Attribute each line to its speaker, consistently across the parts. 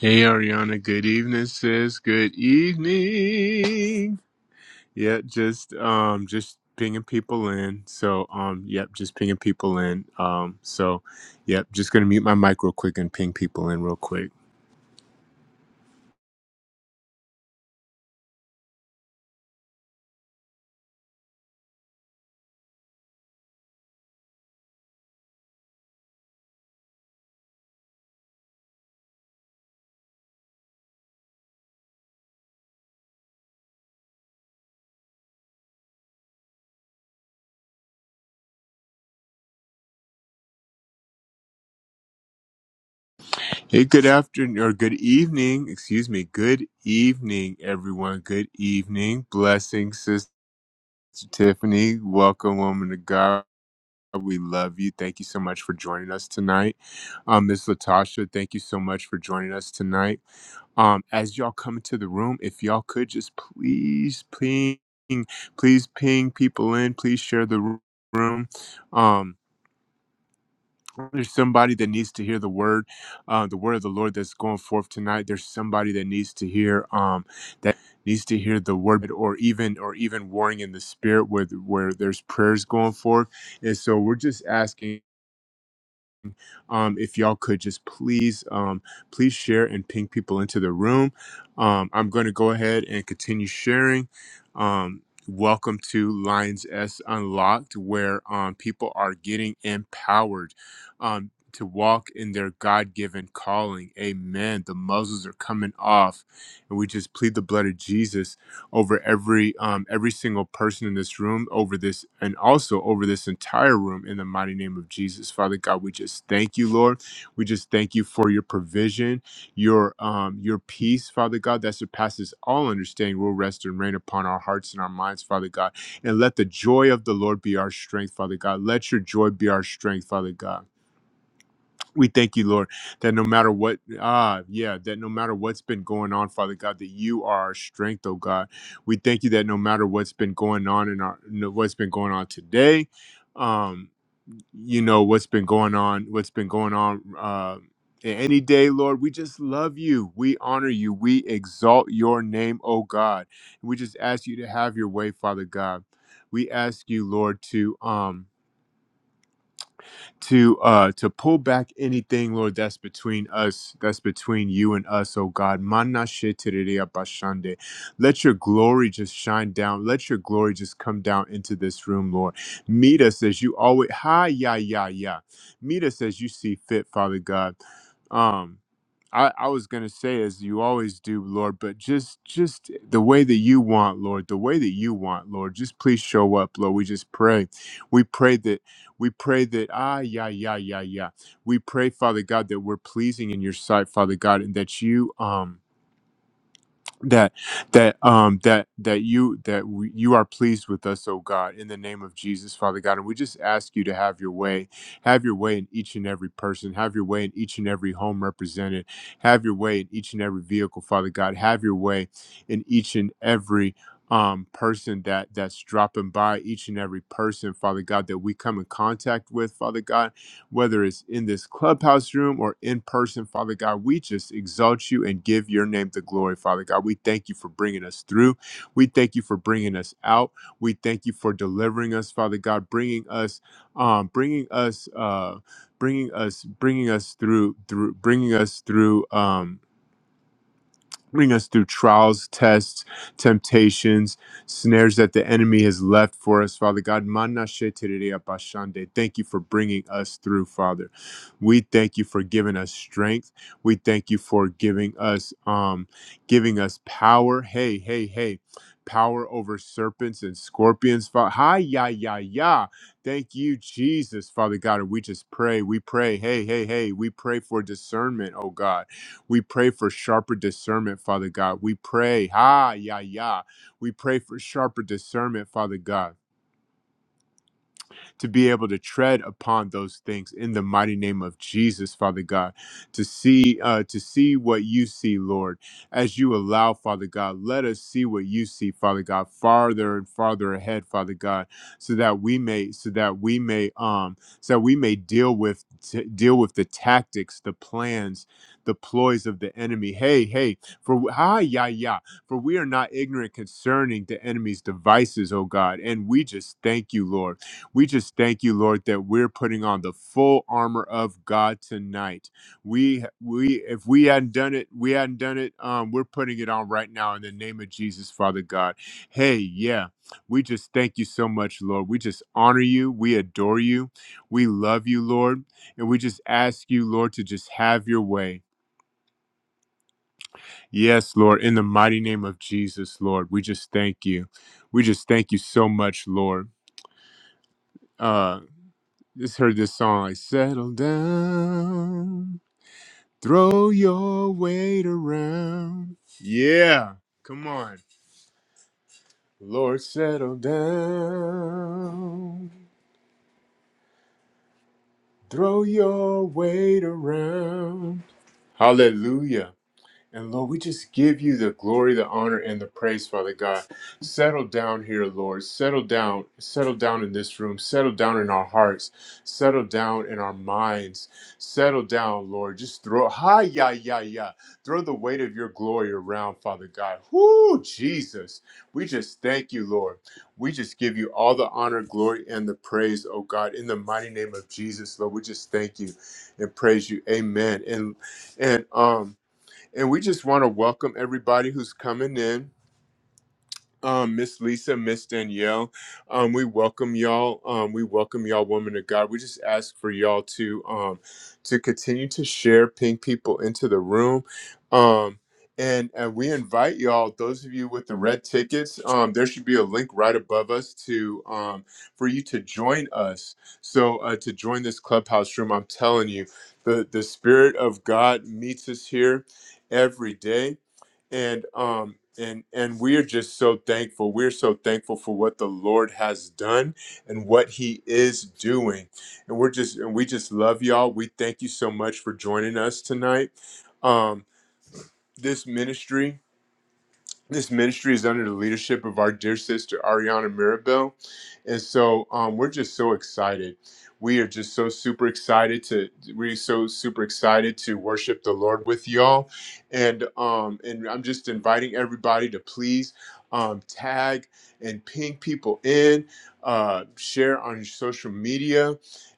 Speaker 1: Hey Ariana, good evening, sis. Good evening. Yeah, just um just pinging people in. So um yep, just pinging people in. Um so yep, just gonna mute my mic real quick and ping people in real quick. Hey, good afternoon or good evening, excuse me. Good evening, everyone. Good evening. Blessings, sister Tiffany. Welcome, woman of God. We love you. Thank you so much for joining us tonight. Um, Ms. Latasha, thank you so much for joining us tonight. Um, as y'all come into the room, if y'all could just please ping, please ping people in, please share the ro- room. Um, there's somebody that needs to hear the word, uh, the word of the Lord that's going forth tonight. There's somebody that needs to hear, um, that needs to hear the word, or even, or even warring in the spirit, where where there's prayers going forth. And so we're just asking. Um, if y'all could just please, um, please share and ping people into the room. Um, I'm going to go ahead and continue sharing. Um, welcome to Lions S Unlocked, where um, people are getting empowered. Um, to walk in their God given calling. Amen. The muzzles are coming off. And we just plead the blood of Jesus over every um, every single person in this room, over this, and also over this entire room. In the mighty name of Jesus, Father God, we just thank you, Lord. We just thank you for your provision, your um, your peace, Father God, that surpasses all understanding. Will rest and reign upon our hearts and our minds, Father God, and let the joy of the Lord be our strength, Father God. Let your joy be our strength, Father God. We thank you, Lord, that no matter what, ah, yeah, that no matter what's been going on, Father God, that you are our strength, oh God. We thank you that no matter what's been going on in our, no- what's been going on today, um, you know, what's been going on, what's been going on, uh, in any day, Lord, we just love you. We honor you. We exalt your name, oh God. We just ask you to have your way, Father God. We ask you, Lord, to, um, to uh to pull back anything, Lord, that's between us, that's between you and us, oh God. Mana shetiriri abashande. Let your glory just shine down. Let your glory just come down into this room, Lord. Meet us as you always hi, yeah, yeah, yeah. Meet us as you see fit, Father God. Um I, I was gonna say as you always do, Lord, but just just the way that you want, Lord, the way that you want, Lord. Just please show up, Lord. We just pray. We pray that we pray that, ah, yeah, yeah, yeah, yeah. We pray, Father God, that we're pleasing in your sight, Father God, and that you, um, that that um that that you that we, you are pleased with us oh god in the name of jesus father god and we just ask you to have your way have your way in each and every person have your way in each and every home represented have your way in each and every vehicle father god have your way in each and every um, person that that's dropping by each and every person father god that we come in contact with father god whether it's in this clubhouse room or in person, Father God. We just exalt you and give your name the glory, Father God. We thank you for bringing us through. We thank you for bringing us out. We thank you for delivering us, Father God, bringing us, um, bringing us, uh, bringing us, bringing us through, through, bringing us through. Um, bring us through trials, tests, temptations, snares that the enemy has left for us, Father God. Manashetereabashande. Thank you for bringing us through, Father. We thank you for giving us strength. We thank you for giving us um giving us power. Hey, hey, hey. Power over serpents and scorpions. Fa- Hi, ya, ya, ya. Thank you, Jesus, Father God. And we just pray. We pray. Hey, hey, hey. We pray for discernment, oh God. We pray for sharper discernment, Father God. We pray, ha, ya, ya. We pray for sharper discernment, Father God to be able to tread upon those things in the mighty name of Jesus, Father God, to see uh, to see what you see, Lord, as you allow, Father God, let us see what you see, Father God, farther and farther ahead, Father God, so that we may so that we may um so that we may deal with t- deal with the tactics, the plans, the ploys of the enemy. Hey, hey, for hi, ya, ya for we are not ignorant concerning the enemy's devices, O God. And we just thank you, Lord. We just thank you, Lord, that we're putting on the full armor of God tonight. We we if we hadn't done it, we hadn't done it. Um, we're putting it on right now in the name of Jesus, Father God. Hey, yeah, we just thank you so much, Lord. We just honor you, we adore you, we love you, Lord, and we just ask you, Lord, to just have your way. Yes, Lord, in the mighty name of Jesus, Lord, we just thank you. We just thank you so much, Lord. Uh. Just heard this song like settle down, throw your weight around. Yeah, come on. Lord, settle down, throw your weight around. Hallelujah. And Lord, we just give you the glory, the honor, and the praise, Father God. Settle down here, Lord. Settle down. Settle down in this room. Settle down in our hearts. Settle down in our minds. Settle down, Lord. Just throw, hi, ya, ya, ya. Throw the weight of your glory around, Father God. Whoo, Jesus. We just thank you, Lord. We just give you all the honor, glory, and the praise, oh God, in the mighty name of Jesus, Lord. We just thank you and praise you. Amen. And and um and we just want to welcome everybody who's coming in. Um, Miss Lisa, Miss Danielle, um, we welcome y'all. Um, we welcome y'all, woman of God. We just ask for y'all to um, to continue to share, ping people into the room, um, and and we invite y'all. Those of you with the red tickets, um, there should be a link right above us to um, for you to join us. So uh, to join this clubhouse room, I'm telling you, the the spirit of God meets us here every day and um and and we're just so thankful we're so thankful for what the lord has done and what he is doing and we're just and we just love y'all we thank you so much for joining us tonight um this ministry this ministry is under the leadership of our dear sister Ariana Mirabel, and so um, we're just so excited. We are just so super excited to we're so super excited to worship the Lord with y'all, and um, and I'm just inviting everybody to please um, tag and ping people in, uh, share on your social media,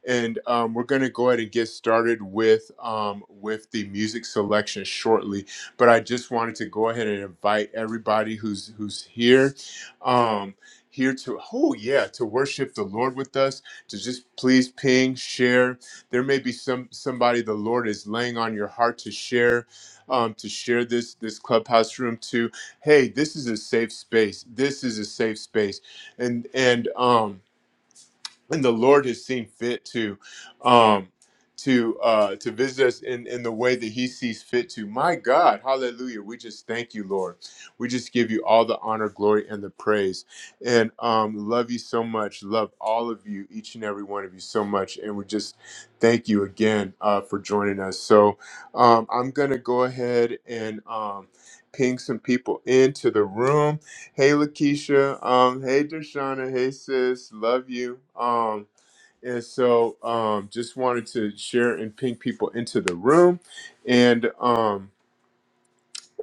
Speaker 1: and um, we're gonna go ahead and get started with um, with the music selection shortly but I just wanted to go ahead and invite everybody who's who's here, um, here to oh yeah to worship the Lord with us. To just please ping, share. There may be some somebody the Lord is laying on your heart to share, um, to share this this clubhouse room to. Hey, this is a safe space. This is a safe space, and and um and the Lord has seen fit to um to uh to visit us in in the way that he sees fit to. My God, hallelujah. We just thank you, Lord. We just give you all the honor, glory and the praise. And um love you so much. Love all of you, each and every one of you so much and we just thank you again uh for joining us. So, um I'm going to go ahead and um ping some people into the room Hey Lakeisha, um, hey Dershana, hey sis, love you. Um, and so um, just wanted to share and ping people into the room, and um,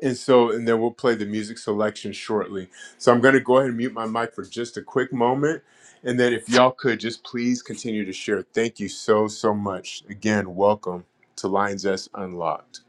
Speaker 1: and so and then we'll play the music selection shortly. So I'm going to go ahead and mute my mic for just a quick moment, and then if y'all could just please continue to share. Thank you so so much. Again, welcome to Lions S Unlocked.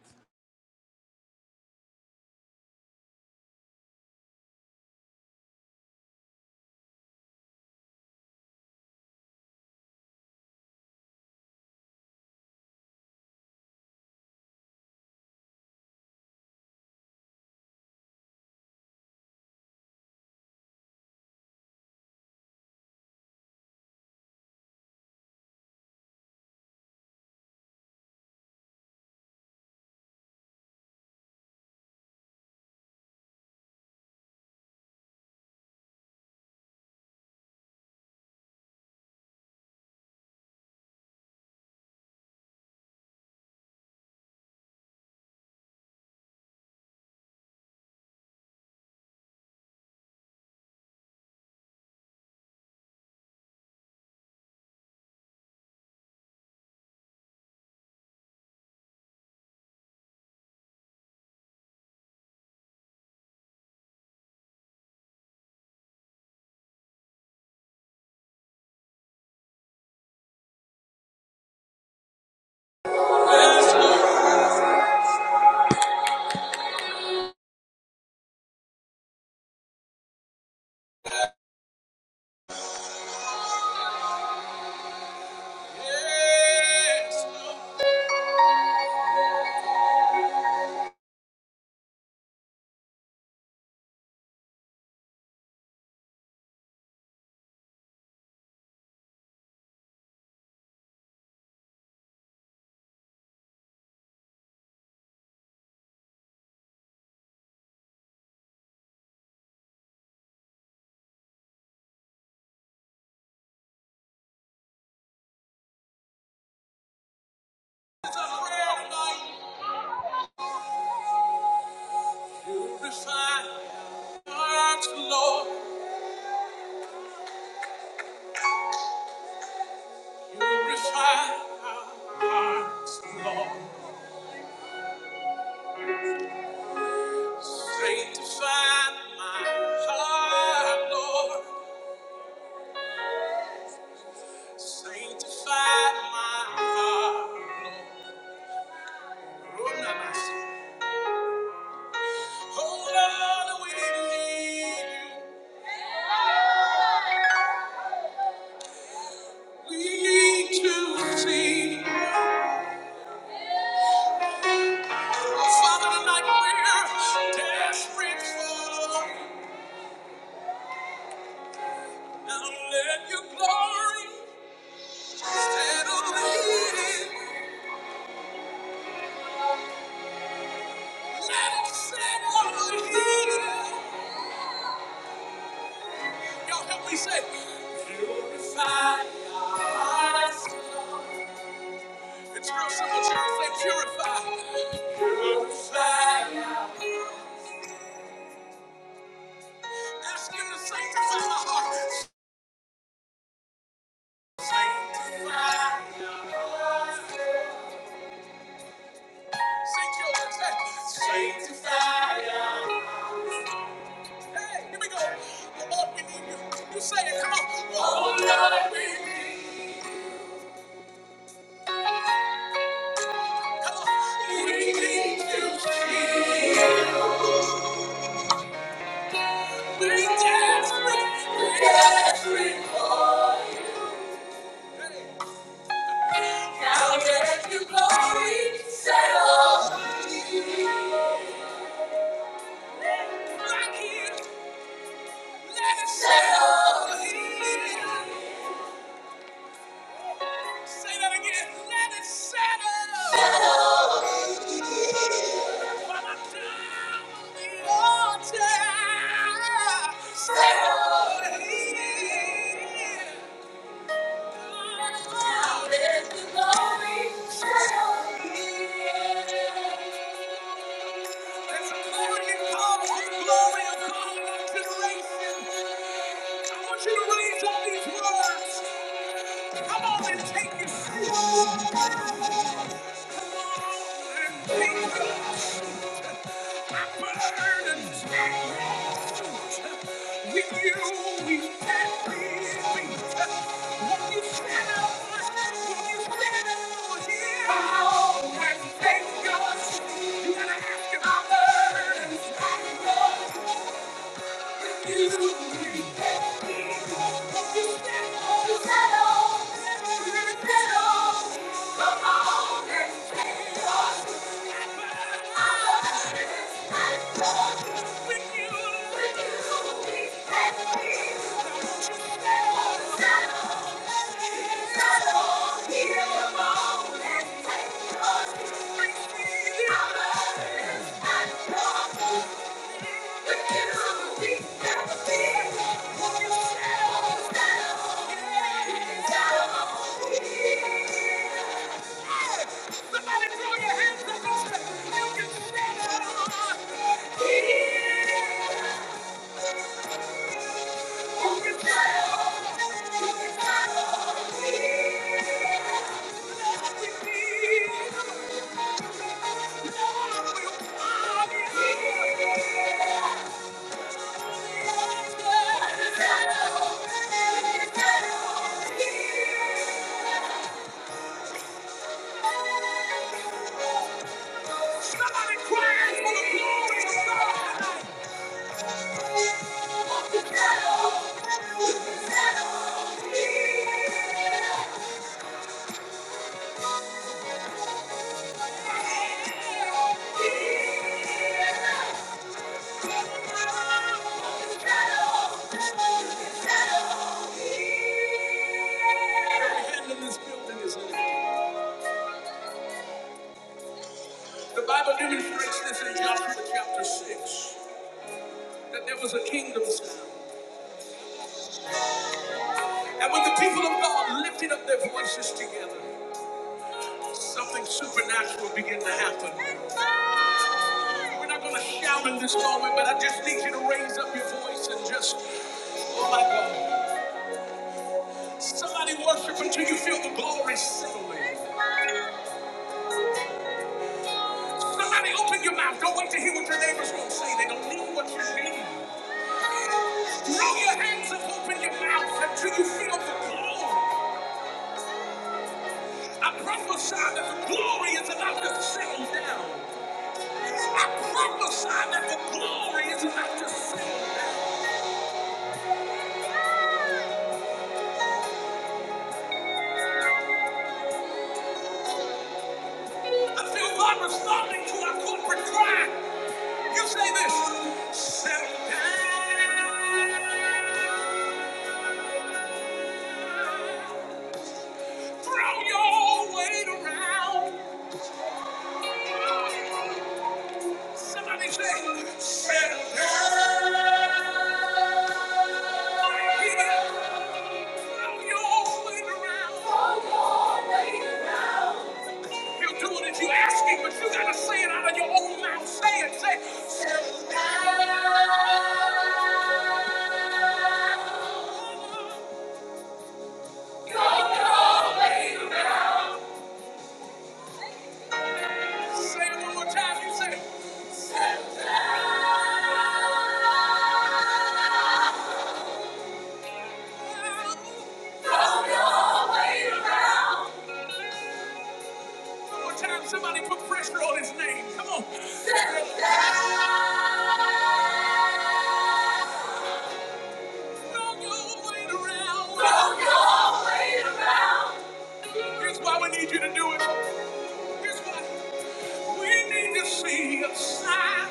Speaker 1: Yes, it's a prayer tonight. Refine hearts, Lord. Purify my heart, Lord. Sanctify my heart, Lord. Sanctify my heart, Lord. Oh, oh, Lord, we need to see. Oh, Father, tonight we're desperate for you. Now let your glory settle in. Let it settle here. Y'all help me say, purify our lives. It's real simple, church. Say, purify. Purify. Ask Him to sanctify my heart. Sanctify. Say, children, say, sanctify. us. Hey, here we go. Oh, Lord, we need you. You say it. Come on. Oh, Lord, we need you. Come on. We need you, Jesus. We desperate. We desperate. Lord. Now that you glory, settle. My let it settle. Say that again. Let it settle. Settle. While Now that you glory, settle. There's a morning call for glory upon our generation. I want you to raise up these words. Come on and take your seat. Come on and take a burden and take root. With you, we can be free. When you stand up, when you stand up for here, come on and take us. You gotta ask your burden. With you. with you, with you. Somebody throw your hands up and say, you can stand on. Somebody cry for the glory of God. The Bible demonstrates this in Joshua chapter 6 that there was a kingdom sound. And when the people of God lifted up their voices together, something supernatural began to happen. We're not going to shout in this moment, but I just need you to raise up your voice and just, oh my God. Somebody worship until you feel the glory settling. Somebody open your mouth. Don't wait to hear what your neighbors will say. They don't need what you need. Throw your hands up, open your mouth until you feel the glory. I prophesy that the glory is about to settle down. I prophesy that the glory is about to settle. I feel God responding to our corporate cry. You say this. Settle down. Throw your weight around. Somebody say, better Throw your weight around. He'll do it if you ask him, but you gotta say it out of your own mouth. Say it, say, "Settle down. Throw your weight around." Say it one more time. You say, One more time, somebody put pressure on his name. Come on. Don't go wait around. Here's why we need you to do it. Here's why we need to see a sign.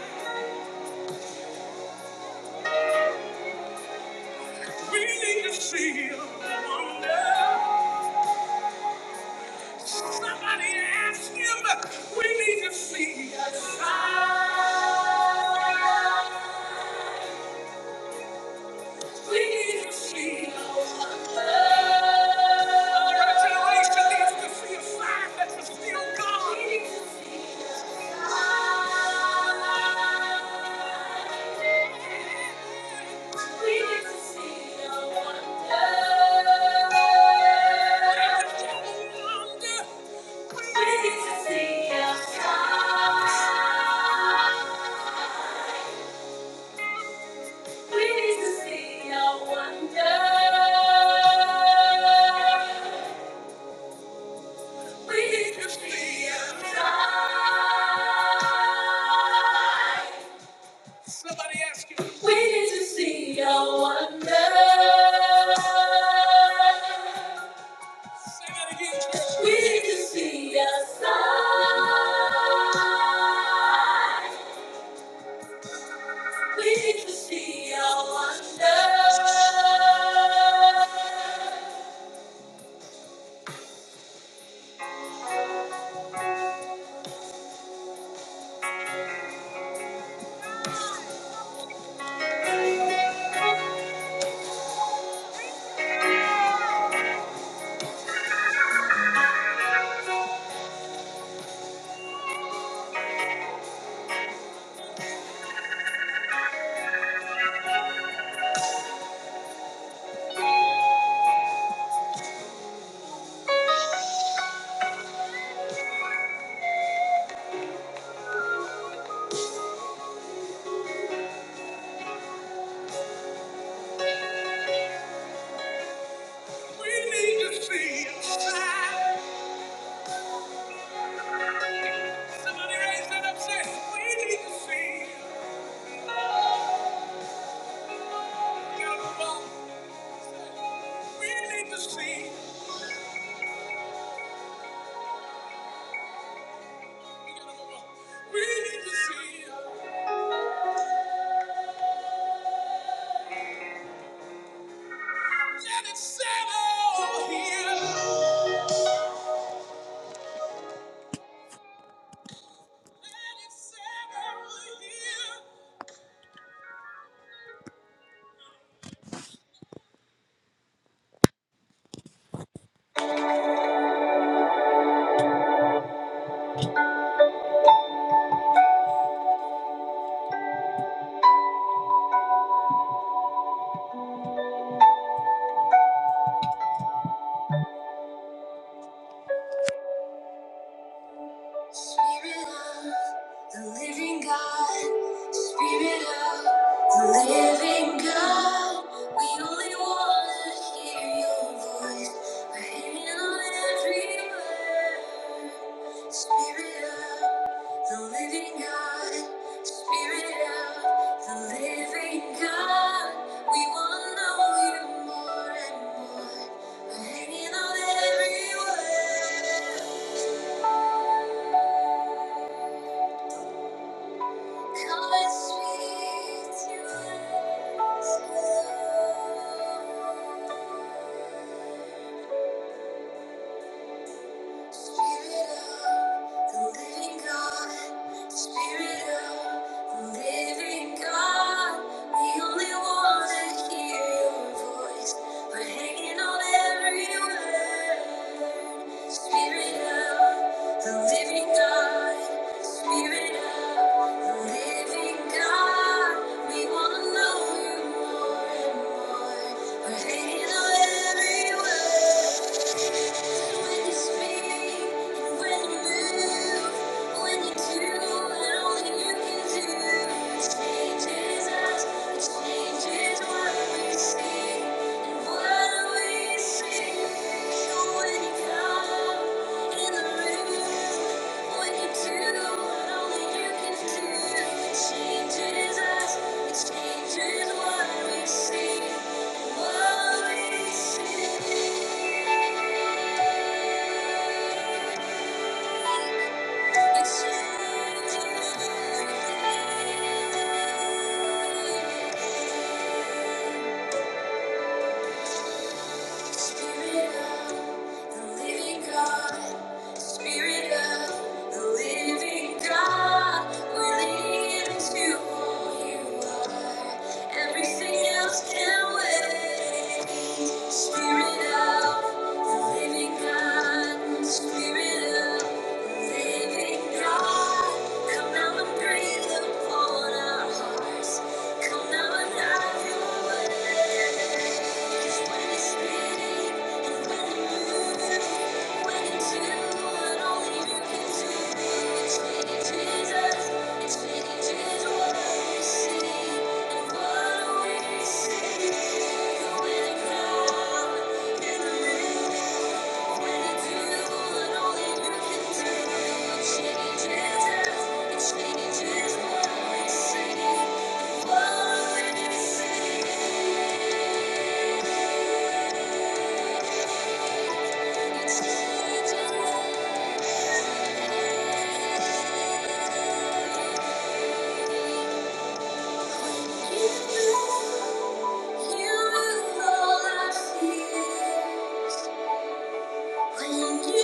Speaker 1: We need to see a wonder. Somebody ask him. We need to see a sign. We need to see a wonder. Our generation needs to see a sign that you're still God. We need to see a sign. Somebody ask you. We need to see your wonder. Say that again, church. We need to see your sign. We need to see your wonder. We need to see your sign. Somebody raise that up, say, we need to see. We gotta move on. We need to see. We gotta move on. We need to see. Let it settle here. Let it settle here. Spirit of the living God, Spirit of the living God, we only want to hear your voice. We're hanging on every word. Spirit of the living God, Spirit of the living God, we want to know you more and more. We're hanging on every word. Come Spirit of the living God, Spirit of the living God, we only want to hear your voice. We're hanging on every word. Spirit of the living God, Spirit of the living God, we want to know you more and more. We're hanging on every word. Thank you Thank you. Spirit of the living God, Spirit of the living God, we lean into all you are. Everything else can wait. Spirit of the living God, Spirit of the living God, come down and breathe upon us. Thank you. You, you are all I feel. Thank you.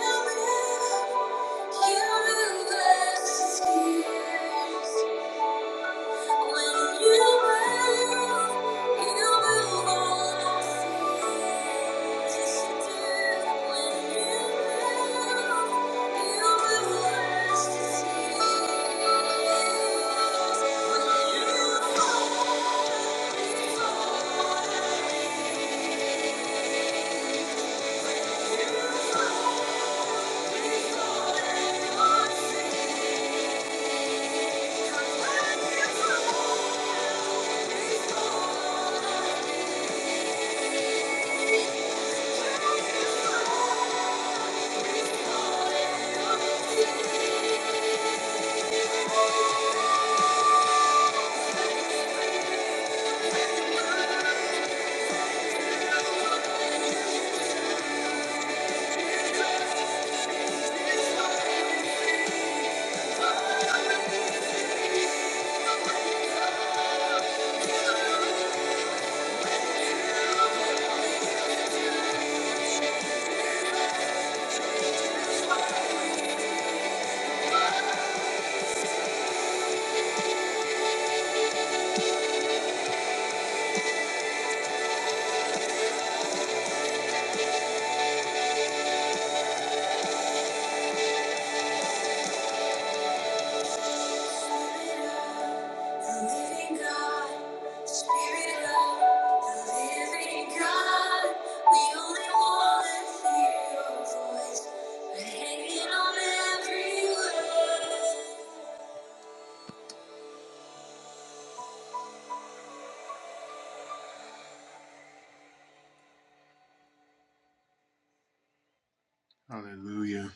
Speaker 1: Hallelujah.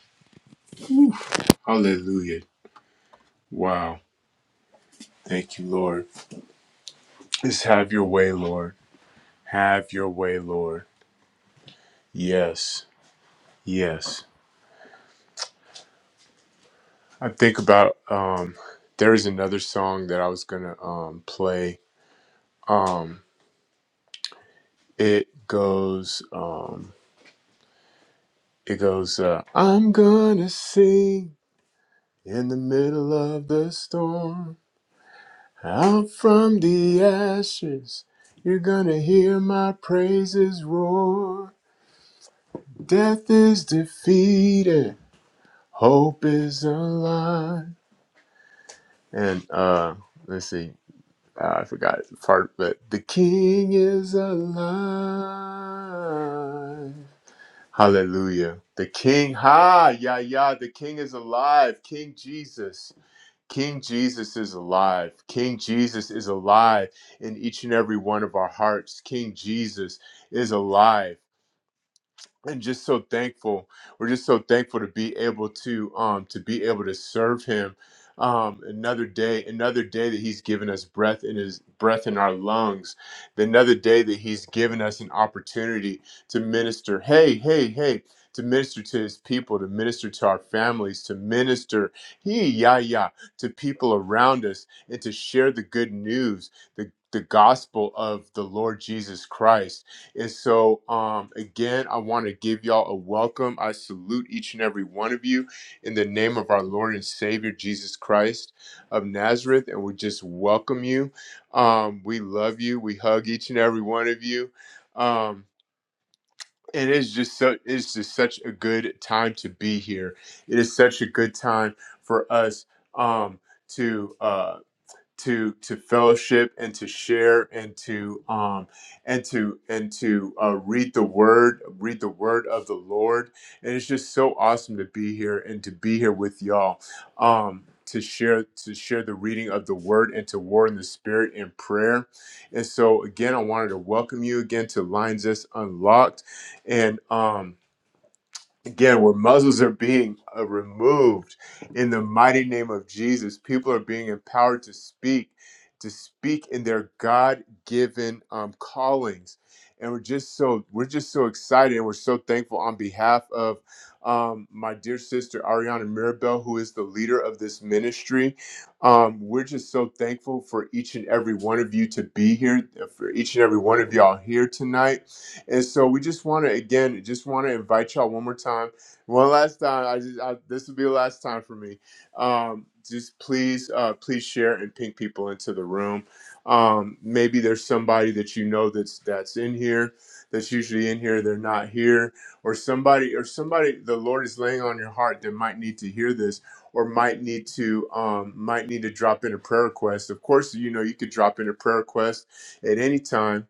Speaker 1: Hallelujah. Wow. Thank you, Lord. Just have your way, Lord. Have your way, Lord. Yes. Yes. I think about um there is another song that I was gonna um play. Um it goes um it goes uh I'm gonna sing in the middle of the storm out from the ashes you're gonna hear my praises roar death is defeated hope is alive And uh, let's see, uh, I forgot the part, but the King is alive. Hallelujah. The King, ha, yeah, yeah, the King is alive. King Jesus. King Jesus is alive. King Jesus is alive in each and every one of our hearts. King Jesus is alive and just so thankful. We're just so thankful to be able to um to be able to serve him um another day, another day that he's given us breath in his breath in our lungs, another day that he's given us an opportunity to minister. Hey, hey, hey. To minister to his people, to minister to our families, to minister, he, yeah, yeah, to people around us, and to share the good news, the, the gospel of the Lord Jesus Christ and so, um, again, I want to give y'all a welcome. I salute each and every one of you in the name of our Lord and Savior Jesus Christ of Nazareth, and we just welcome you. Um, we love you. We hug each and every one of you. Um, it is just so. It's just such a good time to be here. It is such a good time for us um, to. Uh, to to fellowship and to share and to um and to and to uh, read the word read the word of the lord and it's just so awesome to be here and to be here with y'all um to share to share the reading of the word and to war in the spirit in prayer and so again i wanted to welcome you again to lines us unlocked and um again where muzzles are being uh, removed in the mighty name of jesus people are being empowered to speak to speak in their god-given um, callings and we're just so we're just so excited and we're so thankful on behalf of um, my dear sister ariana mirabel who is the leader of this ministry um, we're just so thankful for each and every one of you to be here for each and every one of y'all here tonight and so we just want to again, just want to invite y'all one more time, one last time. I just I, this will be the last time for me. Um, just please, uh, please share and ping people into the room. Um, maybe there's somebody that you know that's that's in here, that's usually in here. They're not here, or somebody or somebody the Lord is laying on your heart that might need to hear this, or might need to um, might need to drop in a prayer request. Of course, you know you could drop in a prayer request at any time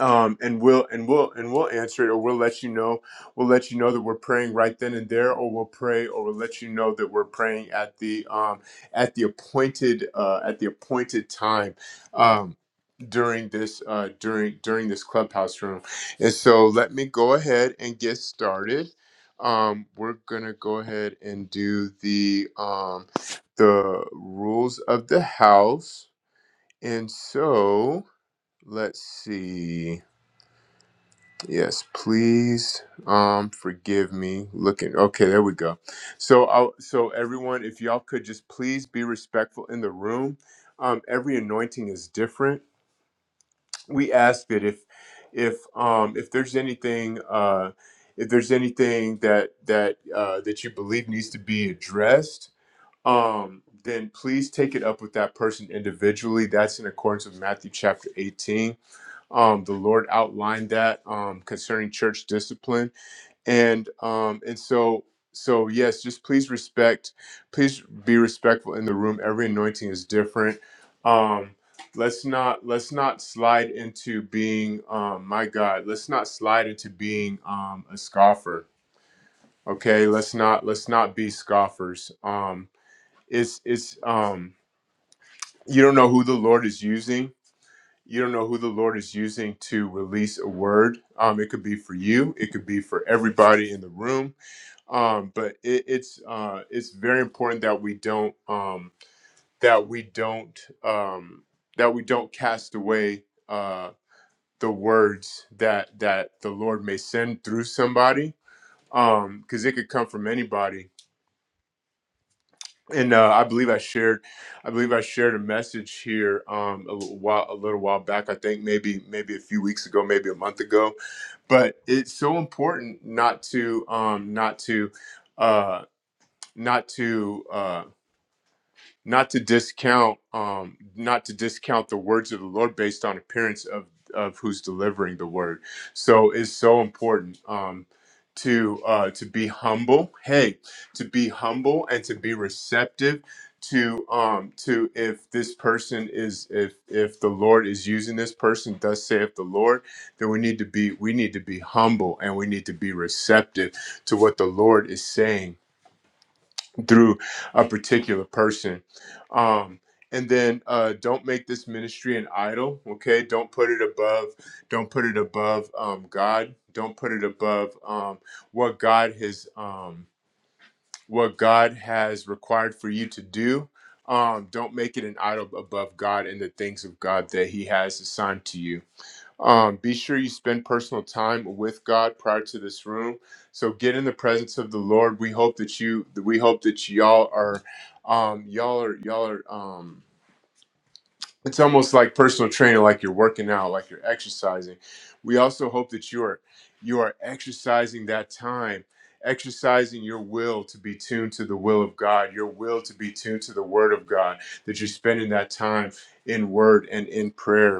Speaker 1: um, and we'll and we'll and we'll answer it, or we'll let you know. We'll let you know that we're praying right then and there, or we'll pray, or we'll let you know that we're praying at the um, at the appointed uh, at the appointed time um, during this uh, during during this clubhouse room. And so, let me go ahead and get started. Um, we're gonna go ahead and do the um, the rules of the house, and so let's see. Yes, please um forgive me looking. Okay, there we go. So I'll, so everyone if y'all could just please be respectful in the room. Um every anointing is different. We ask that if if um if there's anything uh if there's anything that that uh that you believe needs to be addressed, um then please take it up with that person individually. That's in accordance with Matthew chapter 18 um, the Lord outlined that um, concerning church discipline, and um, and so so yes, just please respect, please be respectful in the room. Every anointing is different. Um, let's not let's not slide into being um, my God. Let's not slide into being um, a scoffer. Okay, let's not let's not be scoffers. Um, it's it's um, you don't know who the Lord is using you don't know who the Lord is using to release a word. Um, it could be for you, it could be for everybody in the room. Um, but it, it's uh, it's very important that we don't um, that we don't um, that we don't cast away uh, the words that that the Lord may send through somebody because it could come from anybody and uh, I believe I shared, I believe I shared a message here um, a little while, a little while back. I think maybe maybe a few weeks ago, maybe a month ago, but it's so important not to um, not to uh, not to. uh, not to discount um not to discount the words of the lord based on appearance of of who's delivering the word so it's so important um to uh to be humble hey to be humble and to be receptive to um to if this person is if if the lord is using this person thus saith the lord then we need to be we need to be humble and we need to be receptive to what the lord is saying through a particular person. Um, and then uh, don't make this ministry an idol. Okay, don't put it above. Don't put it above um, God. Don't put it above um, what God has um, what God has required for you to do. Um, don't make it an idol above God and the things of God that He has assigned to you. Um, be sure you spend personal time with God prior to this room. So get in the presence of the Lord. We hope that you, we hope that y'all are, um, y'all are, y'all are. Um, it's almost like personal training, like you're working out, like you're exercising. We also hope that you are, you are exercising that time, exercising your will to be tuned to the will of God, your will to be tuned to the Word of God. That you're spending that time in Word and in prayer.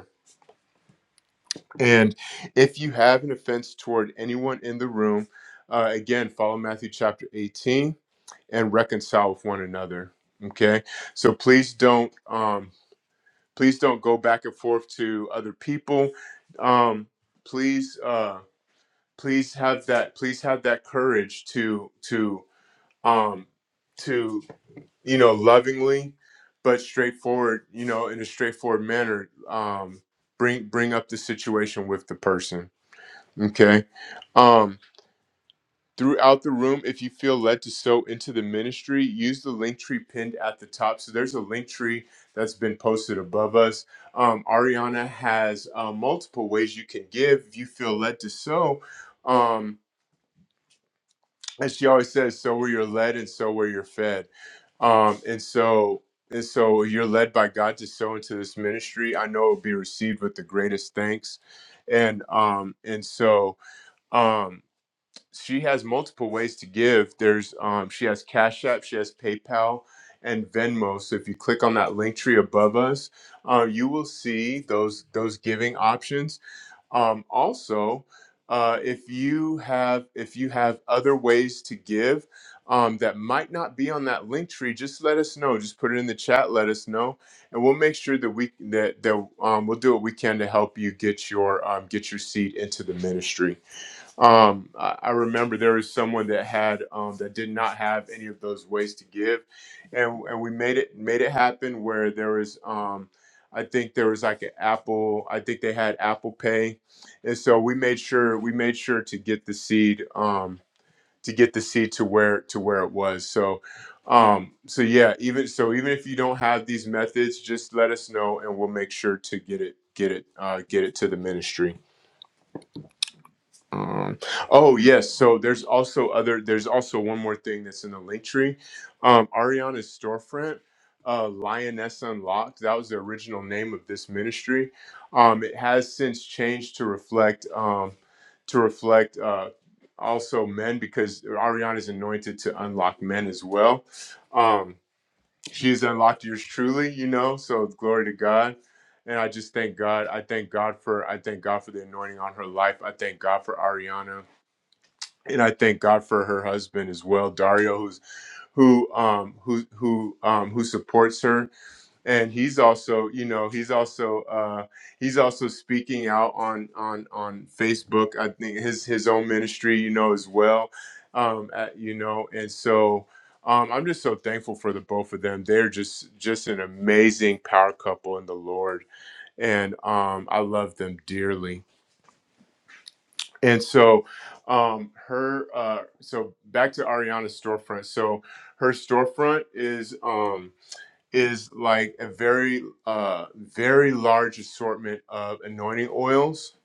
Speaker 1: And if you have an offense toward anyone in the room, uh, again, follow Matthew chapter 18 and reconcile with one another. Okay. So please don't, um, please don't go back and forth to other people. Um, please, uh, please have that, please have that courage to, to, um, to, you know, lovingly, but straightforward, you know, in a straightforward manner, um, bring, bring up the situation with the person Okay. Um, throughout the room, if you feel led to sow into the ministry, use the link tree pinned at the top. So there's a link tree that's been posted above us. Um, Ariana has uh, multiple ways you can give if you feel led to sow. Um, as she always says, so where you're led and so where you're fed. Um, and so and so you're led by God to sow into this ministry. I know it will be received with the greatest thanks. And um, and so Um, she has multiple ways to give. There's um, she has Cash App, she has PayPal, and Venmo. So if you click on that link tree above us, uh, you will see those those giving options. Um, also, uh, if you have if you have other ways to give um, that might not be on that link tree, just let us know. Just put it in the chat. Let us know, and we'll make sure that we that that um, we'll do what we can to help you get your um, get your seat into the ministry. Um, I, I remember there was someone that had um, that did not have any of those ways to give, and and we made it made it happen where there was um, I think there was like an Apple I think they had Apple Pay, and so we made sure we made sure to get the seed um, to get the seed to where to where it was. So um, so yeah, even so even if you don't have these methods, just let us know and we'll make sure to get it get it uh, get it to the ministry. Um, oh yes, so there's also other. There's also one more thing that's in the link tree. Um, Ariana's storefront, uh, Lioness Unlocked. That was the original name of this ministry. Um, it has since changed to reflect um, to reflect uh, also men because Ariana's anointed to unlock men as well. Um, she's unlocked yours truly, you know. So glory to God. And I just thank God. I thank God for I thank God for the anointing on her life. I thank God for Ariana. And I thank God for her husband as well, Dario, who's who um who who um who supports her and he's also you know he's also uh he's also speaking out on on on facebook i think his his own ministry you know as well um at, you know and so um i'm just so thankful for the both of them they're just just an amazing power couple in the lord and um i love them dearly and so um her uh so back to ariana's storefront so her storefront is Um, is like a very uh very large assortment of anointing oils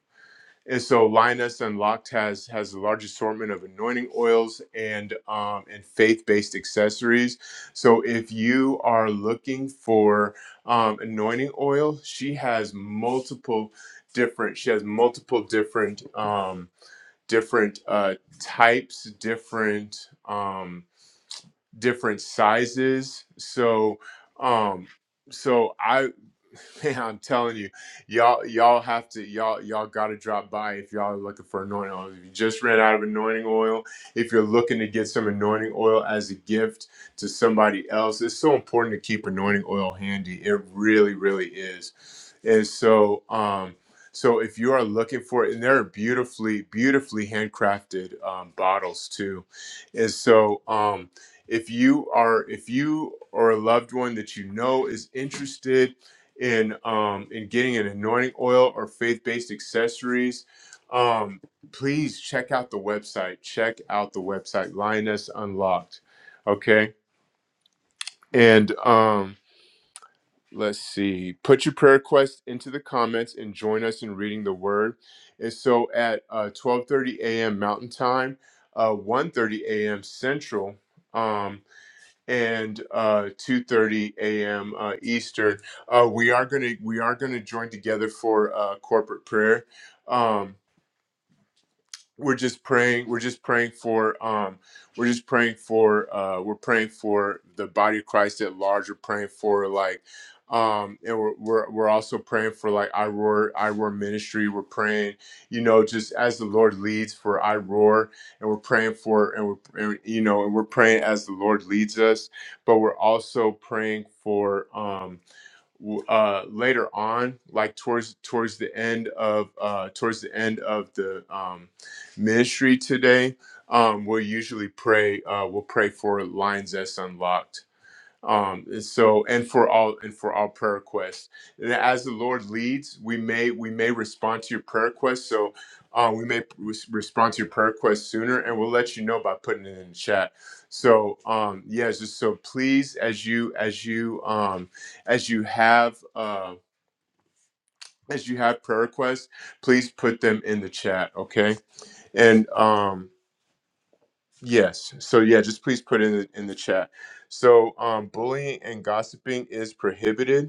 Speaker 1: and so linus unlocked has has a large assortment of anointing oils and um and faith-based accessories so if you are looking for um anointing oil she has multiple different she has multiple different um different uh types different um different sizes. So, um, so I, man, I'm telling you, y'all, y'all have to, y'all, y'all got to drop by if y'all are looking for anointing oil. If you just ran out of anointing oil, if you're looking to get some anointing oil as a gift to somebody else, it's so important to keep anointing oil handy. It really, really is. And so, um, so if you are looking for it, and there are beautifully, beautifully handcrafted um, bottles too, and so um, if you are if you or a loved one that you know is interested in um, in getting an anointing oil or faith-based accessories um, please check out the website check out the website lioness unlocked okay and um, let's see put your prayer request into the comments and join us in reading the word and so at uh, 12.30 a.m mountain time uh, 1.30 a.m central Um, and uh, 2:30 a.m. Uh, Eastern. Uh, we are gonna we are gonna join together for uh, corporate prayer. Um, we're just praying we're just praying for um we're just praying for uh we're praying for the body of christ at large we're praying for like um and we're we're, we're also praying for like i roar i roar ministry we're praying you know just as the lord leads for i roar and we're praying for and we're and, you know and we're praying as the lord leads us but we're also praying for um uh, later on, like towards towards the end of uh, towards the end of the um, ministry today, um, we'll usually pray. Uh, we'll pray for lines that's unlocked um and so and for all and for all prayer requests and as the lord leads we may we may respond to your prayer requests so uh, we may res- respond to your prayer requests sooner and we'll let you know by putting it in the chat so um yeah just so please as you as you um as you have uh as you have prayer requests please put them in the chat okay and um Yes. So yeah, just please put in the in the chat. So um bullying and gossiping is prohibited.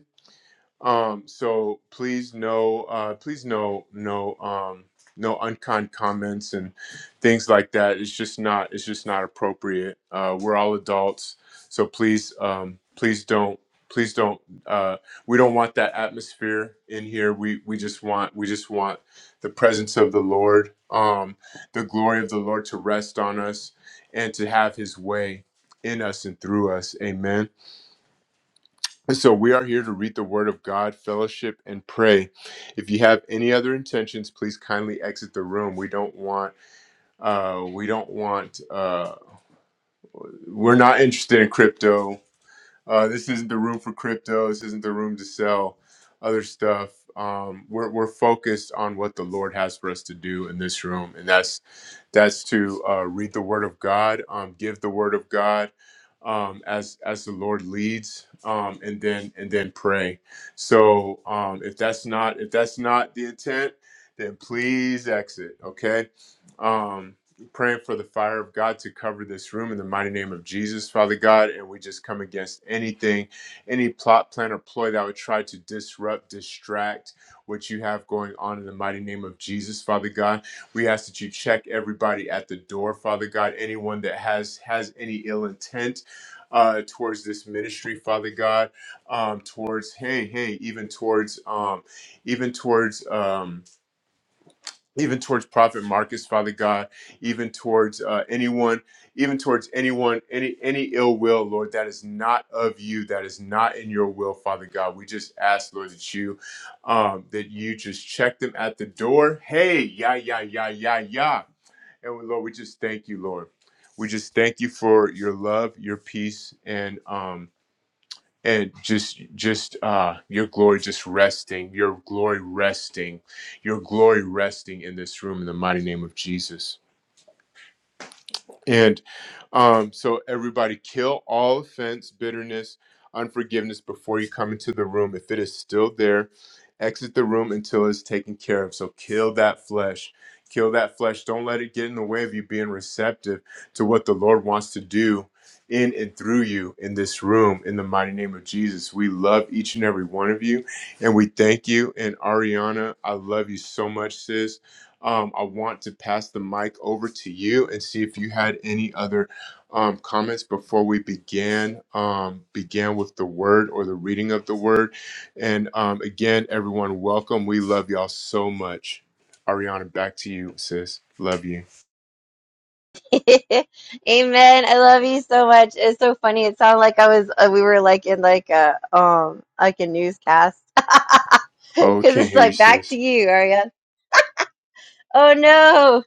Speaker 1: Um, so please no, uh, please no, no, um, no unkind comments and things like that. It's just not, it's just not appropriate. Uh, we're all adults, so please, um, please don't, please don't. Uh, we don't want that atmosphere in here. We we just want, we just want the presence of the Lord, um, the glory of the Lord to rest on us and to have His way in us and through us. Amen. So we are here to read the Word of God, fellowship, and pray. If you have any other intentions, please kindly exit the room. We don't want, uh, we don't want, uh, we're not interested in crypto. Uh, this isn't the room for crypto. This isn't the room to sell other stuff. Um, we're, we're focused on what the Lord has for us to do in this room, and that's that's to uh, read the Word of God, um, give the Word of God um, as as the Lord leads, um, and then and then pray. So um, if that's not if that's not the intent, then please exit. Okay. Um, praying for the fire of God to cover this room in the mighty name of Jesus, Father God. And we just come against anything, any plot, plan, or ploy that would try to disrupt, distract what you have going on in the mighty name of Jesus, Father God. We ask that you check everybody at the door, Father God. Anyone that has has any ill intent uh, towards this ministry, Father God, um, towards hey, hey, even towards um, even towards. Um, even towards prophet marcus father god even towards uh, anyone even towards anyone any any ill will lord that is not of you that is not in your will father god we just ask lord that you um that you just check them at the door hey yeah yeah yeah yeah yeah and we, lord we just thank you lord we just thank you for your love your peace and um and just just uh your glory just resting your glory resting your glory resting in this room in the mighty name of jesus and um, so everybody kill all offense, bitterness, unforgiveness before you come into the room. If it is still there, exit the room until it's taken care of. So kill that flesh. Kill that flesh. Don't let it get in the way of you being receptive to what the Lord wants to do in and through you in this room in the mighty name of Jesus. We love each and every one of you and we thank you. And Ariana, I love you so much, sis um, I want to pass the mic over to you and see if you had any other um, comments before we began um, began with the word or the reading of the word. And um, again, everyone, welcome. We love y'all so much. Ariana, back to you, sis. Love you.
Speaker 2: Amen. I love you so much. It's so funny. It sounded like I was uh, we were like in like a um like a newscast. Cuz
Speaker 1: Oh, can't
Speaker 2: it's
Speaker 1: hear you,
Speaker 2: like back to
Speaker 1: sis.
Speaker 2: you, Ariane. Oh no.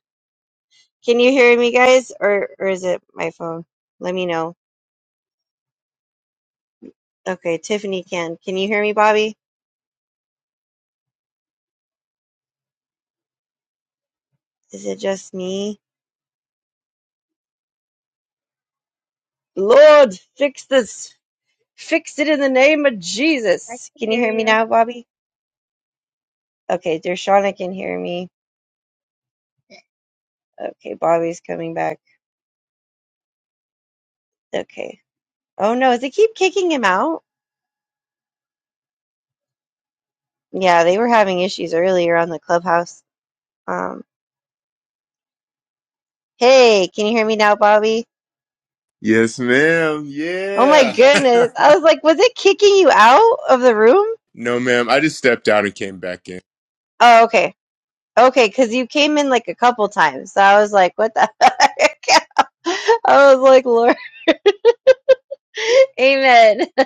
Speaker 2: Can you hear me guys or or is it my phone? Let me know. Okay, Tiffany can. Can you hear me, Bobby? Is it just me? Lord, fix this. Fix it in the name of
Speaker 3: I
Speaker 2: Jesus.
Speaker 3: can
Speaker 2: Can you
Speaker 3: hear
Speaker 2: hear me
Speaker 3: you.
Speaker 2: now, Bobby? Okay, Dershana can hear me. Okay, Bobby's coming back. Okay. Oh no, does it keep kicking him out? Yeah, they were having issues earlier on the clubhouse. Um, hey, can you hear me now, Bobby?
Speaker 1: Yes, ma'am.
Speaker 2: Oh my
Speaker 1: Yeah.
Speaker 2: goodness. I was like, was it kicking you out of the room?
Speaker 1: No, ma'am. I just stepped out and came back in.
Speaker 2: Oh, okay. Okay, because you came in like a couple times. So I was like, what the heck? I was like, Lord, amen.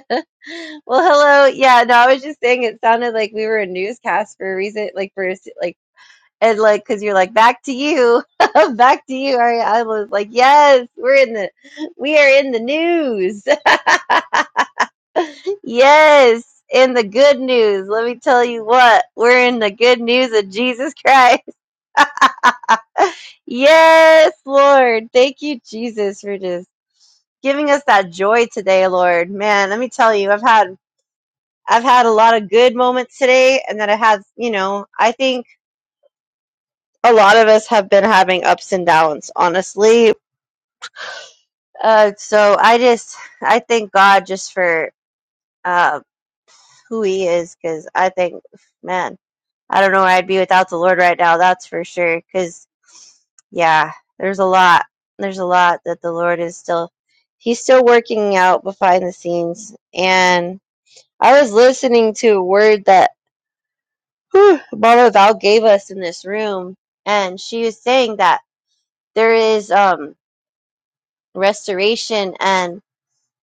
Speaker 2: well, hello. Yeah, no, I was just saying it sounded like we were a newscast for a reason, like for like. and like because you're like back to you back to you Ari. i was like yes we're in the we are in the news yes in the good news let me tell you what we're in the good news of jesus christ yes lord thank you jesus for just giving us that joy today lord man let me tell you i've had i've had a lot of good moments today and then i had you know i think a lot of us have been having ups and downs honestly Uh, so I just I thank God just for uh, who He is because I think man I don't know where I'd be without the Lord right now. That's for sure. Because yeah, there's a lot. There's a lot that the Lord is still He's still working out behind the scenes. And I was listening to a word that whew, Mama Val gave us in this room, and she was saying that there is um restoration and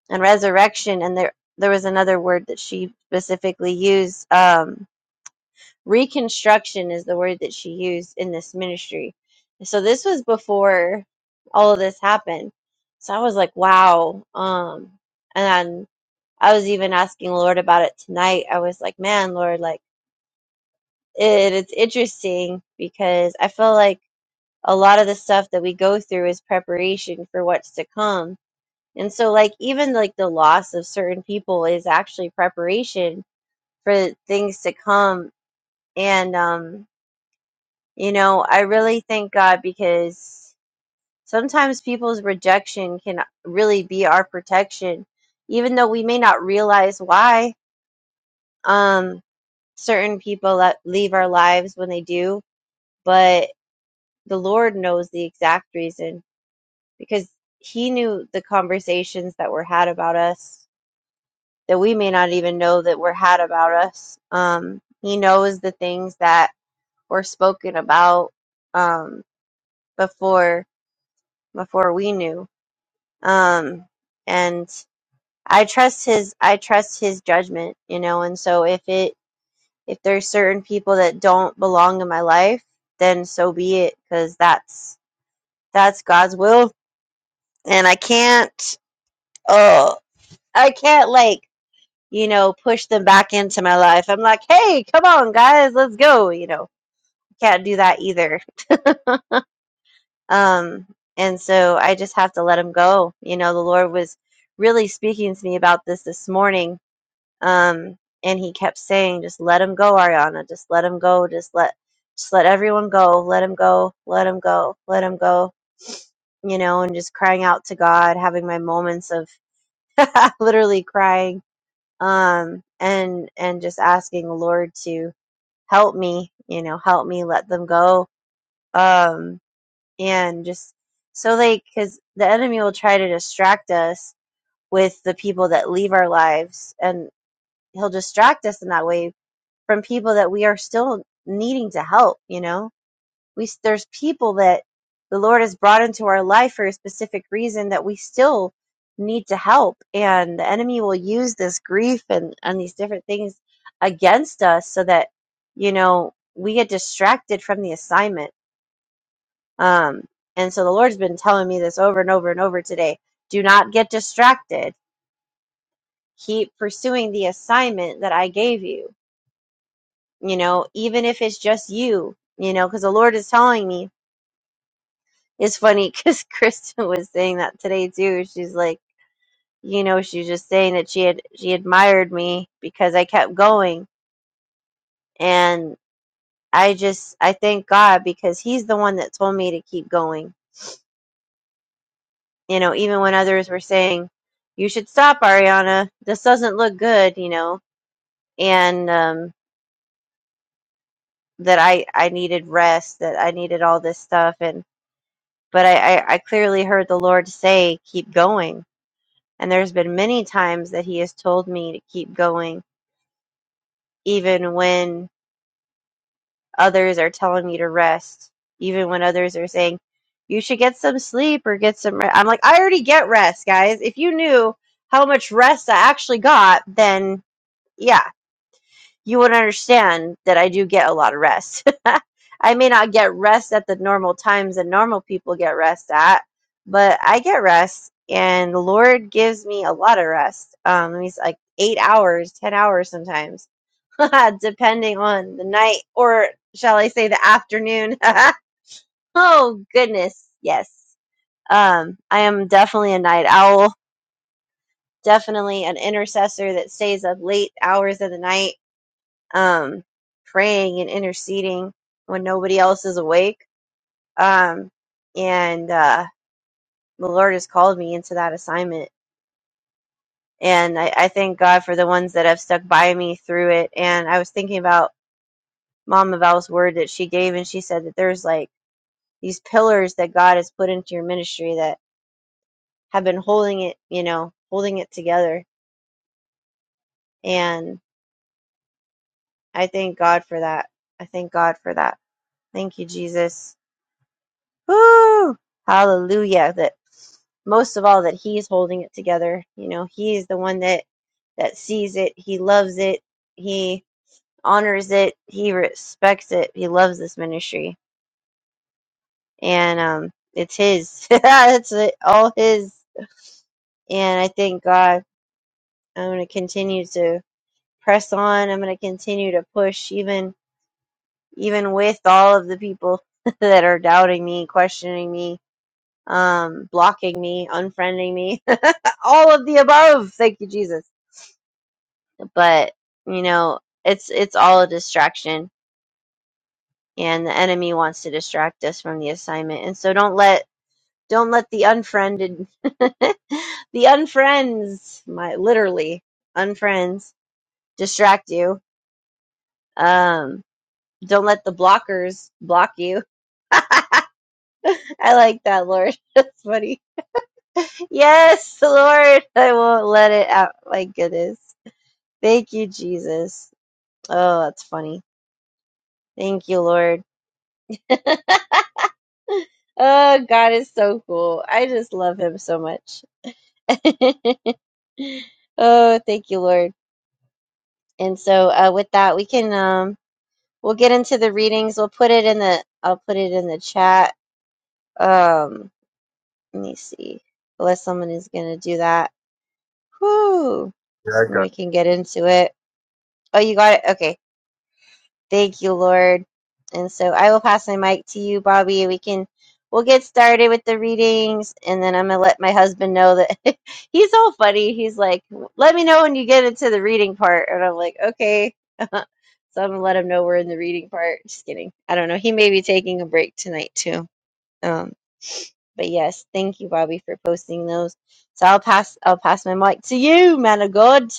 Speaker 2: and resurrection and there there was another word that she specifically used um reconstruction is the word that she used in this ministry so this was before all of this happened so i was like wow um and i was even asking lord about it tonight i was like man lord like it, it's interesting because i feel like a lot of the stuff that we go through is preparation for what's to come and so like even like the loss of certain people is actually preparation for things to come. And um, you know, I really thank God because sometimes people's rejection can really be our protection, even though we may not realize why um certain people that leave our lives when they do, but the Lord knows the exact reason because he knew the conversations that were had about us that we may not even know that were had about us. Um, he knows the things that were spoken about um, before before we knew. Um, and I trust his I trust his judgment, you know. And so if it if there's certain people that don't belong in my life, then so be it, because that's that's God's will, and I can't. Oh, I can't like you know, push them back into my life. I'm like, hey, come on, guys, let's go. You know, can't do that either. Um, and so I just have to let them go. You know, the Lord was really speaking to me about this this morning. Um, and he kept saying, just let them go, Ariana. Just let them go. Just let, just let everyone go. Let them go. Let them go. Let them go. You know, and just crying out to God, having my moments of literally crying um and and just asking the lord to help me you know help me let them go um and just so like because the enemy will try to distract us with the people that leave our lives and he'll distract us in that way from people that we are still needing to help you know we there's people that the Lord has brought into our life for a specific reason that we still need to help and the enemy will use this grief and and these different things against us so that you know we get distracted from the assignment um and so the Lord's been telling me this over and over and over today do not get distracted keep pursuing the assignment that I gave you you know even if it's just you you know because the Lord is telling me It's funny because Kristen was saying that today too. She's like, you know, she's just saying that she had she admired me because I kept going, and I just I thank God because He's the one that told me to keep going. You know, even when others were saying, "You should stop, Ariana. This doesn't look good," you know, and um, that I I needed rest, that I needed all this stuff, and but I I, I clearly heard the Lord say, "Keep going." And there's been many times that he has told me to keep going, even when others are telling me to rest, even when others are saying, you should get some sleep or get some rest. I'm like, I already get rest, guys. If you knew how much rest I actually got, then yeah, you would understand that I do get a lot of rest. I may not get rest at the normal times that normal people get rest at, but I get rest, and the Lord gives me a lot of rest. Um, he's like eight hours, ten hours sometimes, depending on the night, or shall I say the afternoon? oh goodness, yes. Um, I am definitely a night owl, definitely an intercessor that stays up late hours of the night um, praying and interceding when nobody else is awake. Um, and uh, the Lord has called me into that assignment. And I, I thank God for the ones that have stuck by me through it. And I was thinking about Mama Val's word that she gave, and she said that there's like these pillars that God has put into your ministry that have been holding it, you know, holding it together. And I thank God for that. I thank God for that. Thank you, Jesus. Woo! Hallelujah. That most of all that he's holding it together. You know, he's the one that that sees it, he loves it, he honors it, he respects it. He loves this ministry. And um it's his. it's it- all his. And I thank God I'm going to continue to press on. I'm going to continue to push even even with all of the people that are doubting me, questioning me, um blocking me, unfriending me. all of the above. Thank you, Jesus. But you know, it's it's all a distraction, and the enemy wants to distract us from the assignment. And so don't let don't let the unfriended, the unfriends, my literally unfriends, distract you. Um, don't let the blockers block you. I like that, Lord. That's funny. Yes, Lord, I won't let it out. My goodness. Thank you, Jesus. Oh, that's funny. Thank you, Lord. Oh, God is so cool. I just love him so much. oh, thank you, Lord. And so, uh, with that, we can um, we'll get into the readings. We'll put it in the I'll put it in the chat. Um, let me see, unless someone is gonna do that. Whoo,
Speaker 1: Yeah, I
Speaker 2: and
Speaker 1: got.
Speaker 2: we can get into it. Oh, you got it. Okay. Thank you, Lord. And so I will pass my mic to you, Bobby. We can we'll get started with the readings, and then I'm gonna let my husband know that he's all funny. He's like, "Let me know when you get into the reading part," and I'm like, "Okay." so I'm gonna let him know we're in the reading part. Just kidding. I don't know. He may be taking a break tonight too. Um, but yes, thank you, Bobby, for posting those. So I'll pass I'll pass my mic to you, man of God.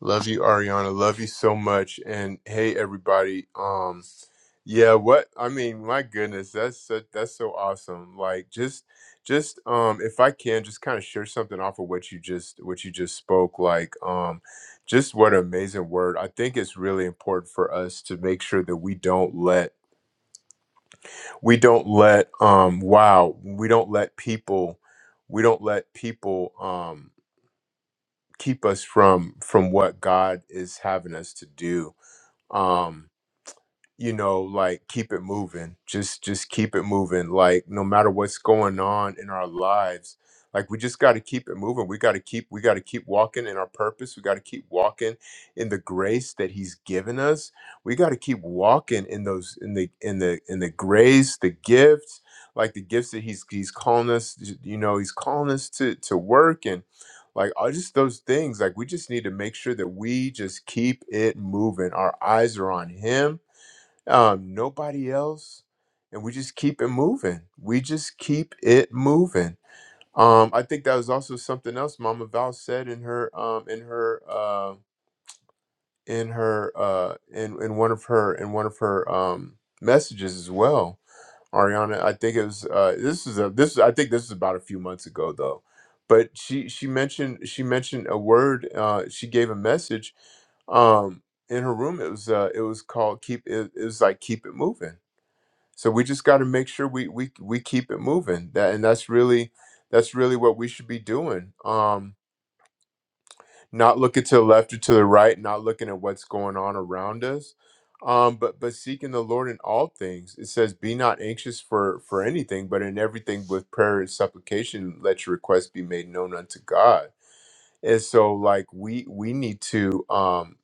Speaker 1: Love you, Ariana. Love you so much. And hey, everybody. Um, yeah. What I mean, my goodness, that's so, that's so awesome. Like, just, just, um, if I can, just kind of share something off of what you just, what you just spoke. Like, um, just what an amazing word. I think it's really important for us to make sure that we don't let, we don't let, um, wow, we don't let people, we don't let people, um, keep us from from what God is having us to do um, you know like keep it moving just just keep it moving like no matter what's going on in our lives like we just got to keep it moving we got to keep we got to keep walking in our purpose we got to keep walking in the grace that he's given us we got to keep walking in those in the in the in the grace the gifts like the gifts that he's he's calling us you know he's calling us to to work and like all just those things like we just need to make sure that we just keep it moving our eyes are on him um, nobody else, and we just keep it moving. We just keep it moving. Um, I think that was also something else Mama Val said in her um, in her uh, in her uh, in in one of her in one of her um, messages as well. Ariana, I think it was uh, this is a this I think this is about a few months ago though, but she she mentioned she mentioned a word uh, she gave a message um, in her room. It was uh, it was called keep it, it was like keep it moving so we just got to make sure we we we keep it moving. That and that's really that's really what we should be doing. Um, not looking to the left or to the right, not looking at what's going on around us, um, but but seeking the Lord in all things. It says, "Be not anxious for for anything, but in everything with prayer and supplication, let your requests be made known unto God." And so, like we we need to. Um,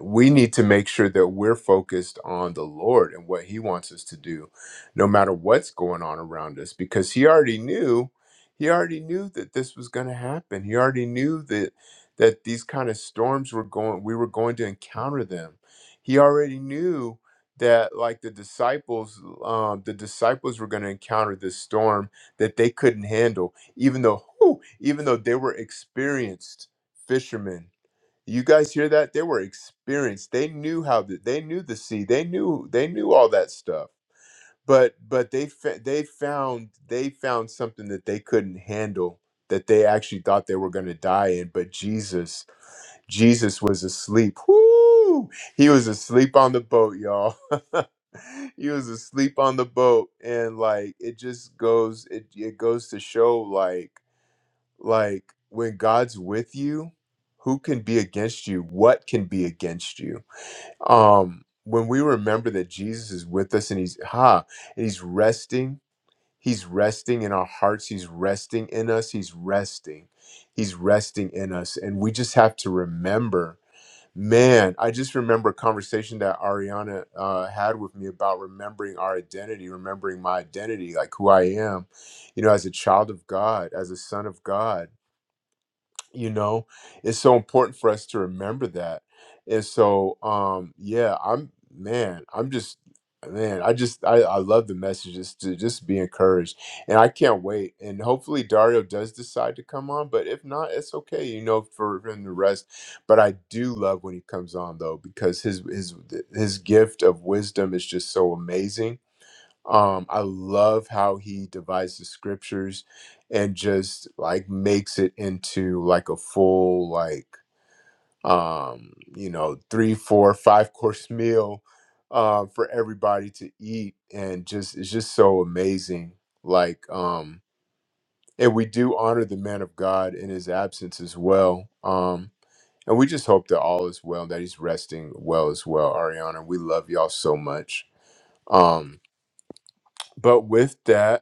Speaker 1: we need to make sure that we're focused on the Lord and what He wants us to do, no matter what's going on around us, because He already knew, He already knew that this was going to happen. He already knew that that these kind of storms were going, we were going to encounter them. He already knew that like the disciples um the disciples were going to encounter this storm that they couldn't handle even though whew, even though they were experienced fishermen you guys hear that? They were experienced. They knew how the, they knew the sea. They knew they knew all that stuff. But but they fa- they found they found something that they couldn't handle that they actually thought they were going to die in. But Jesus Jesus was asleep. Whoo! He was asleep on the boat, y'all. he was asleep on the boat, and like it just goes it it goes to show like like when God's with you, who can be against you? What can be against you? Um, when we remember that Jesus is with us and he's ha and he's resting, he's resting in our hearts, he's resting in us, he's resting, he's resting in us. And we just have to remember, man, I just remember a conversation that Ariana uh, had with me about remembering our identity, remembering my identity, like who I am, you know, as a child of God, as a son of God you know it's so important for us to remember that and so um yeah i'm man i'm just man i just i, I love the messages to just be encouraged and i can't wait and hopefully dario does decide to come on but if not it's okay you know for him to rest but i do love when he comes on though because his his his gift of wisdom is just so amazing um, I love how he divides the scriptures and just like makes it into like a full like um you know three four five course meal uh, for everybody to eat and just it's just so amazing like um and we do honor the man of God in his absence as well um and we just hope that all is well that he's resting well as well Ariana we love y'all so much um but with that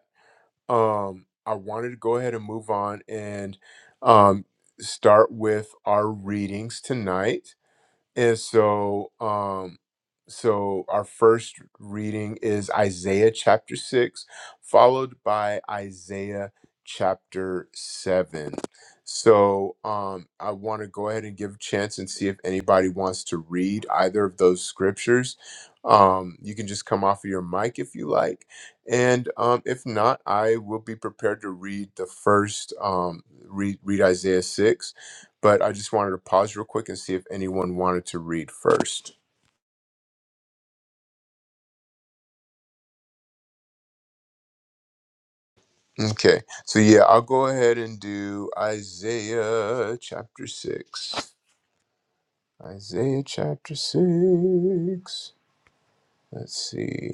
Speaker 1: um, I wanted to go ahead and move on and um, start with our readings tonight. And so, um, so our first reading is Isaiah chapter six, followed by Isaiah chapter seven. So, um, I want to go ahead and give a chance and see if anybody wants to read either of those scriptures. Um, you can just come off of your mic if you like, and um, if not, I will be prepared to read the first um, read read Isaiah six, but I just wanted to pause real quick and see if anyone wanted to read first. Okay, so yeah, I'll go ahead and do Isaiah chapter 6. Isaiah chapter 6. Let's see.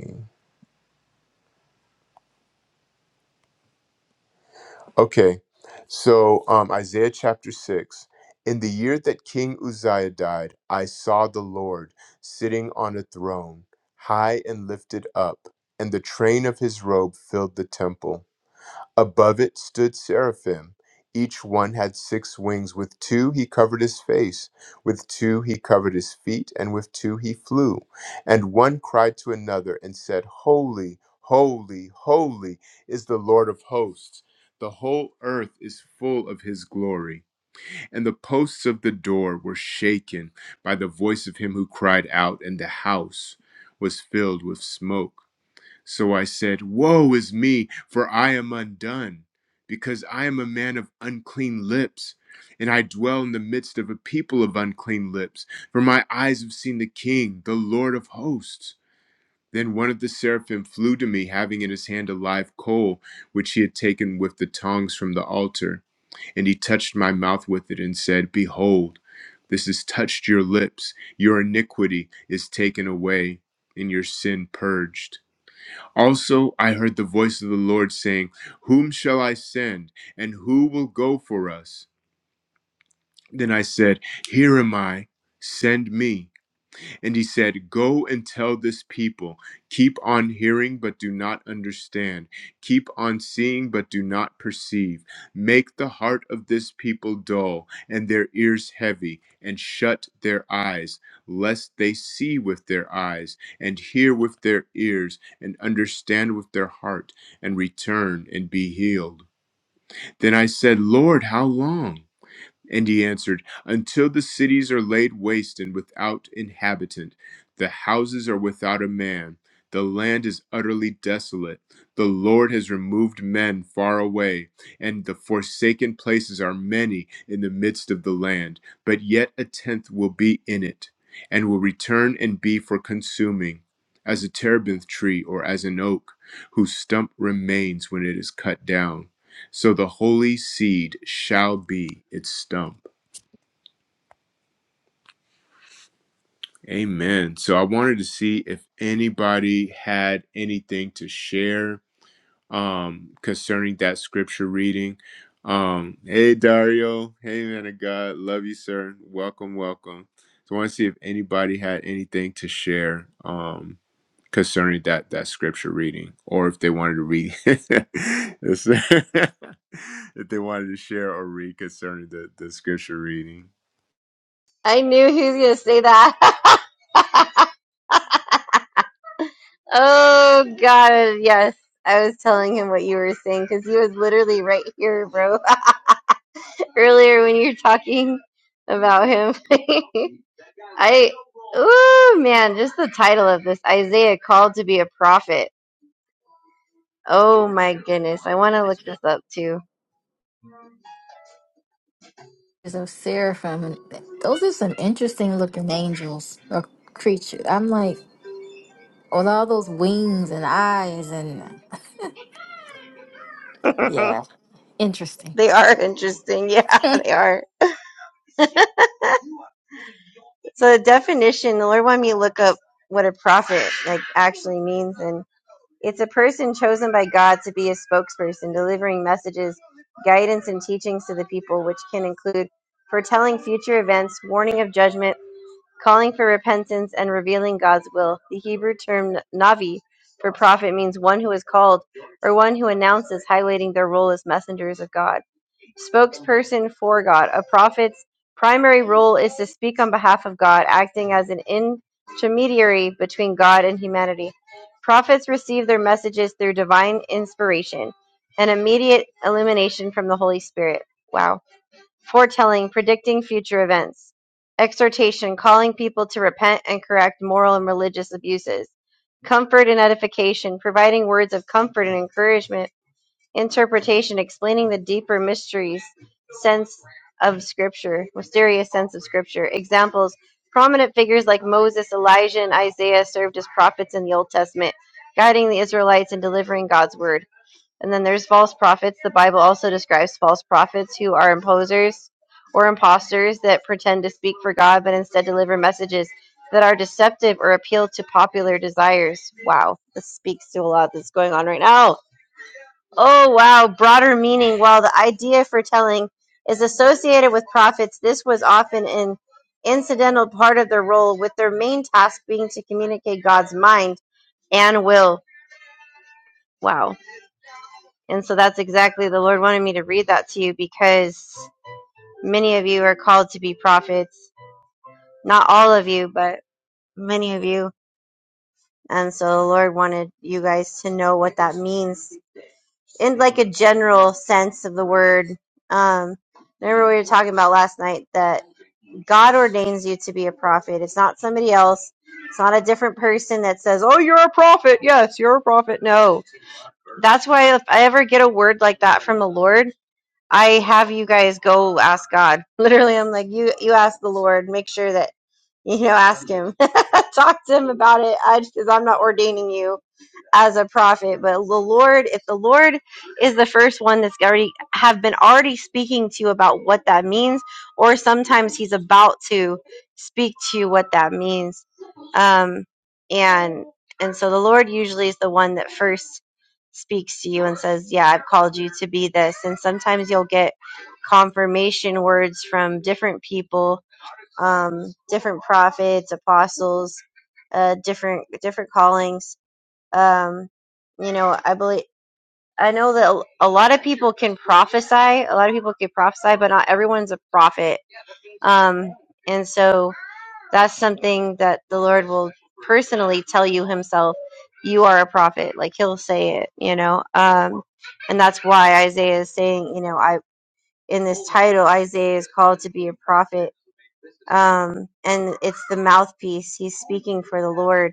Speaker 1: Okay, so um, Isaiah chapter 6. In the year that King Uzziah died, I saw the Lord sitting on a throne, high and lifted up, and the train of his robe filled the temple. Above it stood seraphim. Each one had six wings. With two he covered his face, with two he covered his feet, and with two he flew. And one cried to another and said, Holy, holy, holy is the Lord of hosts. The whole earth is full of his glory. And the posts of the door were shaken by the voice of him who cried out, and the house was filled with smoke. So I said, Woe is me, for I am undone, because I am a man of unclean lips, and I dwell in the midst of a people of unclean lips. For my eyes have seen the King, the Lord of hosts. Then one of the seraphim flew to me, having in his hand a live coal, which he had taken with the tongs from the altar. And he touched my mouth with it and said, Behold, this has touched your lips. Your iniquity is taken away, and your sin purged. Also, I heard the voice of the Lord saying, Whom shall I send, and who will go for us? Then I said, Here am I, send me. And he said, Go and tell this people, keep on hearing, but do not understand. Keep on seeing, but do not perceive. Make the heart of this people dull, and their ears heavy, and shut their eyes, lest they see with their eyes, and hear with their ears, and understand with their heart, and return and be healed. Then I said, Lord, how long? And he answered, Until the cities are laid waste and without inhabitant, the houses are without a man, the land is utterly desolate. The Lord has removed men far away, and the forsaken places are many in the midst of the land. But yet a tenth will be in it, and will return and be for consuming, as a terebinth tree or as an oak, whose stump remains when it is cut down so the holy seed shall be its stump. Amen. So I wanted to see if anybody had anything to share um, concerning that scripture reading. Um, hey, Dario. Hey, man of God. Love you, sir. Welcome, welcome. So I want to see if anybody had anything to share um, concerning that that scripture reading, or if they wanted to read, if they wanted to share or read concerning the the scripture reading.
Speaker 2: I knew he was gonna say that. Oh God, yes. I was telling him what you were saying because he was literally right here, bro. Earlier when you were talking about him, I, oh man, just the title of this Isaiah called to be a prophet. Oh my goodness, I want to look this up too.
Speaker 4: of seraphim, and those are some interesting looking angels or creatures. I'm like, with all those wings and eyes, and yeah,
Speaker 2: they
Speaker 4: interesting.
Speaker 2: are interesting, yeah, they are. So the definition, the Lord wanted me to look up what a prophet like actually means, and. It's a person chosen by God to be a spokesperson, delivering messages, guidance, and teachings to the people, which can include foretelling future events, warning of judgment, calling for repentance, and revealing God's will. The Hebrew term navi for prophet means one who is called or one who announces, highlighting their role as messengers of God spokesperson for God. A prophet's primary role is to speak on behalf of God, acting as an intermediary between God and humanity. Prophets receive their messages through divine inspiration and immediate illumination from the Holy Spirit. Wow. Foretelling, predicting future events. Exhortation, calling people to repent and correct moral and religious abuses. Comfort and edification, providing words of comfort and encouragement Interpretation: explaining the deeper mysteries, sense of scripture, mysterious sense of Scripture. Examples: prominent figures like Moses, Elijah, and Isaiah served as prophets in the Old Testament, guiding the Israelites and delivering God's word. And then there's false prophets. The Bible also describes false prophets who are imposers or imposters that pretend to speak for God but instead deliver messages that are deceptive or appeal to popular desires. Wow, this speaks to a lot that's going on right now Oh, wow. Broader meaning. While the idea for telling is associated with prophets, this was often an incidental part of their role, with their main task being to communicate God's mind and will. Wow. And so that's exactly the Lord wanted me to read that to you because many of you are called to be prophets. Not all of you, but many of you. And so the Lord wanted you guys to know what that means in like a general sense of the word. Um, remember we were talking about last night that God ordains you to be a prophet. It's not somebody else. It's not a different person that says, "Oh, you're a prophet." Yes, you're a prophet. No, that's why if I ever get a word like that from the Lord, I have you guys go ask God. Literally, I'm like, you you ask the Lord. Make sure that you know, ask Him, talk to Him about it. I because I'm not ordaining you as a prophet but the lord if the lord is the first one that's already have been already speaking to you about what that means or sometimes he's about to speak to you what that means um and and so the lord usually is the one that first speaks to you and says yeah i've called you to be this and sometimes you'll get confirmation words from different people um different prophets apostles uh different different callings um, you know, I believe I know that a a lot of people can prophesy. A lot of people can prophesy, but not everyone's a prophet. Um, and so that's something that the Lord will personally tell you Himself. You are a prophet. Like He'll say it. You know. Um, and that's why Isaiah is saying, you know, I in this title, Isaiah is called to be a prophet. Um, and it's the mouthpiece. He's speaking for the Lord.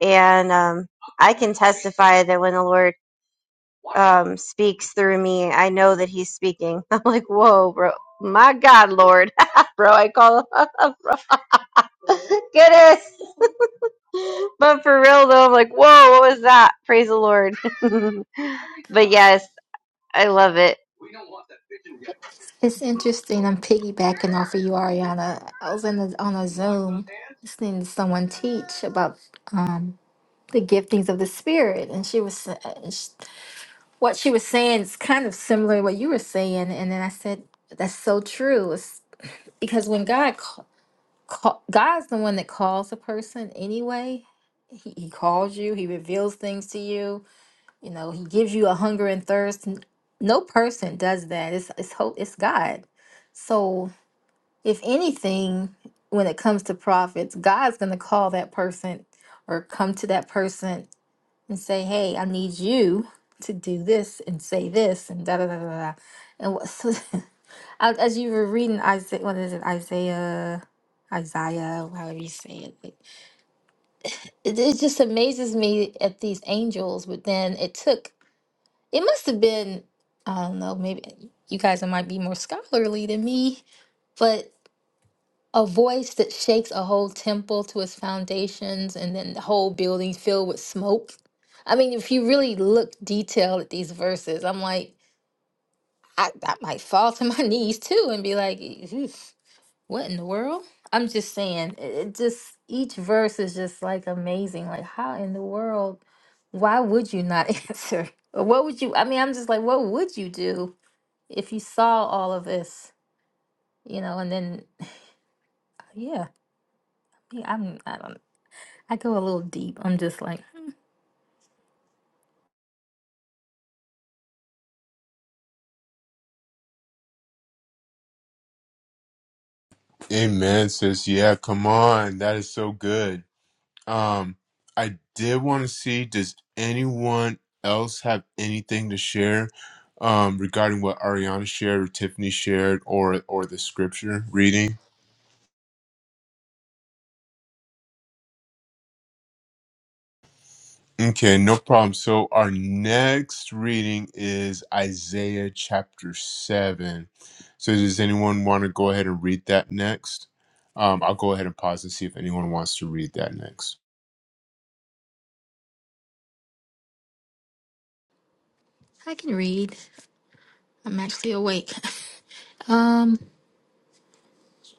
Speaker 2: And um, I can testify that when the Lord um, speaks through me, I know that he's speaking. I'm like, whoa, bro. My God, Lord. bro, I call him, bro. Goodness. But for real, though, I'm like, whoa, what was that? Praise the Lord. but yes, I love it.
Speaker 4: It's interesting. I'm piggybacking off of you, Ariana. I was in a, on a Zoom listening to someone teach about um, the giftings of the Spirit, and she was uh, and sh- what she was saying is kind of similar to what you were saying, and then I said, "That's so true." It's because when God call, God's the one that calls a person anyway. He, he calls you, he reveals things to you. You know, he gives you a hunger and thirst. N- No person does that. It's it's hope it's God. So if anything, when it comes to prophets, God's gonna call that person or come to that person and say, Hey, I need you to do this and say this and da da da da da. And what, so As, as you were reading Isaiah, what is it, Isaiah, Isaiah, however you say it, like, it, it just amazes me at these angels. But then it took, it must have been, I don't know, maybe you guys might be more scholarly than me, but a voice that shakes a whole temple to its foundations and then the whole building filled with smoke. I mean, if you really look detailed at these verses, I'm like, I, I might fall to my knees too and be like, "Oof." What in the world? I'm just saying, it, it just each verse is just like amazing. Like, how in the world? Why would you not answer? Or what would you? I mean, I'm just like, what would you do if you saw all of this? You know, and then yeah, I mean, I'm I don't I go a little deep. I'm just like
Speaker 1: Amen, sis. Yeah, come on. That is so good. Um, I did want to see, does anyone else have anything to share um regarding what Ariana shared or Tiffany shared or or the scripture reading? Okay, no problem. So our next reading is Isaiah chapter seven. So does anyone want to go ahead and read that next? Um, I'll go ahead and pause and see if anyone wants to read that next.
Speaker 4: I can read. I'm actually awake. Um,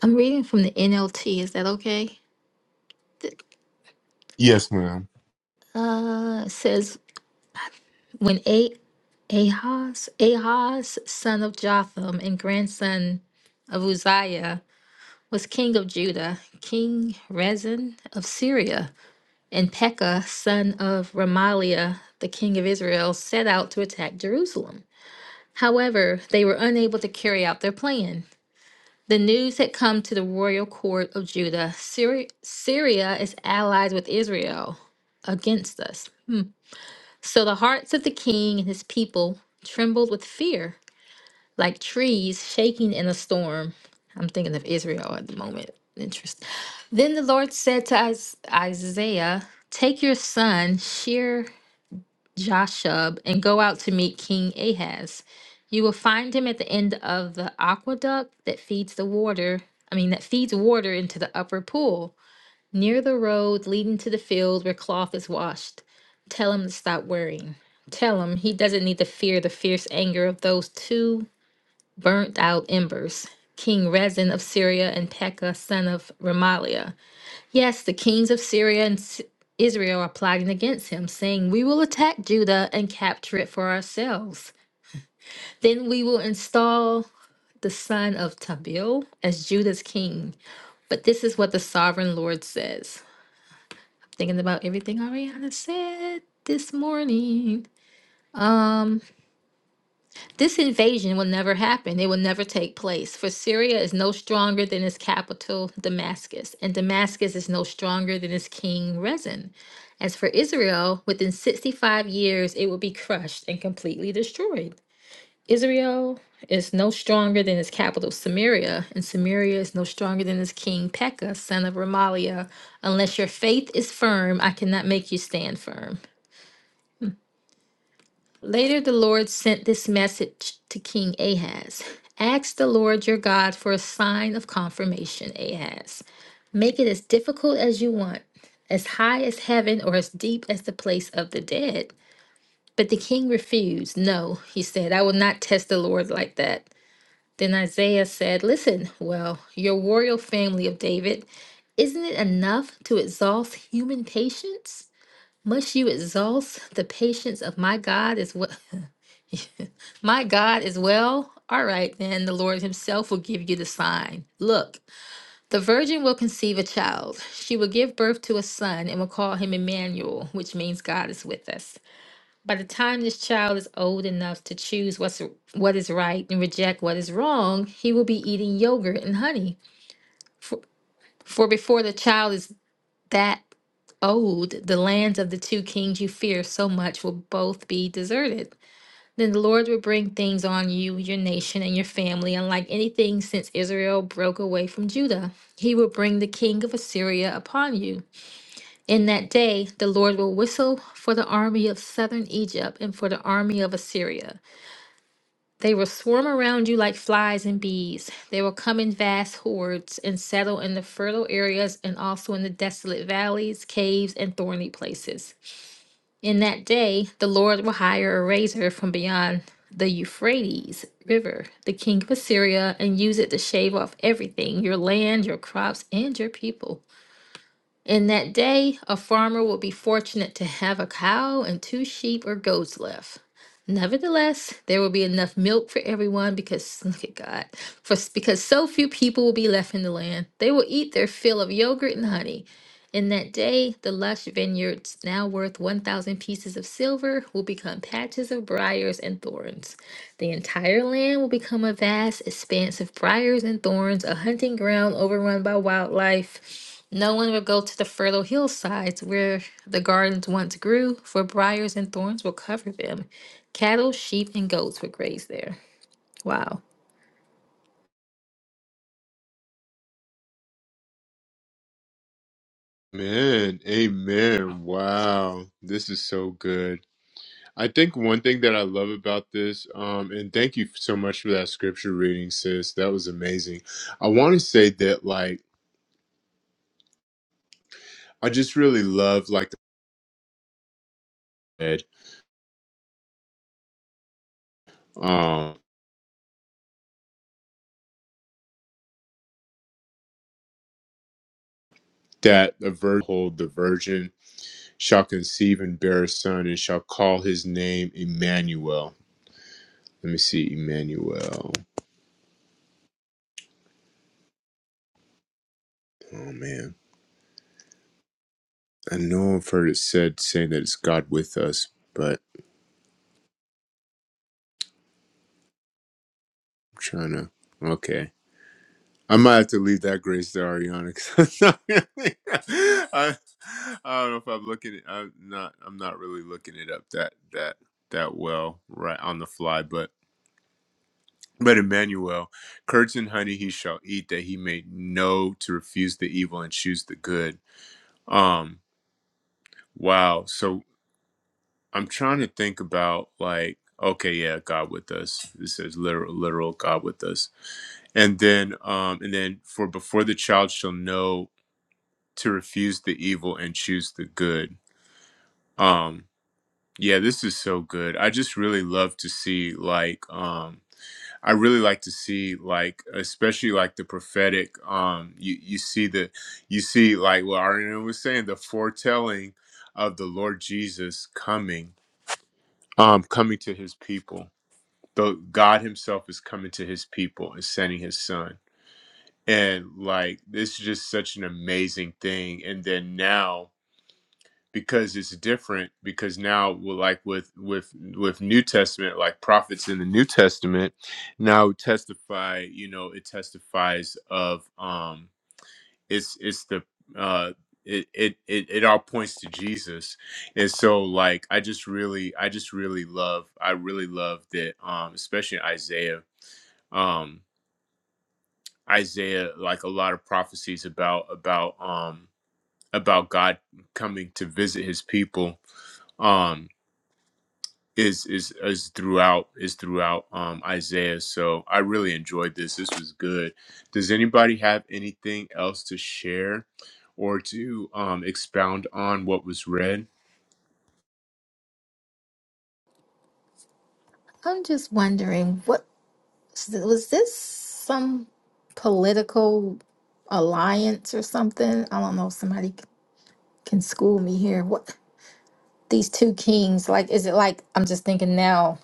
Speaker 4: I'm reading from the NLT. Is that okay? Th-
Speaker 1: Yes, ma'am.
Speaker 4: Uh, it says when AI Ahaz, Ahaz, son of Jotham and grandson of Uzziah, was king of Judah, King Rezin of Syria, and Pekah, son of Remaliah, the king of Israel, set out to attack Jerusalem. However, they were unable to carry out their plan. The news had come to the royal court of Judah Syri- Syria is allied with Israel against us. So the hearts of the king and his people trembled with fear. like trees shaking in a storm. I'm thinking of Israel at the moment. Interest. Then the Lord said to Is- Isaiah, Take your son, Shear Jashub, and go out to meet King Ahaz. You will find him at the end of the aqueduct that feeds the water, I mean, that feeds water into the upper pool, near the road leading to the field where cloth is washed. Tell him to stop worrying. Tell him he doesn't need to fear the fierce anger of those two burnt out embers. King Rezin of Syria and Pekah, son of Remaliah. Yes, the kings of Syria and S- Israel are plotting against him, saying, We will attack Judah and capture it for ourselves. Then we will install the son of Tabil as Judah's king. But this is what the sovereign Lord says. Thinking about everything Ariana said this morning. Um. This invasion will never happen. It will never take place, for Syria is no stronger than its capital, Damascus, and Damascus is no stronger than its king, Rezin. As for Israel, within 65 years, it will be crushed and completely destroyed. Israel is no stronger than its capital, Samaria, and Samaria is no stronger than its king, Pekah, son of Remaliah. Unless your faith is firm, I cannot make you stand firm. Later, the Lord sent this message to King Ahaz Ask the Lord your God for a sign of confirmation, Ahaz. Make it as difficult as you want, as high as heaven or as deep as the place of the dead. But the king refused. No, he said, I will not test the Lord like that. Then Isaiah said, Listen, well, your royal family of David, isn't it enough to exhaust human patience? Must you exhaust the patience of my God as well? My God is well. All right, then the Lord Himself will give you the sign. Look, the virgin will conceive a child. She will give birth to a son and will call him Emmanuel, which means God is with us. By the time this child is old enough to choose what's what is right and reject what is wrong, he will be eating yogurt and honey. For, for before the child is that old, the lands of the two kings you fear so much will both be deserted. Then the Lord will bring things on you, your nation, and your family, unlike anything since Israel broke away from Judah. He will bring the king of Assyria upon you. In that day, the Lord will whistle for the army of southern Egypt and for the army of Assyria. They will swarm around you like flies and bees. They will come in vast hordes and settle in the fertile areas and also in the desolate valleys, caves, and thorny places. In that day, the Lord will hire a razor from beyond the Euphrates River, the king of Assyria, and use it to shave off everything your land, your crops, and your people. In that day, a farmer will be fortunate to have a cow and two sheep or goats left. Nevertheless, there will be enough milk for everyone because look at God. For because so few people will be left in the land, they will eat their fill of yogurt and honey. In that day, the lush vineyards, now worth 1,000 pieces of silver, will become patches of briars and thorns. The entire land will become a vast expanse of briars and thorns, a hunting ground overrun by wildlife. No one will go to the fertile hillsides where the gardens once grew, for briars and thorns will cover them. Cattle, sheep, and goats will graze there. Wow.
Speaker 1: Man, amen. Wow. This is so good. I think one thing that I love about this, um, and thank you so much for that scripture reading, sis. That was amazing. I want to say that, like, I just really love, like, the um, that the virgin, hold the virgin shall conceive and bear a son and shall call his name Emmanuel. Let me see, Emmanuel. Oh, man. I know I've heard it said saying that it's God with us, but I'm trying to. Okay. I might have to leave that grace to Ariana. 'cause I'm not really- I, I don't know if I'm looking. It, I'm not. I'm not really looking it up that that that well right on the fly. But but Emmanuel, curds and honey he shall eat, that he may know to refuse the evil and choose the good. Um. Wow. So I'm trying to think about like. Okay, yeah, God with us. This is literal, literal God with us and then um and then for before the child shall know to refuse the evil and choose the good. Um yeah, this is so good. I just really love to see like um I really like to see like especially like the prophetic um you you see the you see like what Ariana was saying the foretelling of the Lord Jesus coming um coming to his people. The God himself is coming to his people and sending his son. And like this is just such an amazing thing and then now because it's different because now well, like with with with new testament like prophets in the new testament now testify you know it testifies of um it's it's the uh it, it it it all points to jesus and so like i just really i just really love i really love that um especially isaiah um isaiah like a lot of prophecies about about um about god coming to visit his people um is is is throughout is throughout um Isaiah. So I really enjoyed this. This was good. Does anybody have anything else to share or to um expound on what was read?
Speaker 4: I'm just wondering, what was this some political? alliance or something. I don't know if somebody c- can school me here. What these two kings, like, is it like I'm just thinking now,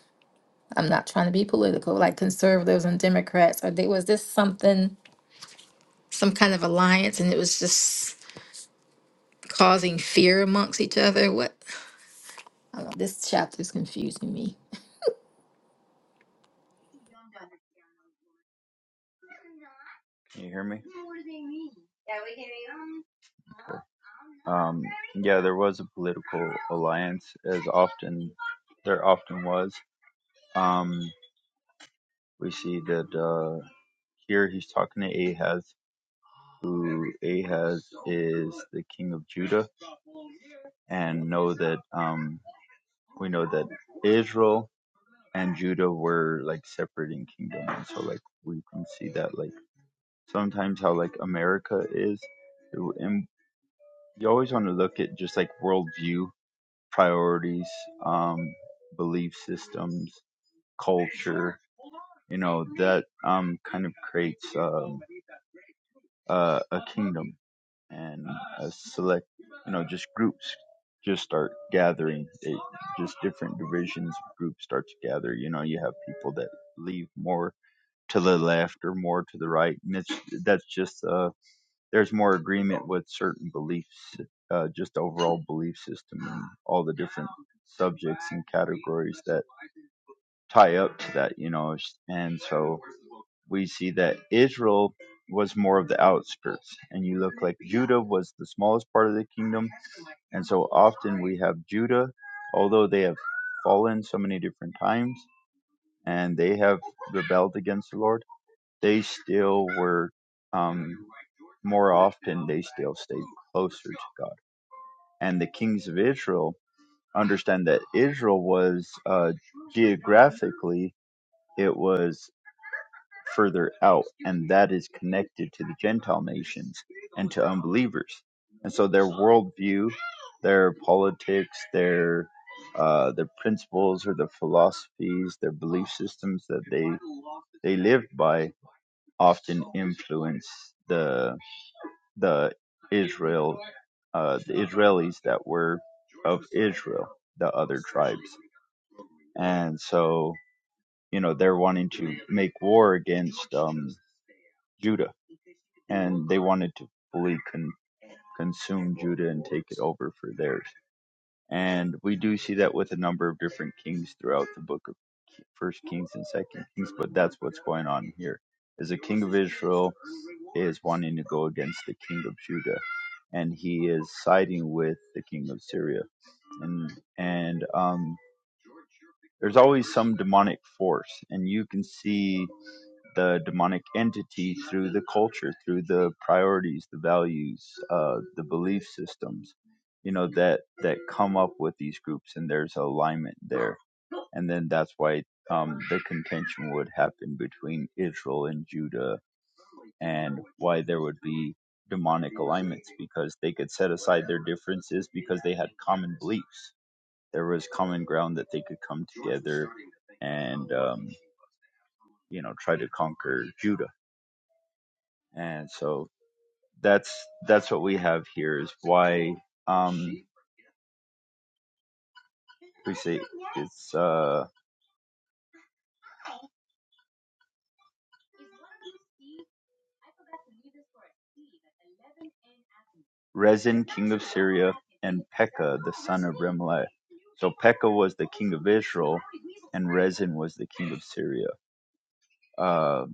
Speaker 4: I'm not trying to be political, like conservatives and Democrats, or they was this something, some kind of alliance and it was just causing fear amongst each other? What I don't know. This chapter's confusing me.
Speaker 5: Can you hear me? What do they mean? Yeah. we can hear them. Um, yeah, there was a political alliance, as often there often was. Um, we see that uh, here he's talking to Ahaz, who Ahaz is the king of Judah, and know that um, we know that Israel and Judah were like separating kingdoms. So like we can see that like sometimes how like America is, and you always want to look at just like worldview, priorities, um, belief systems, culture. You know that um, kind of creates um, a, a kingdom and a select. You know, just groups just start gathering. It, just different divisions of groups start to gather. You know, you have people that leave more to the left or more to the right, and it's that's just uh, there's more agreement with certain beliefs, uh, just overall belief system and all the different subjects and categories that tie up to that, you know. And so we see that Israel was more of the outskirts, and you look like Judah was the smallest part of the kingdom. And so often we have Judah, although they have fallen so many different times and they have rebelled against the Lord, they still were. Um, more often, they still stayed closer to God and the kings of Israel understand that Israel was uh, geographically it was further out, and that is connected to the Gentile nations and to unbelievers, and so their worldview, their politics, their uh, their principles or their philosophies, their belief systems that they they lived by often influence the the Israel, uh, the Israelis that were of Israel, the other tribes, and so you know they're wanting to make war against um, Judah, and they wanted to fully con- consume Judah and take it over for theirs. And we do see that with a number of different kings throughout the book of First Kings and Second Kings, but that's what's going on here. Is a king of Israel is wanting to go against the king of Judah, and he is siding with the king of Syria, and and um, there's always some demonic force, and you can see the demonic entity through the culture, through the priorities, the values, uh, the belief systems, you know that that come up with these groups, and there's alignment there, and then that's why. Um, the contention would happen between Israel and Judah and why there would be demonic alignments because they could set aside their differences because they had common beliefs. There was common ground that they could come together and um, you know try to conquer Judah. And so that's that's what we have here is why um, we say it's uh, Rezin, king of Syria, and Pekah, the son of Remaliah. So Pekah was the king of Israel, and Rezin was the king of Syria. Um,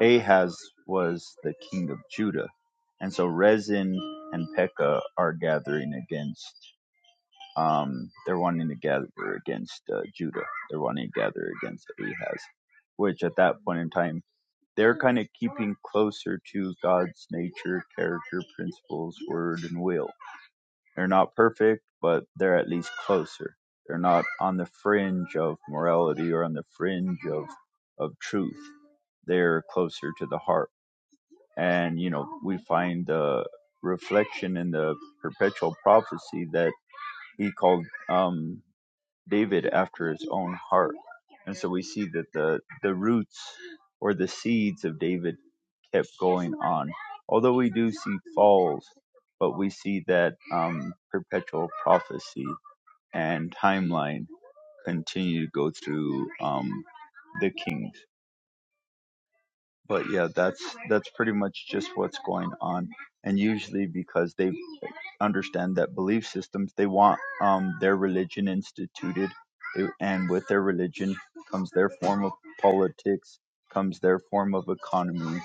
Speaker 5: Ahaz was the king of Judah, and so Rezin and Pekah are gathering against. Um, they're wanting to gather against uh, Judah. They're wanting to gather against Ahaz, which at that point in time they're kind of keeping closer to God's nature, character, principles, word, and will. They're not perfect, but they're at least closer. They're not on the fringe of morality or on the fringe of of truth. They're closer to the heart and you know we find the reflection in the perpetual prophecy that he called um, David after his own heart, and so we see that the the roots or the seeds of David kept going on, although we do see falls, but we see that um, perpetual prophecy and timeline continue to go through um, the kings. but yeah, that's that's pretty much just what's going on. And usually because they understand that belief systems, they want um, their religion instituted, They- and with their religion comes their form of politics, comes their form of economy,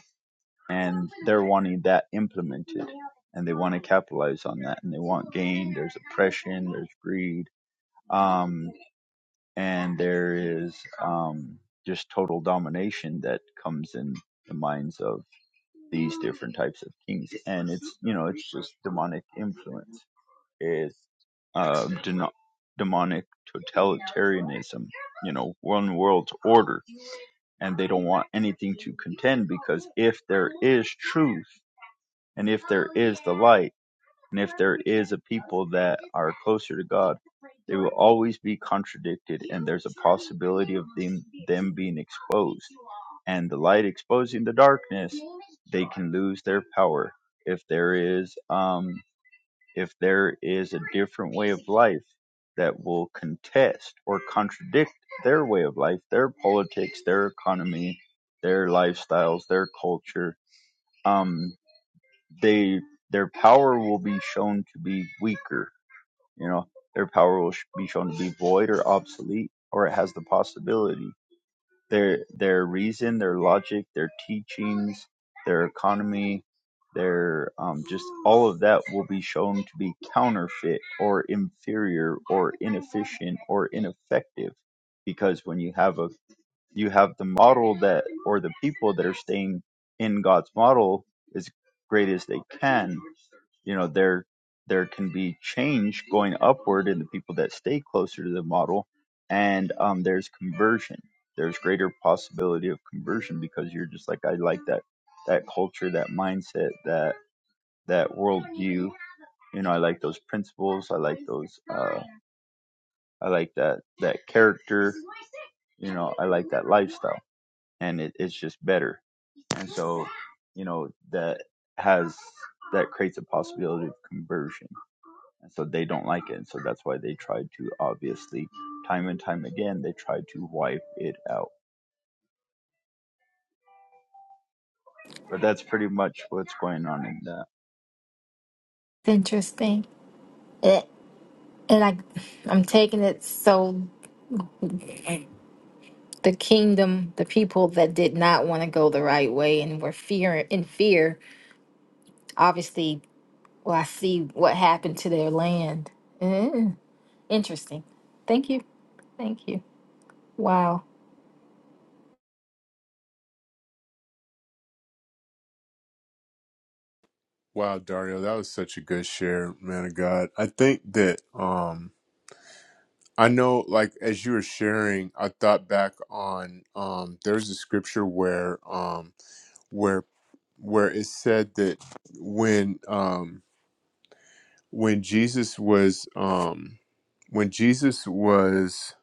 Speaker 5: and they're wanting that implemented, and they want to capitalize on that, and they want gain. There's oppression, there's greed, um, and there is um, just total domination that comes in the minds of these different types of kings, and it's you know it's just demonic influence. It's um, deno demonic totalitarianism, you know, one world order, and they don't want anything to contend because if there is truth and if there is the light. And if there is a people that are closer to God, they will always be contradicted, and there's a possibility of them, them being exposed. And the light exposing the darkness, they can lose their power. If there is, um, if there is a different way of life that will contest or contradict their way of life, their politics, their economy, their lifestyles, their culture. Um, they their power will be shown to be weaker. You know, their power will sh- be shown to be void or obsolete, or it has the possibility. Their their reason, their logic, their teachings, their economy, their um, just all of that will be shown to be counterfeit or inferior or inefficient or ineffective, because when you have a you have the model that or the people that are staying in God's model as great as they can you know there there can be change going upward in the people that stay closer to the model and um, there's conversion there's greater possibility of conversion because you're just like i like that that culture that mindset that that worldview you know i like those principles i like those uh, i like that that character you know i like that lifestyle and it, it's just better and so you know that has that creates a possibility of conversion and so they don't like it and so that's why they tried to obviously time and time again they tried to wipe it out but that's pretty much what's going on in that
Speaker 4: It's interesting. It, and I I'm taking it so the kingdom, the people that did not want to go the right way and were fear in fear, obviously Well, I see what happened to their land. Mm, interesting. Thank you. Thank you. Wow.
Speaker 1: Wow, Dario, that was such a good share, man of God. I think that um I know like as you were sharing, I thought back on um there's a scripture where um where where it said that when um when Jesus was um when Jesus was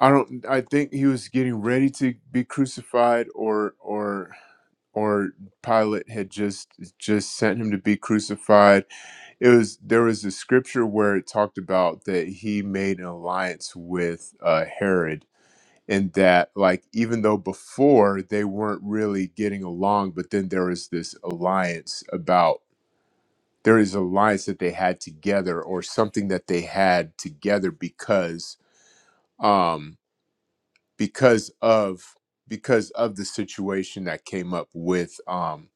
Speaker 1: I don't I think he was getting ready to be crucified or or or Pilate had just just sent him to be crucified. It was there was a scripture where it talked about that he made an alliance with uh, Herod, and that like even though before they weren't really getting along, but then there was this alliance about. there is an alliance that they had together or something that they had together because um because of because of the situation that came up with um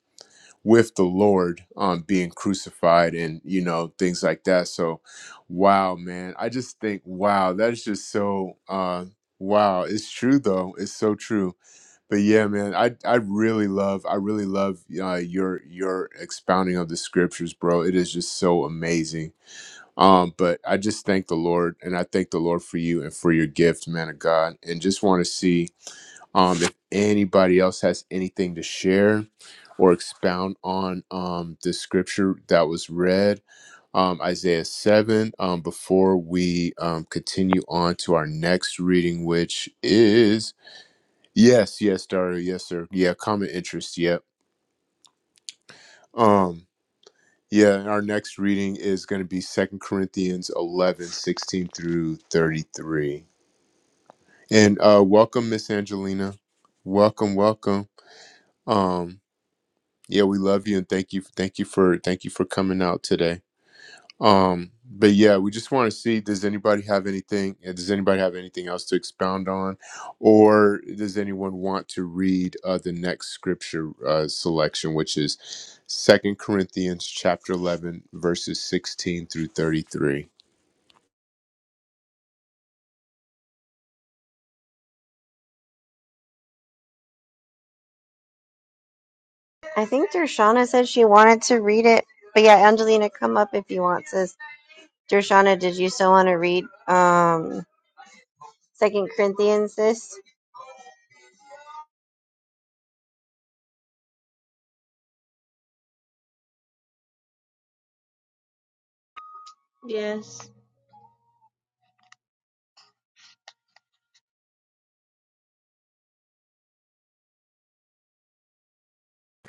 Speaker 1: with the lord um being crucified and you know things like that so wow man i just think wow that's just so uh wow it's true though it's so true but yeah, man, I I really love I really love uh, your your expounding of the scriptures, bro. It is just so amazing. Um, but I just thank the Lord and I thank the Lord for you and for your gift, man of God. And just want to see um if anybody else has anything to share or expound on um the scripture that was read, um Isaiah 7, um before we um continue on to our next reading, which is yes, yes, Dario, yes, sir. Yeah, common interest, yep. Um Yeah, and our next reading is going to be Second Corinthians 11 16 through 33. And uh, welcome, Miss Angelina. Welcome, welcome. Um, yeah, we love you and thank you, thank you for, thank you for coming out today. Um, but yeah, we just want to see does anybody have anything uh, does anybody have anything else to expound on or does anyone want to read uh, the next scripture uh, selection which is Second Corinthians chapter 11 verses 16 through 33.
Speaker 2: I think Dershana said she wanted to read it. But yeah, Angelina, come up if you want, sis. Dershana, did you still want to read um Second Corinthians, sis?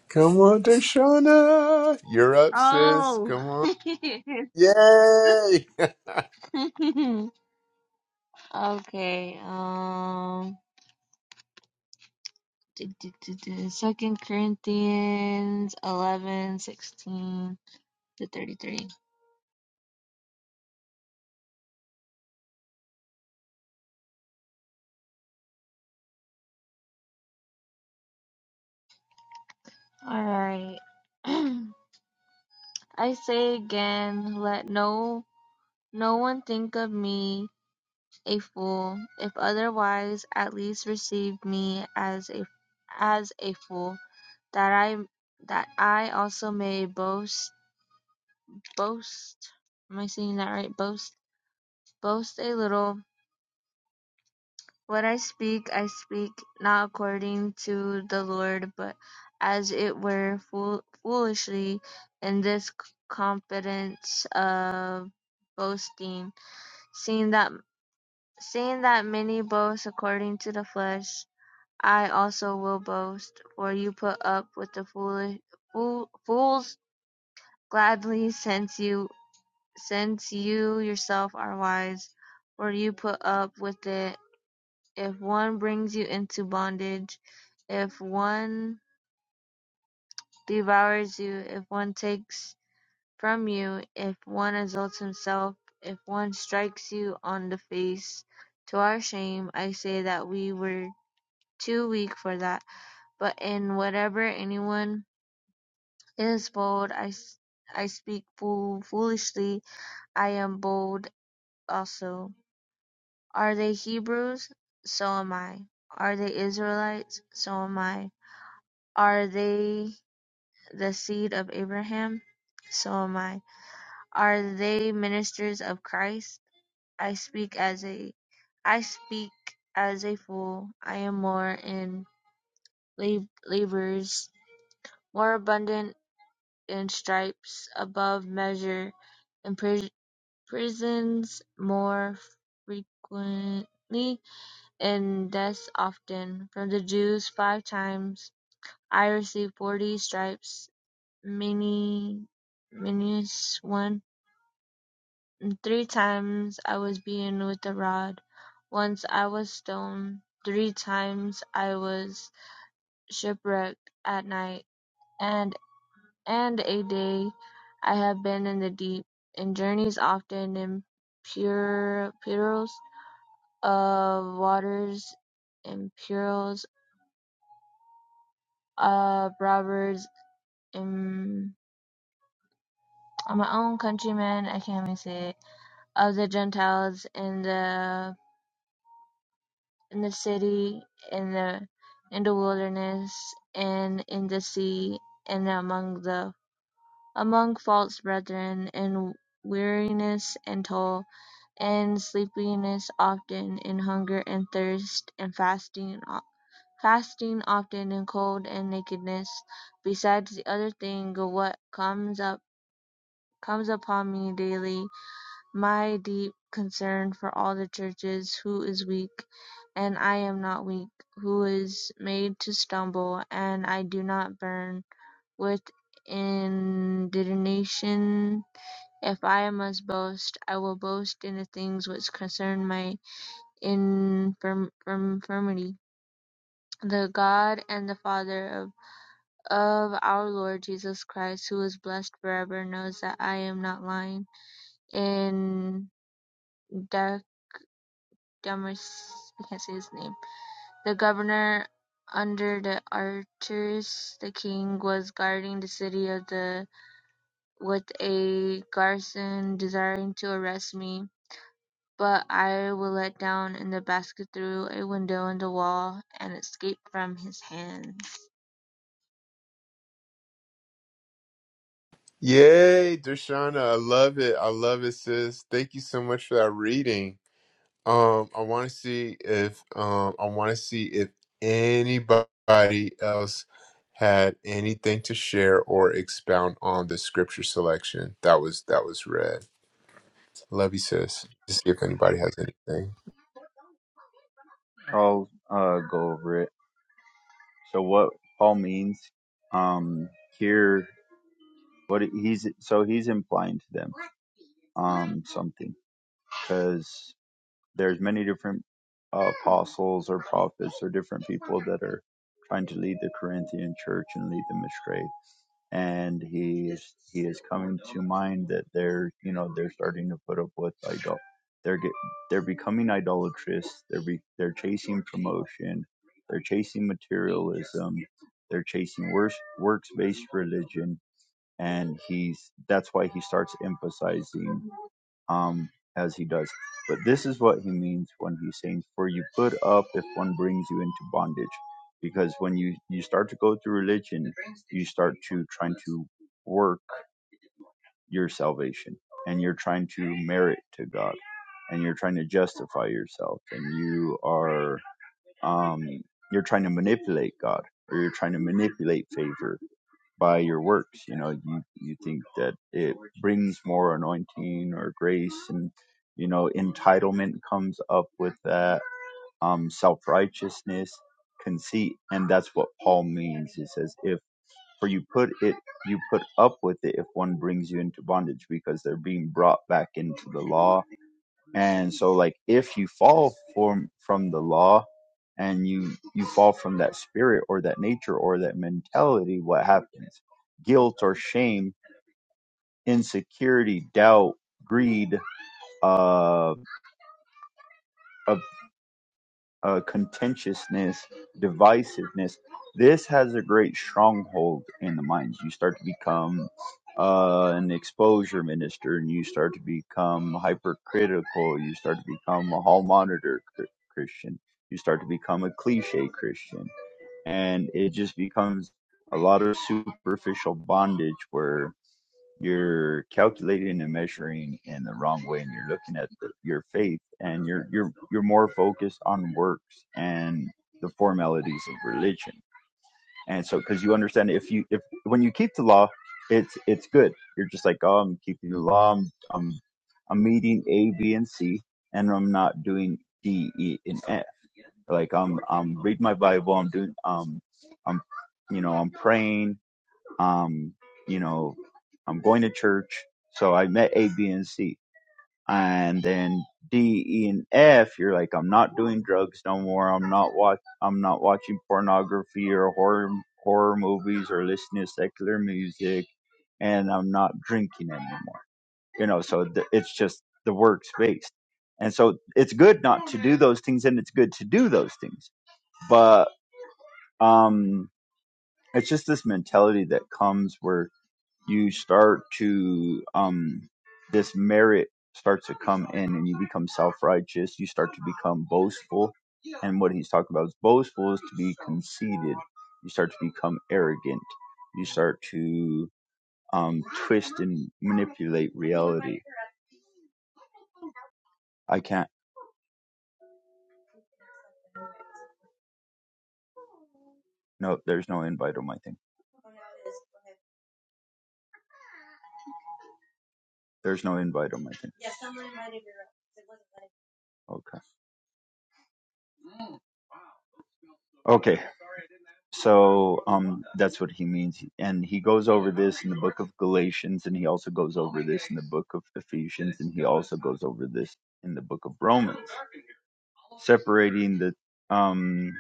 Speaker 1: Come on, Dershana. You're up, sis.
Speaker 3: Oh.
Speaker 1: Come on. Yay!
Speaker 3: okay. Um. d- d- d- d- Second Corinthians 11 16 to 33. All right. I say again, let no no one think of me a fool. If otherwise, at least receive me as a as a fool, that I that I also may boast Boast. Am I saying that right? Boast. Boast a little. What I speak, I speak not according to the Lord, but as it were fool- foolishly, in this confidence of boasting, seeing that seeing that many boast according to the flesh, I also will boast. For you put up with the foolish fool, fools gladly, since you since you yourself are wise, for you put up with it. If one brings you into bondage, if one devours you, if one takes from you, if one exalts himself, if one strikes you on the face, to our shame, I say that we were too weak for that. But in whatever anyone is bold, I, I speak fool- foolishly, I am bold also. Are they Hebrews? So am I. Are they Israelites? So am I. Are they the seed of Abraham? So am I. Are they ministers of Christ? I speak as a I speak as a fool. I am more in lab- labors, more abundant in stripes, above measure, in pris- prisons, more frequently and deaths often. From the Jews five times I received forty stripes, minus many minus one. Three times I was beaten with a rod. Once I was stoned. Three times I was shipwrecked at night, and and a day I have been in the deep, in journeys often, in pure perils of waters, in perils of robbers am my own countrymen, I can't even say it, of the Gentiles in the in the city, in the in the wilderness, and in the sea, and among the among false brethren, and weariness and toil, and sleepiness often, and hunger and thirst, and fasting fasting often, and cold and nakedness, besides the other thing what comes up comes upon me daily my deep concern for all the churches, who is weak, and I am not weak, who is made to stumble, and I do not burn with indignation. If I must boast, I will boast in the things which concern my infirm- infirmity. The God and the Father of, of our Lord Jesus Christ, who is blessed forever, knows that I am not lying in Damaris, I can't say his name. the governor under the archers, the king was guarding the city of the with a garrison desiring to arrest me, but I was let down in the basket through a window in the wall and escaped from his hands.
Speaker 1: Yay, Dershana. I love it. I love it, sis. Thank you so much for that reading. Um, I want to see if um, I want to see if anybody else had anything to share or expound on the scripture selection that was that was read. Love you, sis. To see if anybody has anything.
Speaker 5: i'll uh, go over it so what paul means um here what he's so he's implying to them um something because there's many different uh, apostles or prophets or different people that are trying to lead the corinthian church and lead them astray and he is he is coming to mind that they're you know they're starting to put up with idol they're get, they're becoming idolatrous they're be, they're chasing promotion they're chasing materialism they're chasing works works based religion and he's that's why he starts emphasizing um, as he does. But this is what he means when he's saying, For you put up if one brings you into bondage. Because when you, you start to go through religion, you start to trying to work your salvation and you're trying to merit to God and you're trying to justify yourself and you are um, you're trying to manipulate God or you're trying to manipulate favor by your works. You know, you, you think that it brings more anointing or grace and, you know, entitlement comes up with that, um, self-righteousness, conceit. And that's what Paul means. He says, if for you put it, you put up with it if one brings you into bondage because they're being brought back into the law and so like if you fall from from the law and you you fall from that spirit or that nature or that mentality, what happens? Guilt or shame, insecurity, doubt, greed, uh uh, contentiousness, divisiveness. This has a great stronghold in the minds. You start to become uh, an exposure minister, and you start to become hypercritical. You start to become a hall monitor cr- Christian. You start to become a cliche Christian, and it just becomes a lot of superficial bondage where you're calculating and measuring in the wrong way and you're looking at the, your faith and you're you're you're more focused on works and the formalities of religion and so because you understand if you if when you keep the law it's it's good you're just like oh i'm keeping the law i'm i'm, I'm meeting a b and c and i'm not doing d e and f like i'm i'm reading my bible i'm doing um i'm you know i'm praying um, you know, I'm going to church. So I met A, B, and C. And then D, E, and F, you're like, I'm not doing drugs no more. I'm not watch I'm not watching pornography or horror horror movies or listening to secular music and I'm not drinking anymore. You know, so th- it's just the works based. And so it's good not to do those things and it's good to do those things. But um it's just this mentality that comes where you start to um this merit starts to come in and you become self-righteous you start to become boastful and what he's talking about is boastful is to be conceited you start to become arrogant you start to um twist and manipulate reality i can't no there's no invite on my thing there's no invite on my thing okay Okay. So um, that's what he means. And he goes over this in the book of Galatians, and he also goes over this in the book of Ephesians, and he also goes over this in the book of Romans, separating the um,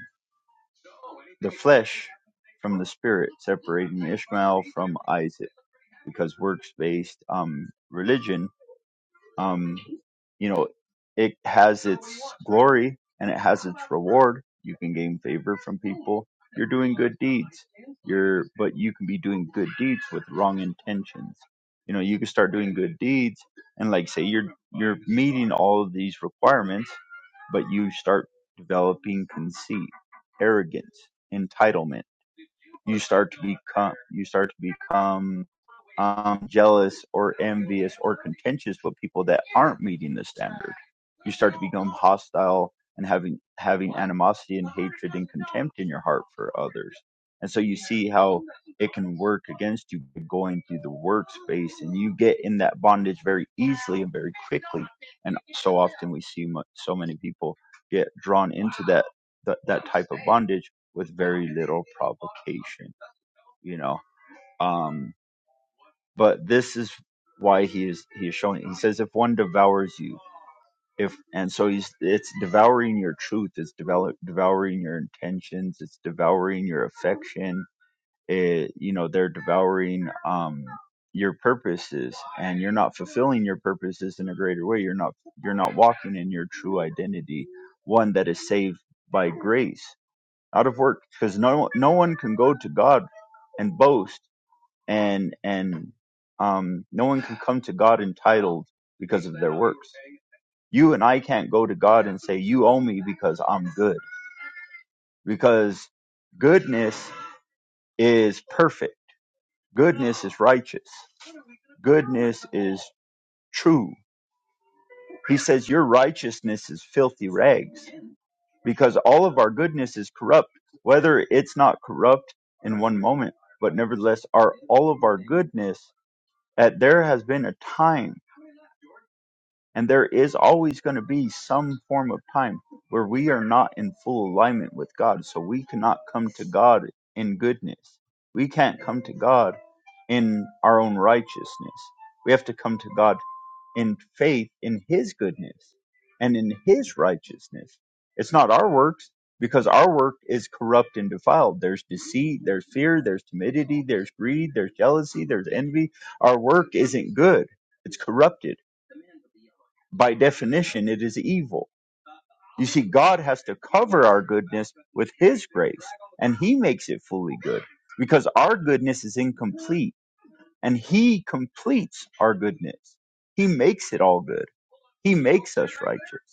Speaker 5: the flesh from the spirit, separating Ishmael from Isaac, because works based um, religion um, you know, it has its glory and it has its reward. You can gain favor from people. You're doing good deeds. You're, but you can be doing good deeds with wrong intentions. You know, you can start doing good deeds and like say you're you're meeting all of these requirements, but you start developing conceit, arrogance, entitlement you start to become you start to become um, jealous or envious or contentious with people that aren't meeting the standard. You start to become hostile and having having animosity and hatred and contempt in your heart for others. And so you see how it can work against you going through the workspace, and you get in that bondage very easily and very quickly. And so often we see so many people get drawn into that that, that type of bondage with very little provocation, you know. Um, but this is why he is he is showing. He says, if one devours you, if and so he's it's devouring your truth, it's develop, devouring your intentions, it's devouring your affection. It, you know, they're devouring um your purposes and you're not fulfilling your purposes in a greater way you're not you're not walking in your true identity one that is saved by grace out of work because no no one can go to God and boast and and um, no one can come to God entitled because of their works. You and I can't go to God and say you owe me because I'm good because goodness is perfect. Goodness is righteous. Goodness is true. He says your righteousness is filthy rags. because all of our goodness is corrupt, whether it's not corrupt in one moment, but nevertheless, are all of our goodness that there has been a time and there is always going to be some form of time where we are not in full alignment with God. So we cannot come to God in goodness. We can't come to God in our own righteousness. We have to come to God in faith in his goodness and in his righteousness. It's not our works because our work is corrupt and defiled. There's deceit, there's fear, there's timidity, there's greed, there's jealousy, there's envy. Our work isn't good. It's corrupted by definition, it is evil. You see, God has to cover our goodness with His grace, and He makes it fully good because our goodness is incomplete, and He completes our goodness. He makes it all good, He makes us righteous.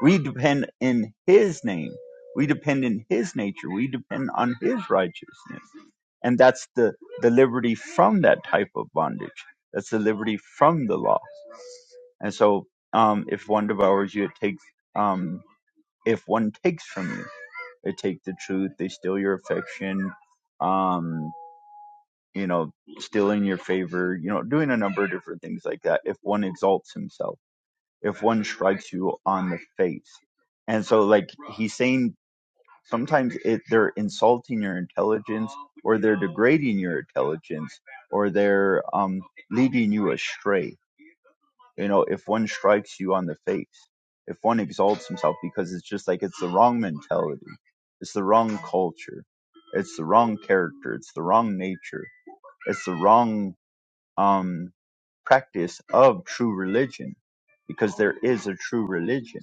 Speaker 5: We depend in His name. We depend in His nature. We depend on His righteousness. And that's the, the liberty from that type of bondage. That's the liberty from the law. And so, um, if one devours you, it takes, um, if one takes from you, they take the truth, they steal your affection, um, you know, stealing your favor, you know, doing a number of different things like that. If one exalts himself if one strikes you on the face. And so, like, he's saying sometimes it, they're insulting your intelligence or they're degrading your intelligence or they're um, leading you astray. You know, if one strikes you on the face, if one exalts himself, because it's just like it's the wrong mentality, it's the wrong culture, it's the wrong character, it's the wrong nature, it's the wrong um, practice of true religion because there is a true religion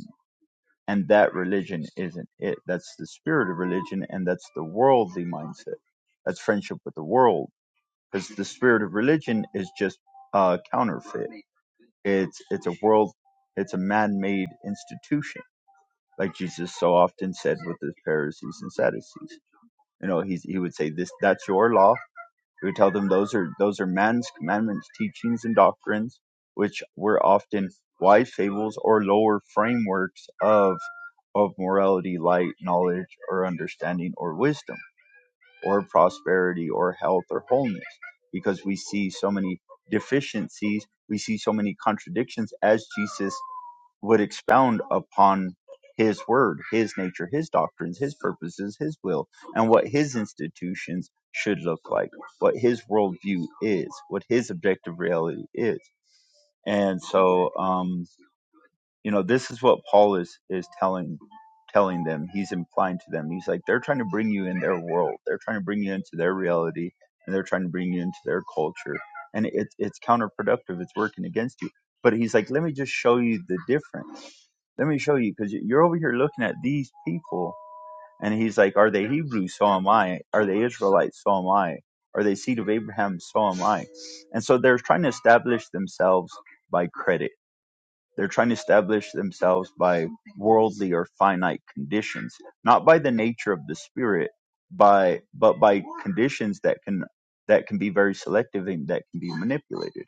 Speaker 5: and that religion isn't it. That's the spirit of religion, and that's the worldly mindset. That's friendship with the world, because the spirit of religion is just uh, counterfeit. It's it's a world, it's a man-made institution, like Jesus so often said with the Pharisees and Sadducees. You know, he's, he would say this: "That's your law. He would tell them those are those are man's commandments, teachings, and doctrines, which were often wise fables or lower frameworks of of morality, light, knowledge, or understanding, or wisdom, or prosperity, or health, or wholeness, because we see so many deficiencies, we see so many contradictions as Jesus would expound upon his word, his nature, his doctrines, his purposes, his will, and what his institutions should look like, what his worldview is, what his objective reality is. And so, um, you know, this is what Paul is is telling telling them. He's implying to them. He's like, they're trying to bring you in their world. They're trying to bring you into their reality, and they're trying to bring you into their culture. And it's it's counterproductive. It's working against you. But he's like, let me just show you the difference. Let me show you, because you're over here looking at these people, and he's like, Are they Hebrews? So am I. Are they Israelites? So am I. Are they seed of Abraham? So am I. And so they're trying to establish themselves by credit. They're trying to establish themselves by worldly or finite conditions, not by the nature of the spirit, by but by conditions that can that can be very selective and that can be manipulated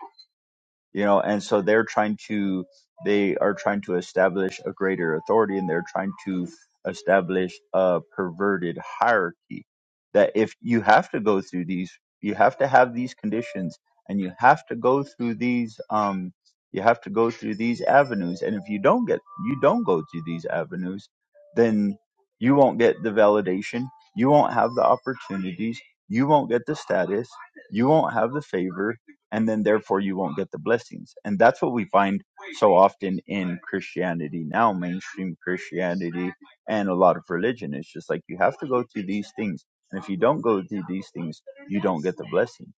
Speaker 5: you know and so they're trying to they are trying to establish a greater authority and they're trying to establish a perverted hierarchy that if you have to go through these you have to have these conditions and you have to go through these um you have to go through these avenues and if you don't get you don't go through these avenues then you won't get the validation you won't have the opportunities you won't get the status you won't have the favor and then therefore you won't get the blessings. And that's what we find so often in Christianity now, mainstream Christianity and a lot of religion. It's just like you have to go through these things. And if you don't go through these things, you don't get the blessing.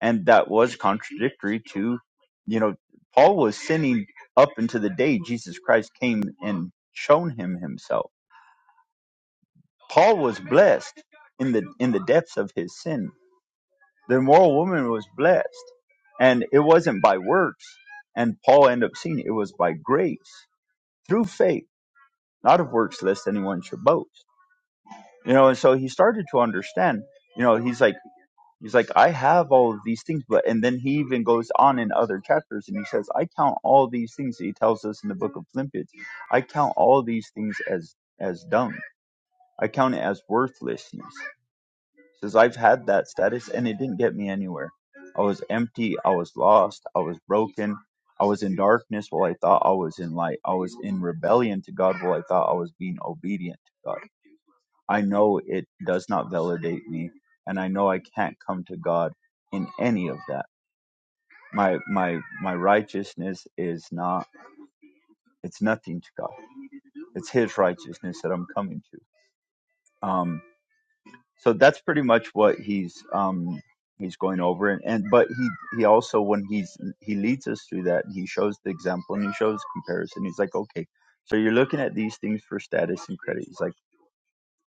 Speaker 5: And that was contradictory to, you know, Paul was sinning up until the day Jesus Christ came and shown him himself. Paul was blessed in the in the depths of his sin the immoral woman was blessed. And it wasn't by works. And Paul ended up seeing it was by grace through faith, not of works, lest anyone should boast. You know, and so he started to understand, you know, he's like, he's like, I have all of these things, but, and then he even goes on in other chapters and he says, I count all these things. He tells us in the book of Philippians, I count all these things as, as dung. I count it as worthlessness. says I've had that status and it didn't get me anywhere. I was empty, I was lost, I was broken, I was in darkness while I thought I was in light. I was in rebellion to God while I thought I was being obedient to God. I know it does not validate me and I know I can't come to God in any of that. My my my righteousness is not it's nothing to God. It's his righteousness that I'm coming to. Um. so that's pretty much what he's um he's going over and, and but he he also when he's he leads us through that he shows the example and he shows comparison he's like okay so you're looking at these things for status and credit he's like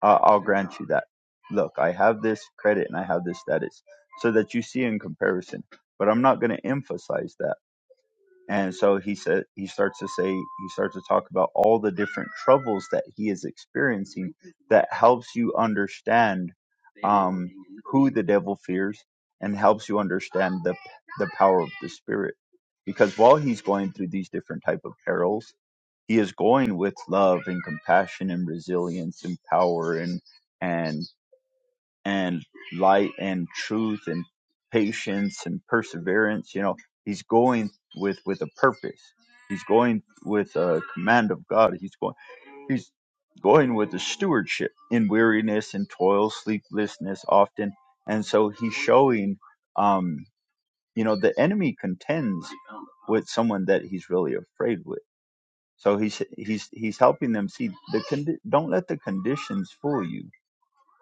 Speaker 5: I- i'll grant you that look i have this credit and i have this status so that you see in comparison but i'm not going to emphasize that and so he said he starts to say he starts to talk about all the different troubles that he is experiencing that helps you understand um, who the devil fears and helps you understand the the power of the spirit. Because while he's going through these different type of perils, he is going with love and compassion and resilience and power and and and light and truth and patience and perseverance you know he's going with with a purpose he's going with a command of god he's going he's going with a stewardship in weariness and toil sleeplessness often and so he's showing um you know the enemy contends with someone that he's really afraid with so he's he's he's helping them see the condi- don't let the conditions fool you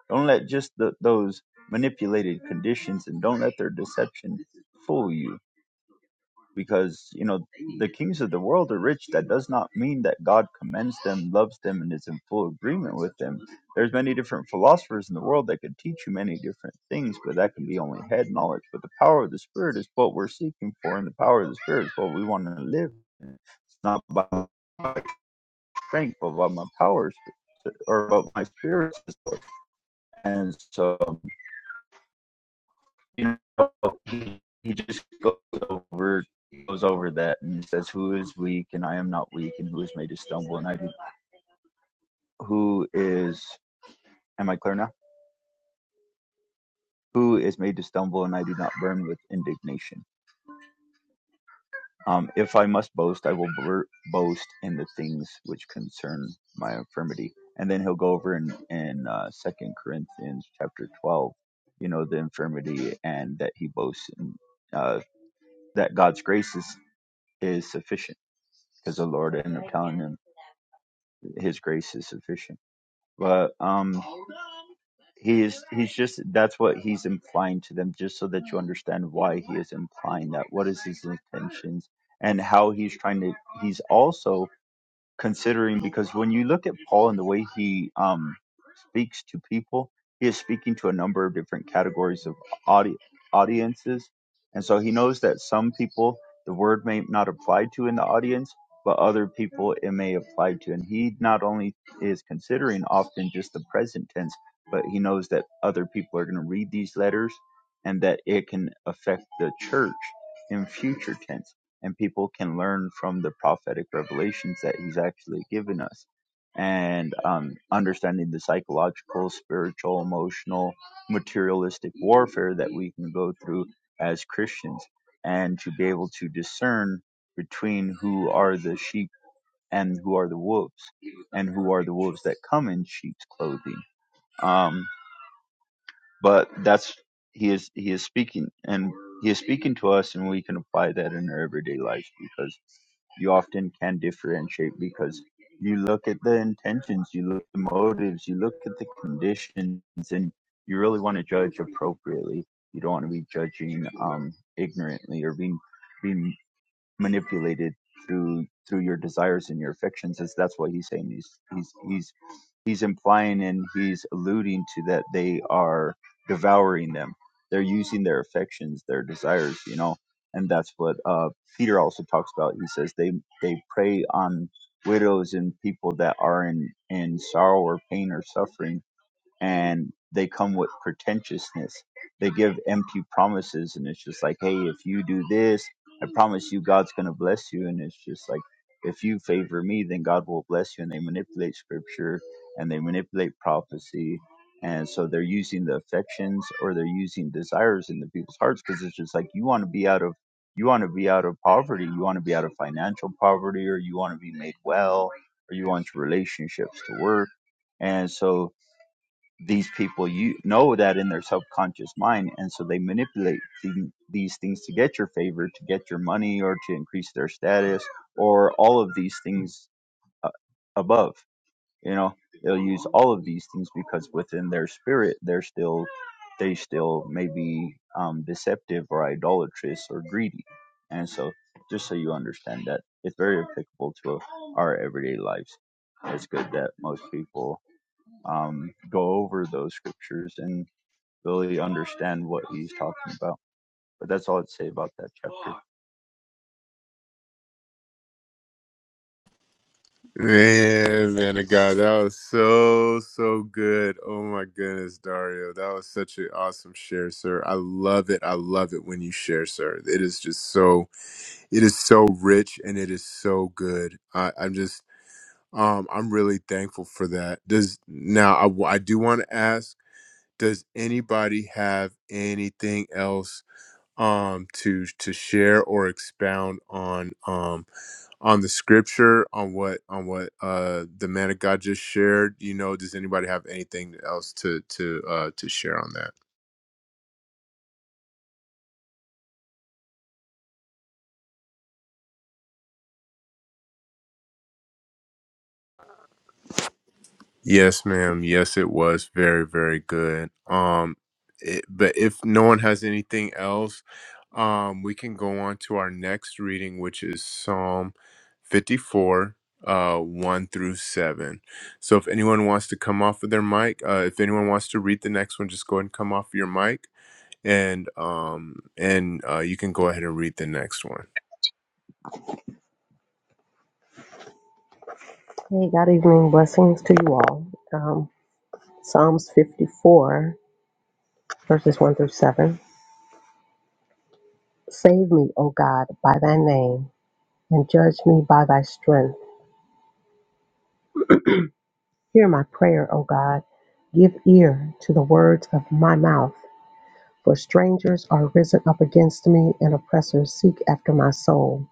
Speaker 5: don't let just the, those manipulated conditions and don't let their deception fool you. Because, you know, the kings of the world are rich. That does not mean that God commends them, loves them, and is in full agreement with them. There's many different philosophers in the world that could teach you many different things, but that can be only head knowledge. But the power of the Spirit is what we're seeking for, and the power of the Spirit is what we want to live. in. It's not by my strength, but by my powers or by my spirit. And so you know, he, he just goes over goes over that and he says, "Who is weak and I am not weak, and who is made to stumble and I do, who is am I clear now? Who is made to stumble and I do not burn with indignation." Um, if I must boast, I will bur- boast in the things which concern my infirmity. And then he'll go over in in uh, Second Corinthians chapter twelve, you know, the infirmity and that he boasts in uh, that God's grace is is sufficient because the Lord ended up telling him His grace is sufficient. But um, he is he's just that's what he's implying to them, just so that you understand why he is implying that. What is his intentions and how he's trying to? He's also considering because when you look at Paul and the way he um, speaks to people, he is speaking to a number of different categories of audi- audiences. And so he knows that some people the word may not apply to in the audience, but other people it may apply to. And he not only is considering often just the present tense, but he knows that other people are going to read these letters and that it can affect the church in future tense and people can learn from the prophetic revelations that he's actually given us and um, understanding the psychological spiritual emotional materialistic warfare that we can go through as christians and to be able to discern between who are the sheep and who are the wolves and who are the wolves that come in sheep's clothing Um, but that's he is he is speaking and he is speaking to us and we can apply that in our everyday life because you often can differentiate because you look at the intentions you look at the motives you look at the conditions and you really want to judge appropriately you don't want to be judging um ignorantly or being being manipulated through through your desires and your affections is that's what he's saying he's he's he's he's implying and he's alluding to that they are devouring them they're using their affections their desires you know and that's what uh peter also talks about he says they they prey on widows and people that are in in sorrow or pain or suffering and they come with pretentiousness. They give empty promises, and it's just like, hey, if you do this, I promise you God's going to bless you. And it's just like, if you favor me, then God will bless you. And they manipulate scripture and they manipulate prophecy. And so they're using the affections or they're using desires in the people's hearts because it's just like you want to be out of you want to be out of poverty, you want to be out of financial poverty, or you want to be made well, or you want your relationships to work. And so these people you know that in their subconscious mind and so they manipulate the, these things to get your favor to get your money or to increase their status or all of these things uh, above you know they'll use all of these things because within their spirit they're still they still may be um, deceptive or idolatrous or greedy and so just so you understand that it's very applicable to our everyday lives it's good that most people um, go over those scriptures and really understand what he's talking about. But that's all I'd say about that chapter.
Speaker 1: Man, man of God, that was so so good. Oh my goodness, Dario. That was such an awesome share, sir. I love it. I love it when you share, sir. It is just so it is so rich and it is so good. I, I'm just Um, I'm really thankful for that. Does now I, w- I do want to ask, does anybody have anything else um to to share or expound on um on the scripture on what on what uh the man of God just shared? You know, does anybody have anything else to to uh to share on that? Yes, ma'am. Yes, it was very, very good. Um, it, but if no one has anything else, um, we can go on to our next reading, which is Psalm 54, uh, 1 through 7. So if anyone wants to come off of their mic, uh, if anyone wants to read the next one, just go ahead and come off your mic and, um, and, uh, you can go ahead and read the next one.
Speaker 6: Hey, God evening. Blessings to you all. Um, Psalms 54, verses 1 through 7. Save me, O God, by thy name, and judge me by thy strength. Hear my prayer, O God. Give ear to the words of my mouth. For strangers are risen up against me, and oppressors seek after my soul.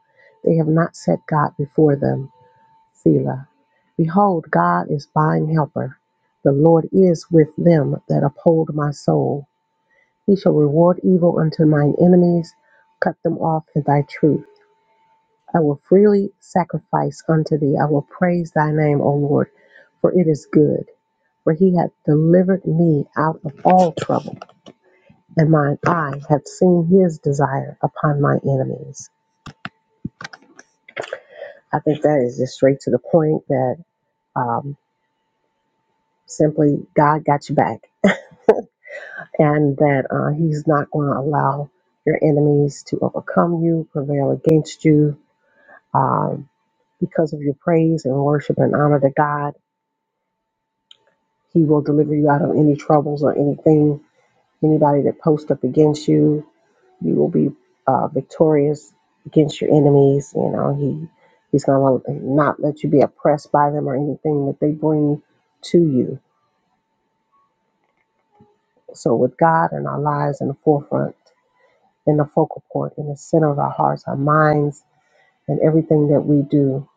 Speaker 6: They have not set God before them. Selah. Behold, God is mine helper. The Lord is with them that uphold my soul. He shall reward evil unto mine enemies, cut them off in thy truth. I will freely sacrifice unto thee. I will praise thy name, O Lord, for it is good. For he hath delivered me out of all trouble, and mine eye hath seen his desire upon my enemies. I think that is just straight to the point that um, simply God got you back, and that uh, he's not going to allow your enemies to overcome you, prevail against you Um, because of your praise and worship and honor to God, He will deliver you out of any troubles or anything, anybody that posts up against you. You will be uh, victorious against your enemies. You know, He He's gonna not let you be oppressed by them or anything that they bring to you. So with God and our lives in the forefront, in the focal point, in the center of our hearts, our minds, and everything that we do,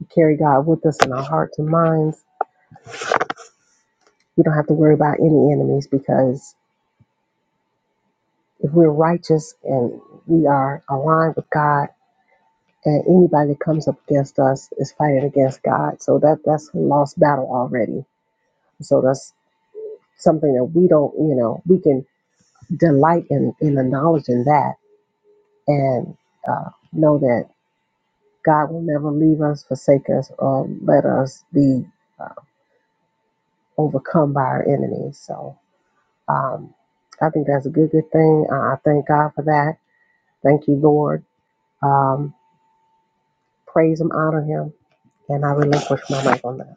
Speaker 6: we carry God with us in our hearts and minds We don't have to worry about any enemies because if we're righteous and we are aligned with God, and anybody that comes up against us is fighting against God. So that that's a lost battle already. So that's something that we don't, you know, we can delight in in the knowledge in that and uh, know that God will never leave us, forsake us, or let us be uh, overcome by our enemies. So um, I think that's a good, good thing. Uh, I thank God for that. Thank you, Lord um, praise him, honor him, and I relinquish my life on that.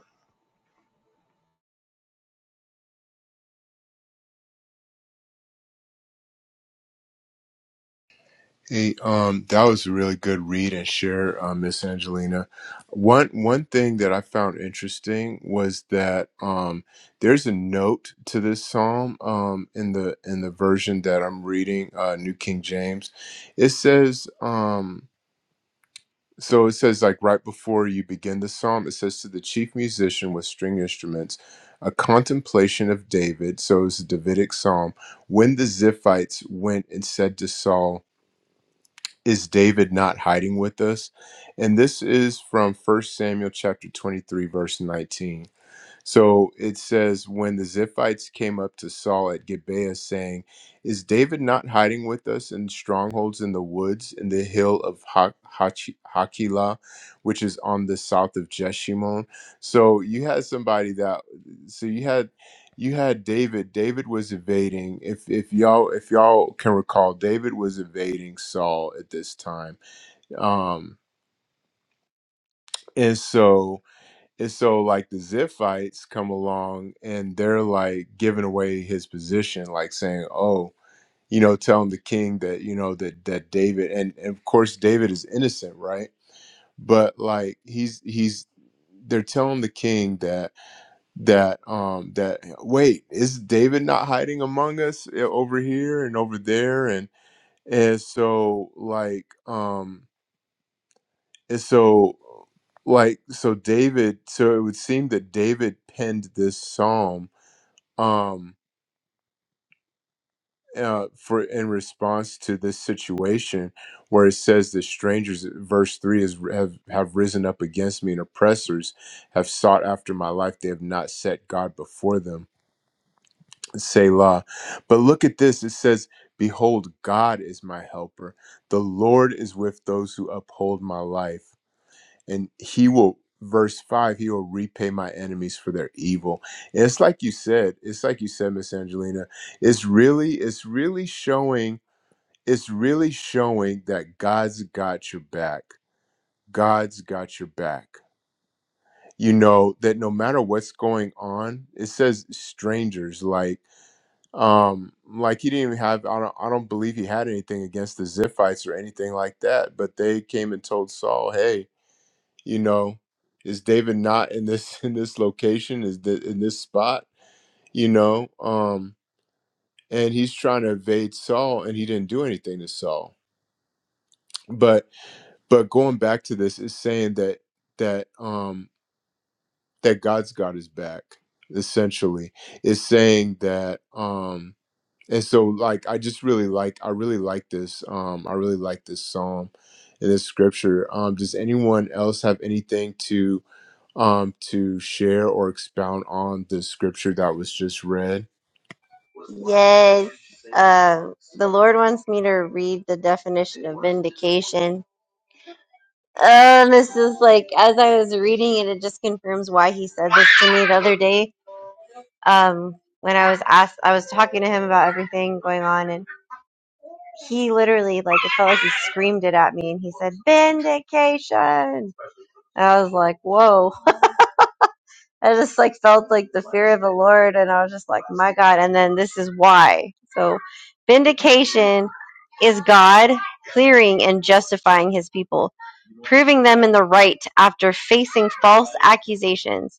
Speaker 1: Hey, um, that was a really good read and share, uh, Miss Angelina. One one thing that I found interesting was that um, there's a note to this psalm um, in the in the version that I'm reading, uh, New King James. It says, um, so it says like right before you begin the psalm, it says to the chief musician with string instruments, a contemplation of David. So it's a Davidic psalm. When the Ziphites went and said to Saul is David not hiding with us? And this is from First Samuel chapter 23 verse 19. So it says, when the Ziphites came up to Saul at Gibeah, saying, Is David not hiding with us in strongholds in the woods in the hill of ha- Hachi- Hakilah, which is on the south of Jeshimon? So you had somebody that, so you had. You had David. David was evading. If if y'all if y'all can recall, David was evading Saul at this time. Um, and so and so like the Ziphites come along and they're like giving away his position, like saying, Oh, you know, telling the king that, you know, that that David and, and of course David is innocent, right? But like he's he's they're telling the king that that um that wait, is David not hiding among us eh, over here and over there? And and so like um and so, like, so David, so it would seem that David penned this psalm um, uh, for in response to this situation where it says the strangers, verse three is have, have risen up against me and oppressors have sought after my life. They have not set God before them. Selah. But look at this. It says, Behold, God is my helper. The Lord is with those who uphold my life. and he will verse 5 he will repay my enemies for their evil and it's like you said it's like you said miss angelina it's really it's really showing it's really showing that god's got your back god's got your back you know that no matter what's going on it says strangers like um like he didn't even have i don't, I don't believe he had anything against the ziphites or anything like that but they came and told saul hey you know is david not in this in this location is that in this spot you know um and he's trying to evade saul and he didn't do anything to saul but but going back to this is saying that that um that god's got his back essentially is saying that Um, and so like i just really like i really like this um i really like this psalm and this scripture um does anyone else have anything to um to share or expound on the scripture that was just read
Speaker 2: Yes. Um, the Lord wants me to read the definition of vindication. Um, this is like as I was reading it, it just confirms why he said this to me the other day. Um, when I was asked, I was talking to him about everything going on, and he literally like it felt like he screamed it at me, and he said vindication. And I was like, whoa. I just like felt like the fear of the Lord, and I was just like, my God. And then this is why. So, vindication is God clearing and justifying his people, proving them in the right after facing false accusations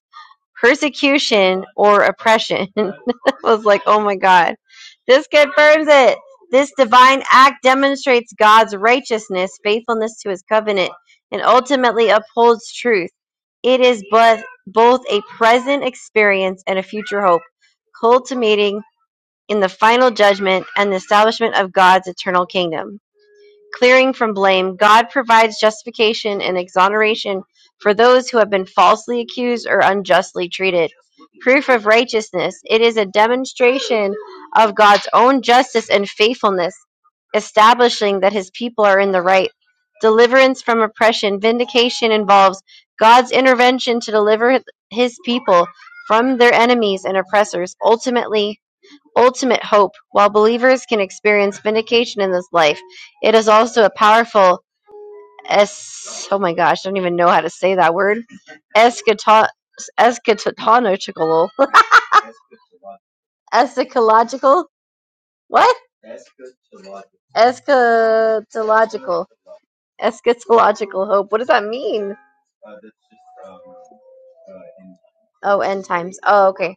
Speaker 2: persecution or oppression. I was like, oh my God. This confirms it. This divine act demonstrates God's righteousness, faithfulness to his covenant, and ultimately upholds truth. It is both, both a present experience and a future hope, culminating in the final judgment and the establishment of God's eternal kingdom clearing from blame, God provides justification and exoneration for those who have been falsely accused or unjustly treated. Proof of righteousness. It is a demonstration of God's own justice and faithfulness, establishing that his people are in the right. Deliverance from oppression. Vindication involves God's intervention to deliver his people from their enemies and oppressors. Ultimately, ultimate hope. While believers can experience vindication in this life, it is also a powerful es- oh my gosh, I don't even know how to say that word. Eschato- eschatological eschatological what? Eschatological eschatological hope. What does that mean? Oh, end times. Oh, okay.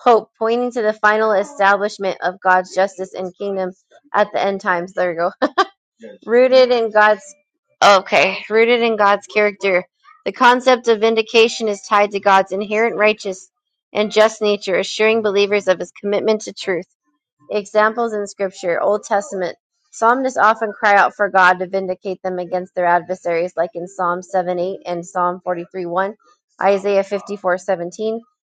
Speaker 2: Hope pointing to the final establishment of God's justice and kingdom at the end times. There you go Rooted in God's okay, rooted in God's character. The concept of vindication is tied to God's inherent righteous and just nature, assuring believers of his commitment to truth. Examples in scripture, Old Testament. Psalmists often cry out for God to vindicate them against their adversaries, like in Psalm 7 8 and Psalm 43 1. Isaiah 54:17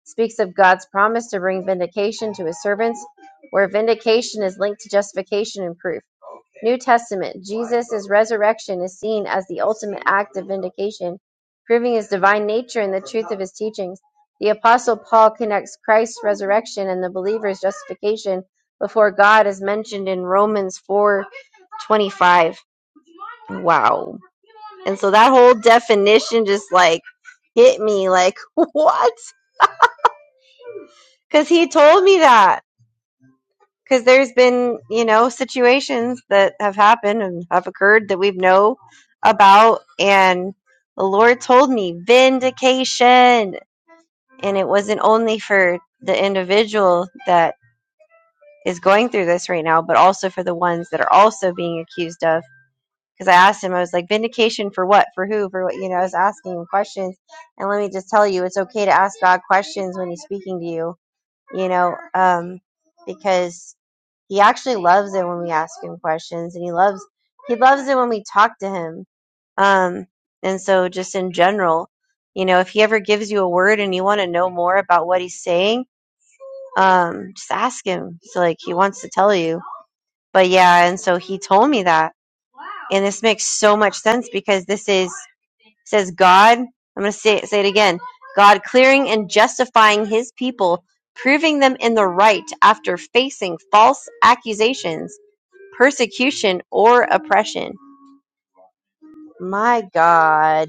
Speaker 2: speaks of God's promise to bring vindication to his servants, where vindication is linked to justification and proof. New Testament: Jesus' resurrection is seen as the ultimate act of vindication, proving his divine nature and the truth of his teachings. The Apostle Paul connects Christ's resurrection and the believer's justification before God as mentioned in Romans 4:25. Wow. And so that whole definition just like hit me like what? Cuz he told me that. because there's been you know situations that have happened and have occurred that we've know about and the lord told me vindication and it wasn't only for the individual that is going through this right now but also for the ones that are also being accused of because i asked him i was like vindication for what for who for what you know i was asking him questions and let me just tell you it's okay to ask god questions when he's speaking to you you know, um, because he actually loves it when we ask him questions, and he loves he loves it when we talk to him. Um, and so, just in general, you know, if he ever gives you a word and you want to know more about what he's saying, um, just ask him. So, like, he wants to tell you. But yeah, and so he told me that, and this makes so much sense because this is says God, I'm going to say, say it again God clearing and justifying his people, proving them in the right after facing false accusations, persecution, or oppression. My God.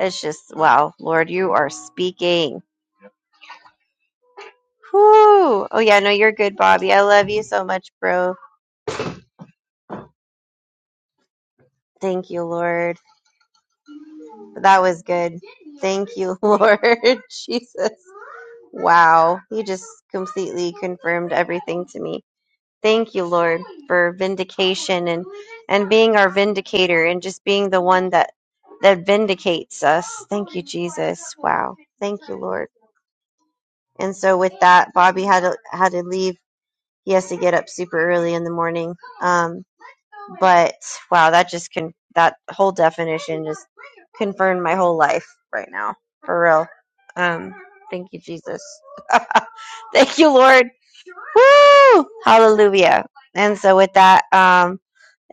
Speaker 2: It's just, wow, Lord, you are speaking. Whew. Oh, yeah, no, you're good, Bobby. I love you so much, bro. Thank you, Lord. That was good. Thank you, Lord. Jesus. Wow. You just completely confirmed everything to me. Thank you, Lord, for vindication and and being our vindicator and just being the one that that vindicates us. Thank you, Jesus. Wow. Thank you, Lord. And so with that, Bobby had to had to leave. He has to get up super early in the morning. Um, but wow, that just can that whole definition just confirmed my whole life right now, for real. Um, thank you, Jesus. thank you, Lord. Woo! Hallelujah. And so with that, um,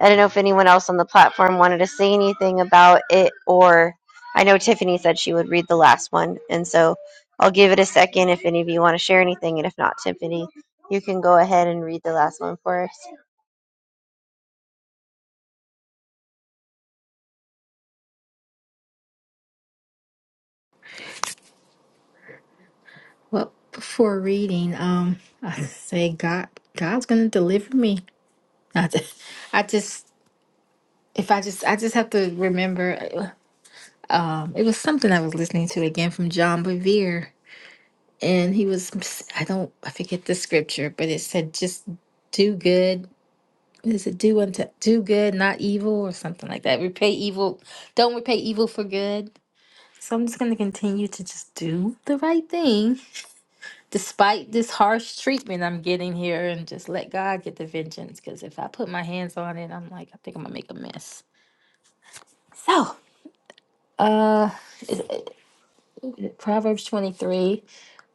Speaker 2: I don't know if anyone else on the platform wanted to say anything about it, or I know Tiffany said she would read the last one, and so I'll give it a second if any of you want to share anything, and if not, Tiffany, you can go ahead and read the last one for us.
Speaker 4: Well, before reading, um, I say God, God's gonna deliver me. I just, I just, if I just, I just have to remember. Um, it was something I was listening to again from John Bevere, and he was, I don't, I forget the scripture, but it said, "Just do good." What Is it do unto do good, not evil, or something like that? Repay evil, don't repay evil for good So I'm just going to continue to just do the right thing despite this harsh treatment I'm getting here and just let God get the vengeance because if I put my hands on it, I'm like, I think I'm going to make a mess. So, uh, is- is- Proverbs 23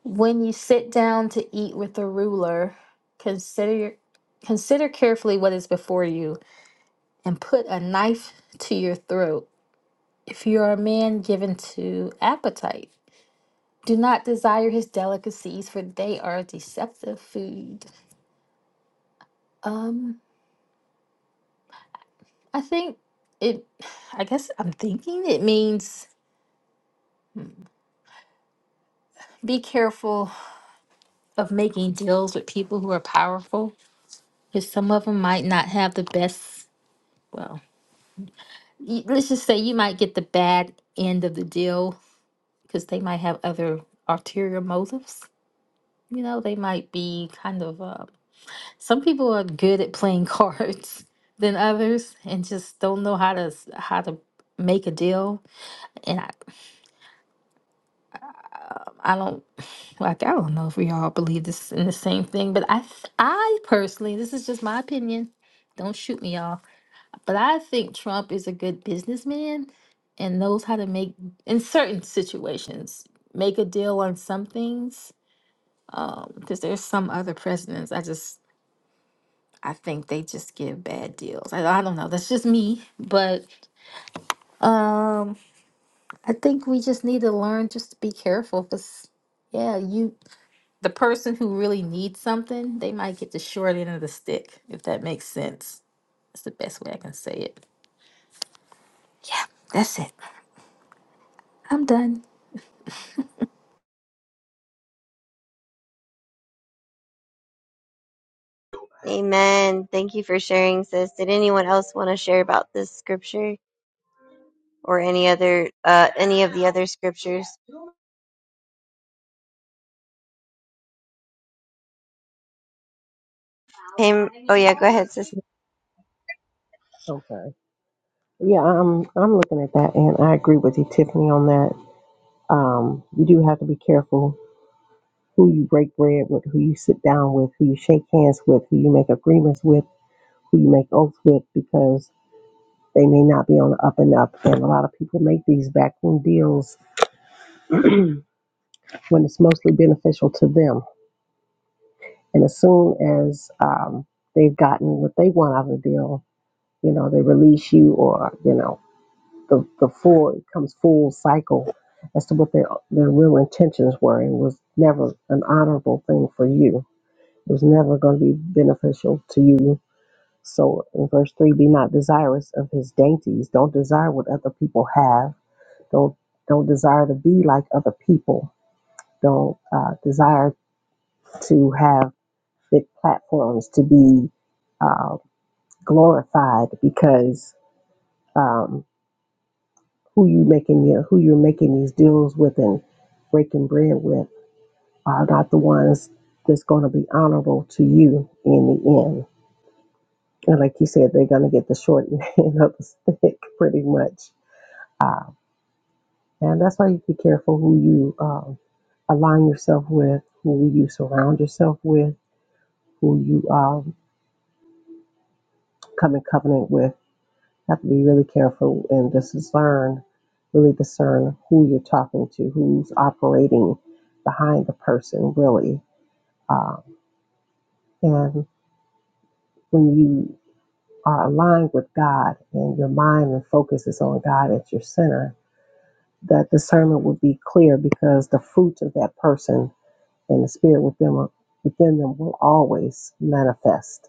Speaker 4: When you sit down to eat with a ruler, consider your Consider carefully what is before you and put a knife to your throat if you are a man given to appetite. Do not desire his delicacies, for they are deceptive food. Um, I think it, I guess I'm thinking it means be careful of making deals with people who are powerful, because some of them might not have the best, well, y- let's just say you might get the bad end of the deal because they might have other ulterior motives. You know, they might be kind of uh, some people are good at playing cards than others and just don't know how to s- how to make a deal and I, I don't like I don't know if we all believe this in the same thing but I th- I personally this is just my opinion don't shoot me y'all but I think Trump is a good businessman and knows how to make in certain situations make a deal on some things because there's some other presidents I just I think they just give bad deals. I, I don't know. That's just me, but um, I think we just need to learn just to be careful because, yeah, you the person who really needs something, they might get the short end of the stick if that makes sense. That's the best way I can say it. Yeah, that's it. I'm done.
Speaker 2: Amen. Thank you for sharing, sis. Did anyone else want to share about this scripture or any other, uh, any of the other scriptures? Him. Oh yeah, go ahead, sis.
Speaker 6: Okay. Yeah, I'm I'm looking at that, and I agree with you, Tiffany, on that. Um, you do have to be careful who you break bread with, who you sit down with, who you shake hands with, who you make agreements with, who you make oaths with, because they may not be on the up and up. And a lot of people make these backroom deals when it's mostly beneficial to them. And as soon as um, they've gotten what they want out of the deal, you know, they release you, or you know, the, the full it comes full cycle as to what their their real intentions were. It was never an honorable thing for you. It was never going to be beneficial to you. So in verse three, be not desirous of his dainties. Don't desire what other people have. Don't don't desire to be like other people. Don't uh, desire to have big platforms to be uh, glorified because. Um, who you making your, who you're making these deals with and breaking bread with are not the ones that's going to be honorable to you in the end. And like you said, they're going to get the short end of the stick pretty much. Uh, and that's why you be careful who you um, align yourself with, who you surround yourself with, who you um, come in covenant with have to be really careful and discern, really discern who you're talking to, who's operating behind the person, really. Uh, and when you are aligned with God and your mind and focus is on God at your center, that discernment will be clear because the fruit of that person and the spirit within, within them will always manifest.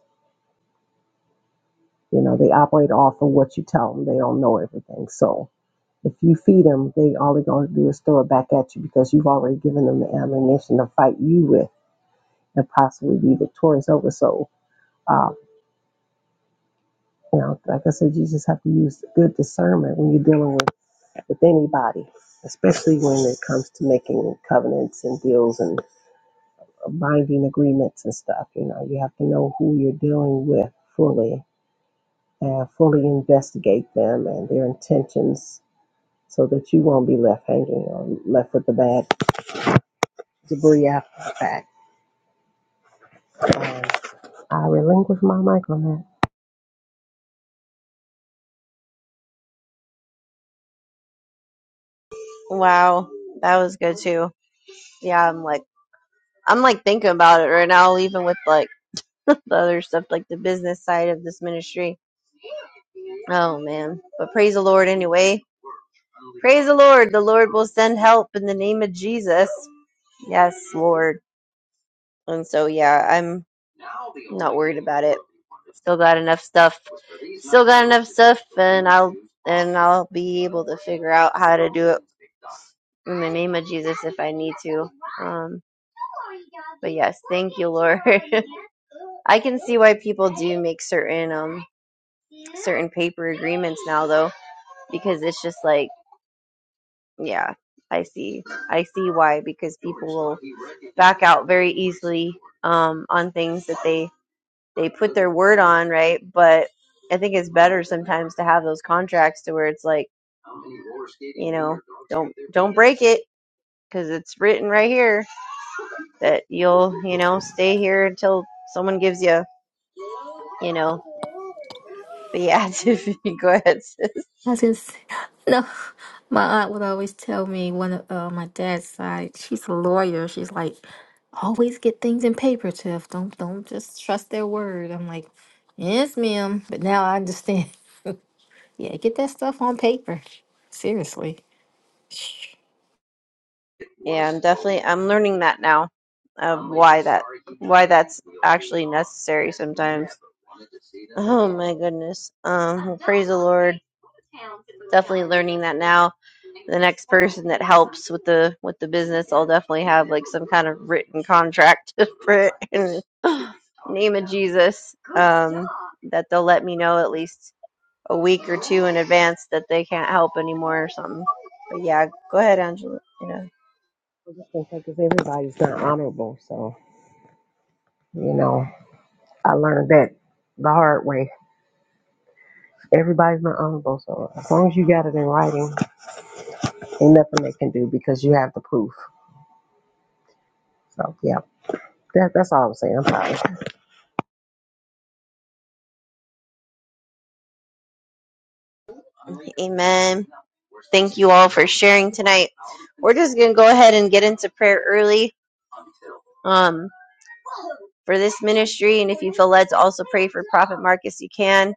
Speaker 6: You know, they operate off of what you tell them. They don't know everything. So, If you feed them, they all they're going to do is throw it back at you because you've already given them the ammunition to fight you with and possibly be victorious over. So, uh, you know, like I said, you just have to use good discernment when you're dealing with, with anybody, especially when it comes to making covenants and deals and binding agreements and stuff. You know, you have to know who you're dealing with fully and fully investigate them and their intentions so that you won't be left hanging or left with the bad debris after the fact. Um, I relinquish my mic on that.
Speaker 2: Wow, that was good too. Yeah, I'm like. I'm like thinking about it right now, even with like the other stuff, like the business side of this ministry. Oh man. But praise the Lord anyway. Praise the Lord. The Lord will send help in the name of Jesus. Yes, Lord. And so yeah, I'm not worried about it. Still got enough stuff. Still got enough stuff and I'll and I'll be able to figure out how to do it in the name of Jesus if I need to. Um but yes, thank you, Lord. I can see why people do make certain um certain paper agreements now though because it's just like yeah i see i see why because people will back out very easily um, on things that they they put their word on right but i think it's better sometimes to have those contracts to where it's like you know don't don't break it because it's written right here that you'll you know stay here until someone gives you you know but yeah if go ahead
Speaker 4: Nothing. No, my aunt would always tell me one of uh, my dad's side. She's a lawyer. She's like, always get things in paper, Tiff. Don't don't just trust their word. I'm like, yes, ma'am. But now I understand. Yeah, get that stuff on paper. Seriously. Sh-
Speaker 2: Yeah, definitely I'm learning that now of why that why that's actually necessary sometimes. Oh my goodness. Um well, praise the Lord. Definitely learning that now. The next person that helps with the with the business, I'll definitely have like some kind of written contract for it in the name of Jesus. Um that they'll let me know at least a week or two in advance that they can't help anymore or something. But yeah, go ahead, Angela. You know.
Speaker 6: I just think that 'cause everybody's not honorable, so you know, I learned that the hard way. Everybody's not honorable, so as long as you got it in writing, ain't nothing they can do because you have the proof. So yeah, that, that's all I'm saying. I'm sorry.
Speaker 2: Amen. Thank you all for sharing tonight. We're just going to go ahead and get into prayer early um, for this ministry. And if you feel led to also pray for Prophet Marcus, you can.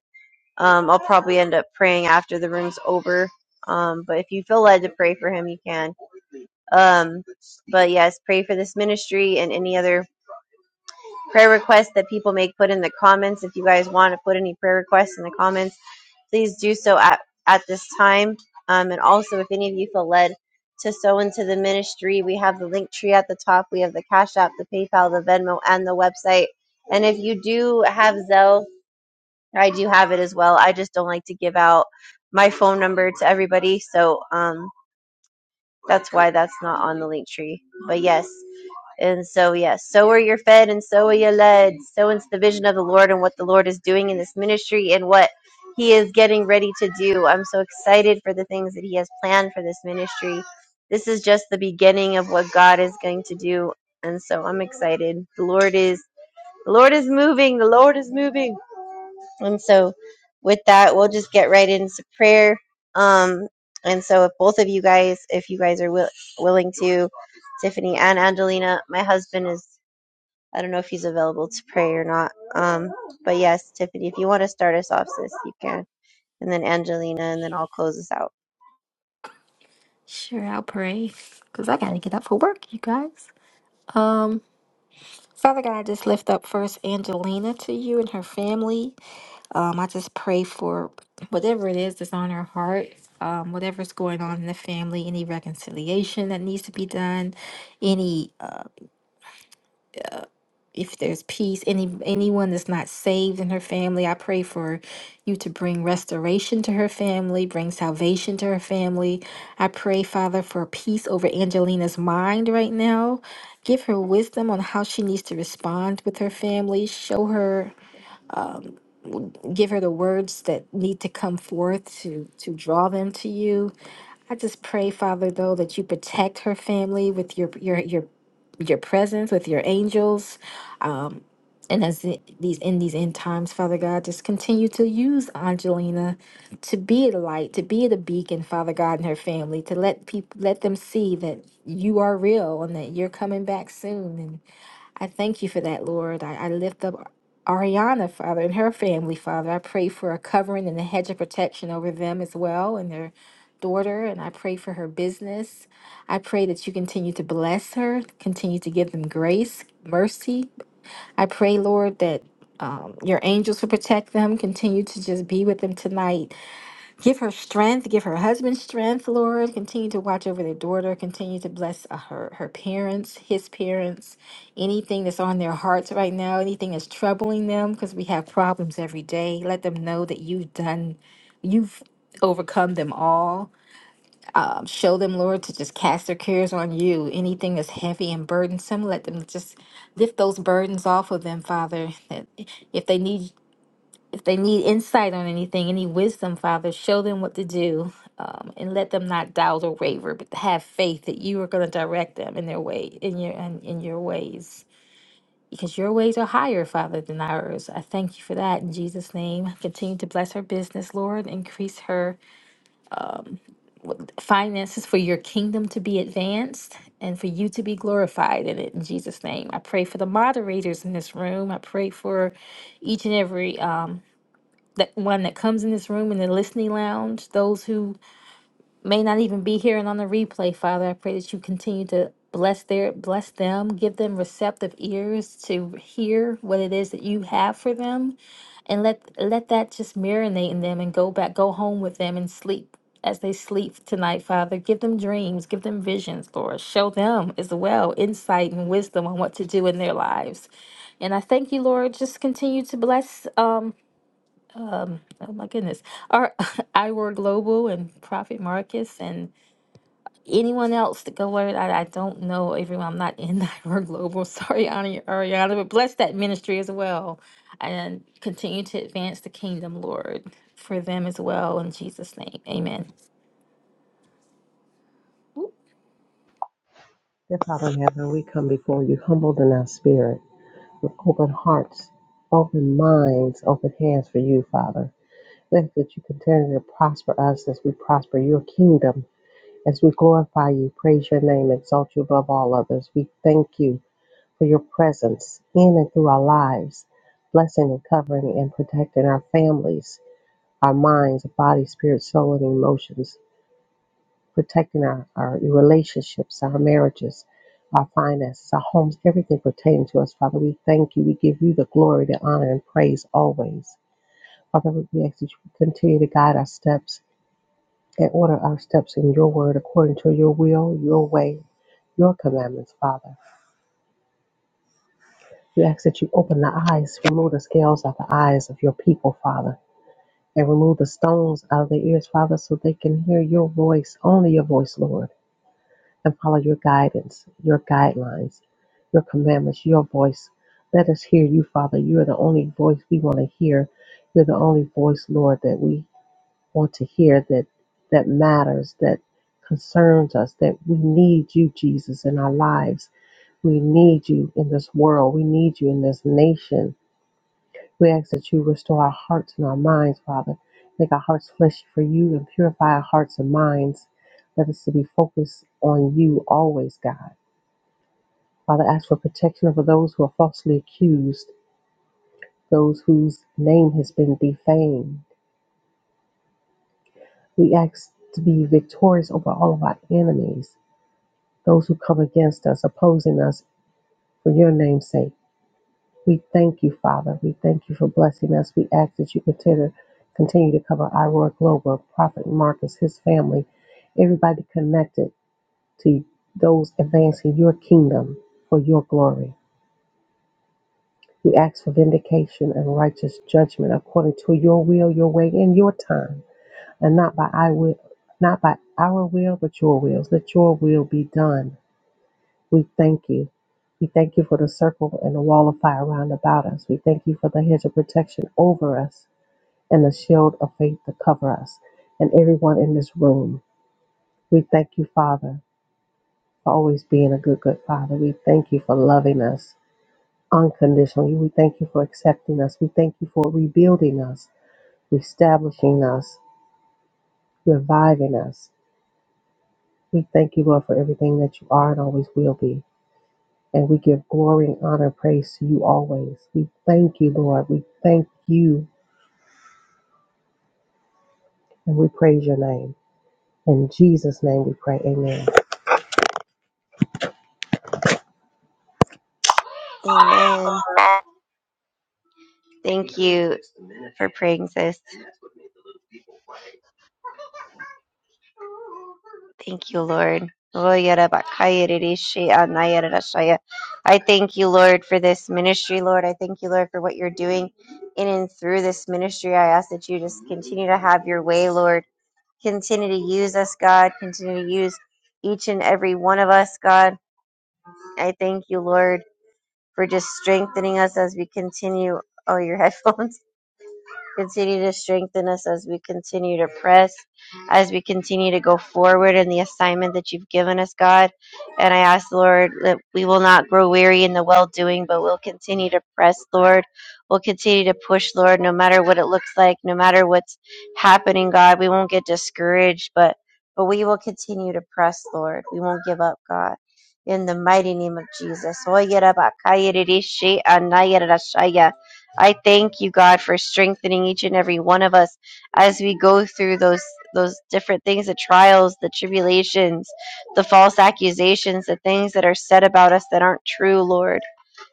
Speaker 2: Um, I'll probably end up praying after the room's over. Um, but if you feel led to pray for him, you can. Um, but yes, pray for this ministry and any other prayer requests that people may put in the comments. If you guys want to put any prayer requests in the comments, please do so at, at this time. Um, and also, if any of you feel led to sow into the ministry, we have the link tree at the top. We have the Cash App, the PayPal, the Venmo, and the website. And if you do have Zelle, I do have it as well. I just don't like to give out my phone number to everybody. So um, that's why that's not on the link tree. But yes. And so, yes, so are you fed and so are you led. So it's the vision of the Lord and what the Lord is doing in this ministry and what He is getting ready to do. I'm so excited for the things that He has planned for this ministry. This is just the beginning of what God is going to do. And so I'm excited. The Lord is the Lord is moving. The Lord is moving. And so with that, we'll just get right into prayer. Um and so if both of you guys, if you guys are will, willing to Tiffany and Angelina. My husband is I don't know if he's available to pray or not. Um, but yes, Tiffany, if you want to start us off, sis, you can. And then Angelina, and then I'll close us out.
Speaker 4: Sure, I'll pray because I gotta get up for work, you guys. Um. Father God, I just lift up first Angelina to you and her family. Um, I just pray for whatever it is that's on her heart, um, whatever's going on in the family, any reconciliation that needs to be done, any if there's peace any anyone that's not saved in her family i pray for you to bring restoration to her family bring salvation to her family i pray father for peace over angelina's mind right now give her wisdom on how she needs to respond with her family show her give her the words that need to come forth to to draw them to you i just pray father though that you protect her family with your your your your presence with your angels um, And as the- these in these end times, Father God, just continue to use Angelina to be the light, to be the beacon, Father God, and her family, to let people let them see that you are real and that you're coming back soon. And I thank you for that, Lord. I, I lift up Ariana, Father, and her family, Father. I pray for a covering and a hedge of protection over them as well and their daughter. And I pray for her business. I pray that you continue to bless her, continue to give them grace, mercy, I pray, Lord, that um, your angels will protect them. Continue to just be with them tonight. Give her strength. Give her husband strength, Lord. Continue to watch over their daughter. Continue to bless uh, her, her parents, his parents. Anything that's on their hearts right now, anything that's troubling them, because we have problems every day. Let them know that you've done, you've overcome them all um, show them, Lord, to just cast their cares on you. Anything that's heavy and burdensome, let them just lift those burdens off of them, Father. That if they need if they need insight on anything, any wisdom, Father, show them what to do, um, and let them not doubt or waver, but have faith that you are going to direct them in their way, in your in, in your ways. Because your ways are higher, Father, than ours. I thank you for that in Jesus' name. Continue to bless her business, Lord. Increase her finances for your kingdom to be advanced and for you to be glorified in it in Jesus name. I pray for the moderators in this room. I pray for each and every um, that one that comes in this room in the listening lounge, those who may not even be here and on the replay, Father. I pray that you continue to bless their bless them, give them receptive ears to hear what it is that you have for them and let let that just marinate in them and go back go home with them and sleep as they sleep tonight father give them dreams give them visions lord show them as well insight and wisdom on what to do in their lives and i thank you lord just continue to bless um oh my goodness our iword global and prophet marcus and anyone else to go over that? I don't know everyone. I'm not in Nightmare Global. Sorry, Ani- Ariana, but bless that ministry as well. And continue to advance the kingdom, Lord, for them as well. In Jesus' name, amen.
Speaker 6: Dear Father in heaven, we come before you humbled in our spirit, with open hearts, open minds, open hands for you, Father. Thank you that you continue to prosper us as we prosper your kingdom As we glorify you, praise your name, exalt you above all others, we thank you for your presence in and through our lives, blessing and covering and protecting our families, our minds, body, spirit, soul, and emotions, protecting our, our relationships, our marriages, our finances, our homes, everything pertaining to us. Father, we thank you. We give you the glory, the honor, and praise always. Father, we ask that you continue to guide our steps and order our steps in your word according to your will, your way, your commandments, Father. We ask that you open the eyes, remove the scales out of the eyes of your people, Father, and remove the stones out of their ears, Father, so they can hear your voice, only your voice, Lord, and follow your guidance, your guidelines, your commandments, your voice. Let us hear you, Father. You are the only voice we want to hear. You're the only voice, Lord, that we want to hear that that matters, that concerns us, that we need you, Jesus, in our lives We need you in this world. We need you in this nation. We ask that you restore our hearts and our minds, Father. Make our hearts flesh for you and purify our hearts and minds. Let us to be focused on you always, God. Father, ask for protection over those who are falsely accused, those whose name has been defamed. We ask to be victorious over all of our enemies, those who come against us, opposing us for your name's sake. We thank you, Father. We thank you for blessing us. We ask that you consider, continue to cover Iroar Global, Prophet Marcus, his family, everybody connected to those advancing your kingdom for your glory. We ask for vindication and righteous judgment according to your will, your way, and your time, and not by I will, not by our will, but your wills. Let your will be done We thank you. We thank you for the circle and the wall of fire round about us. We thank you for the hedge of protection over us and the shield of faith to cover us and everyone in this room. We thank you, Father, for always being a good, good Father. We thank you for loving us unconditionally. We thank you for accepting us. We thank you for rebuilding us, reestablishing us, reviving us. We thank you, Lord, for everything that you are and always will be. And we give glory and honor and praise to you always. We thank you, Lord. We thank you and we praise your name. In Jesus' name we pray. Amen.
Speaker 2: Amen. Thank you for praying, sis. Thank you, Lord. I thank you, Lord, for this ministry, Lord. I thank you, Lord, for what you're doing in and through this ministry. I ask that you just continue to have your way, Lord. Continue to use us, God. Continue to use each and every one of us, God. I thank you, Lord, for just strengthening us as we continue. Oh, your headphones. Continue to strengthen us as we continue to press, as we continue to go forward in the assignment that you've given us, God. And I ask, Lord, that we will not grow weary in the well doing, but we'll continue to press, Lord. We'll continue to push, Lord, no matter what it looks like, no matter what's happening, God. We won't get discouraged, but but we will continue to press, Lord. We won't give up, God. In the mighty name of Jesus. I thank you, God, for strengthening each and every one of us as we go through those those different things, the trials, the tribulations, the false accusations, the things that are said about us that aren't true, Lord.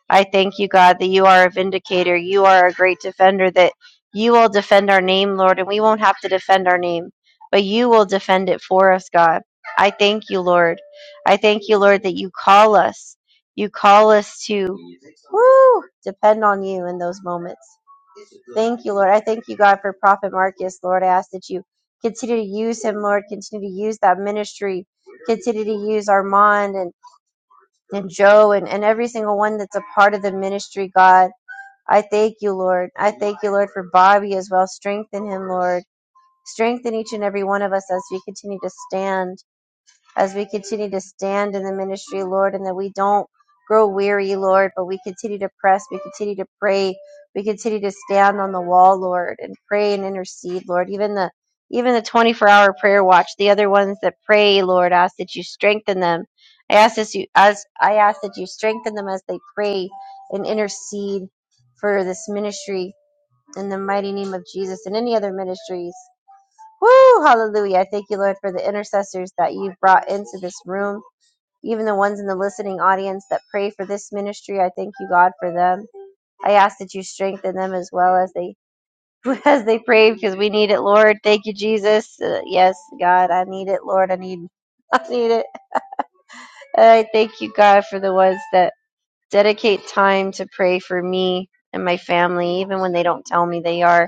Speaker 2: I thank you, God, that you are a vindicator. You are a great defender, that you will defend our name, Lord, and we won't have to defend our name, but you will defend it for us, God. I thank you, Lord. I thank you, Lord, that you call us. You call us to woo, depend on you in those moments. Thank you, Lord. I thank you, God, for Prophet Marcus, Lord. I ask that you continue to use him, Lord. Continue to use that ministry. Continue to use Armand and and Joe and, and every single one that's a part of the ministry, God. I thank you, Lord. I thank you, Lord, for Bobby as well. Strengthen him, Lord. Strengthen each and every one of us as we continue to stand as we continue to stand in the ministry, Lord, and that we don't grow weary, Lord, but we continue to press, we continue to pray, we continue to stand on the wall, Lord, and pray and intercede, Lord. Even the even the 24 hour prayer watch, the other ones that pray, Lord, I ask that you strengthen them. I ask that you as I ask that you strengthen them as they pray and intercede for this ministry in the mighty name of Jesus and any other ministries Woo! Hallelujah. I thank you, Lord, for the intercessors that you've brought into this room, even the ones in the listening audience that pray for this ministry. I thank you, God, for them. I ask that you strengthen them as well as they as they pray because we need it, Lord. Thank you, Jesus. Uh, yes, God, I need it, Lord. I need I need it. I thank you, God, for the ones that dedicate time to pray for me and my family, even when they don't tell me they are.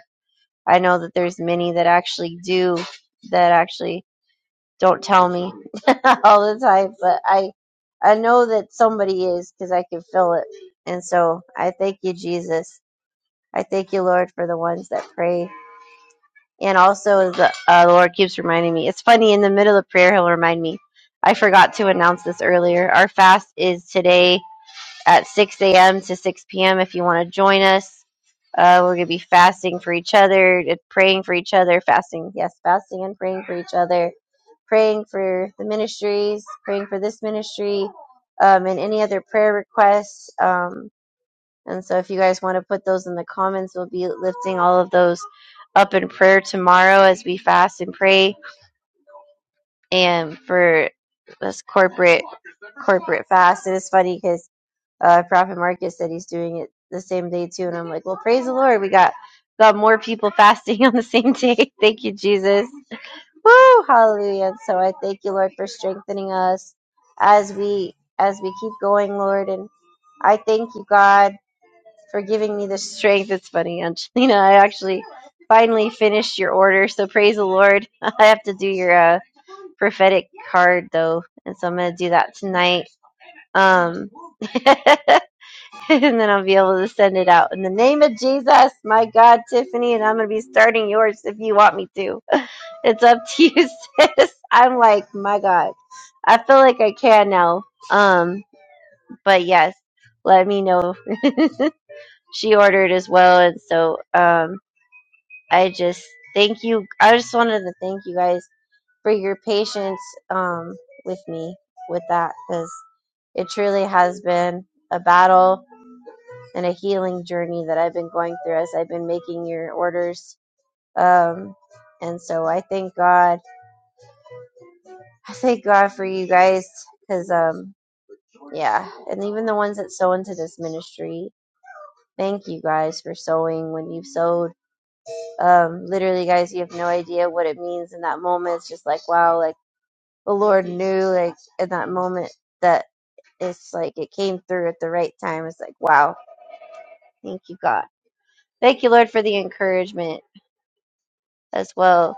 Speaker 2: I know that there's many that actually do that actually don't tell me all the time, but I I know that somebody is because I can feel it. And so I thank you, Jesus. I thank you, Lord, for the ones that pray. And also, the uh, the Lord keeps reminding me. It's funny in the middle of prayer, He'll remind me. I forgot to announce this earlier. Our fast is today at 6 a.m. to 6 p.m. If you want to join us, uh, we're going to be fasting for each other, uh, praying for each other, fasting, yes, fasting and praying for each other praying for the ministries, praying for this ministry, um, and any other prayer requests. Um, and so if you guys want to put those in the comments, we'll be lifting all of those up in prayer tomorrow as we fast and pray and for this corporate corporate fast. It is funny because uh, Prophet Marcus said he's doing it the same day too, and I'm like, well, praise the Lord, we got got more people fasting on the same day. Thank you, Jesus. Woo! Hallelujah. And so I thank you, Lord, for strengthening us as we as we keep going, Lord. And I thank you, God, for giving me the strength. It's funny, Angelina. I actually finally finished your order, so praise the Lord. I have to do your uh, prophetic card though, and so I'm gonna do that tonight. Um, and then I'll be able to send it out. In the name of Jesus, my God, Tiffany, and I'm going to be starting yours if you want me to. It's up to you, sis. I'm like, my God, I feel like I can now. Um, but yes, let me know. she ordered as well, and so um, I just thank you. I just wanted to thank you guys for your patience um with me with that because it truly has been a battle and a healing journey that I've been going through as I've been making your orders. Um, and so I thank God. I thank God for you guys because, um, yeah, and even the ones that sow into this ministry. Thank you guys for sowing when you've sowed. Um, literally, guys, you have no idea what it means in that moment. It's just like, wow, like the Lord knew, like in that moment, that it's like it came through at the right time. It's like, wow, thank you, God. Thank you, Lord, for the encouragement as well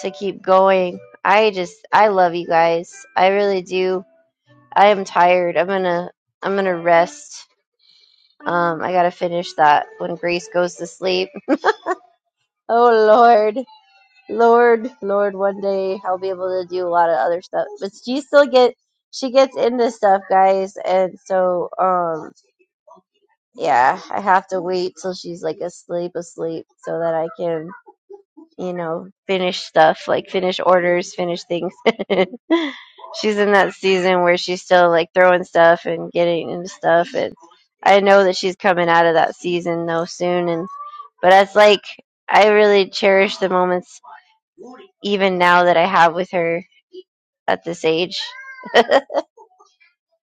Speaker 2: to keep going. I just I love you guys. I really do. I am tired. I'm gonna I'm gonna rest. Um, I gotta finish that when Grace goes to sleep. Oh Lord, Lord, Lord. One day I'll be able to do a lot of other stuff, but she still get she gets into stuff, guys, and so um yeah, I have to wait till she's like asleep, asleep, so that I can you know, finish stuff, like finish orders, finish things. she's in that season where she's still like throwing stuff and getting into stuff and I know that she's coming out of that season though soon and but it's like I really cherish the moments even now that I have with her at this age.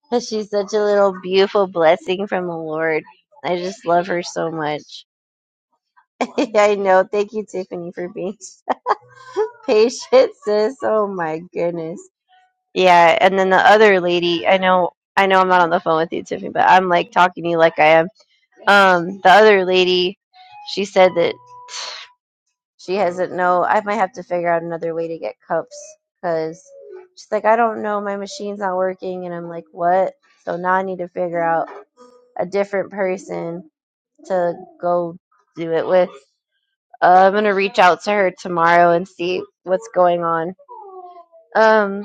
Speaker 2: 'Cause She's such a little beautiful blessing from the Lord. I just love her so much. I know. Thank you, Tiffany, for being patient, sis. Oh my goodness. Yeah, and then the other lady, I know I know I'm not on the phone with you, Tiffany, but I'm like talking to you like I am. Um, the other lady, she said that she hasn't no I might have to figure out another way to get cups because she's like, I don't know, my machine's not working and I'm like, What? So now I need to figure out a different person to go do it with. Uh, I'm gonna reach out to her tomorrow and see what's going on. Um,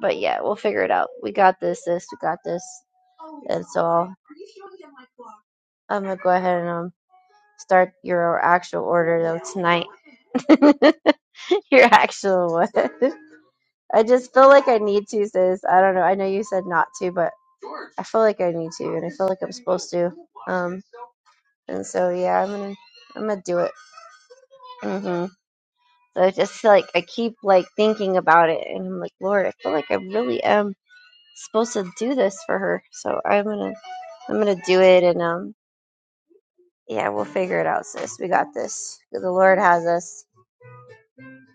Speaker 2: but yeah, we'll figure it out. We got this, sis, we got this. And so I'm gonna go ahead and um, start your actual order though tonight. your actual one. I just feel like I need to, sis. I don't know. I know you said not to, but I feel like I need to, and I feel like I'm supposed to. Um, and so yeah, I'm gonna, I'm gonna do it. hmm So I just like I keep like thinking about it, and I'm like, Lord, I feel like I really am supposed to do this for her. So I'm gonna, I'm gonna do it, and um. Yeah, we'll figure it out, sis. We got this. The Lord has us,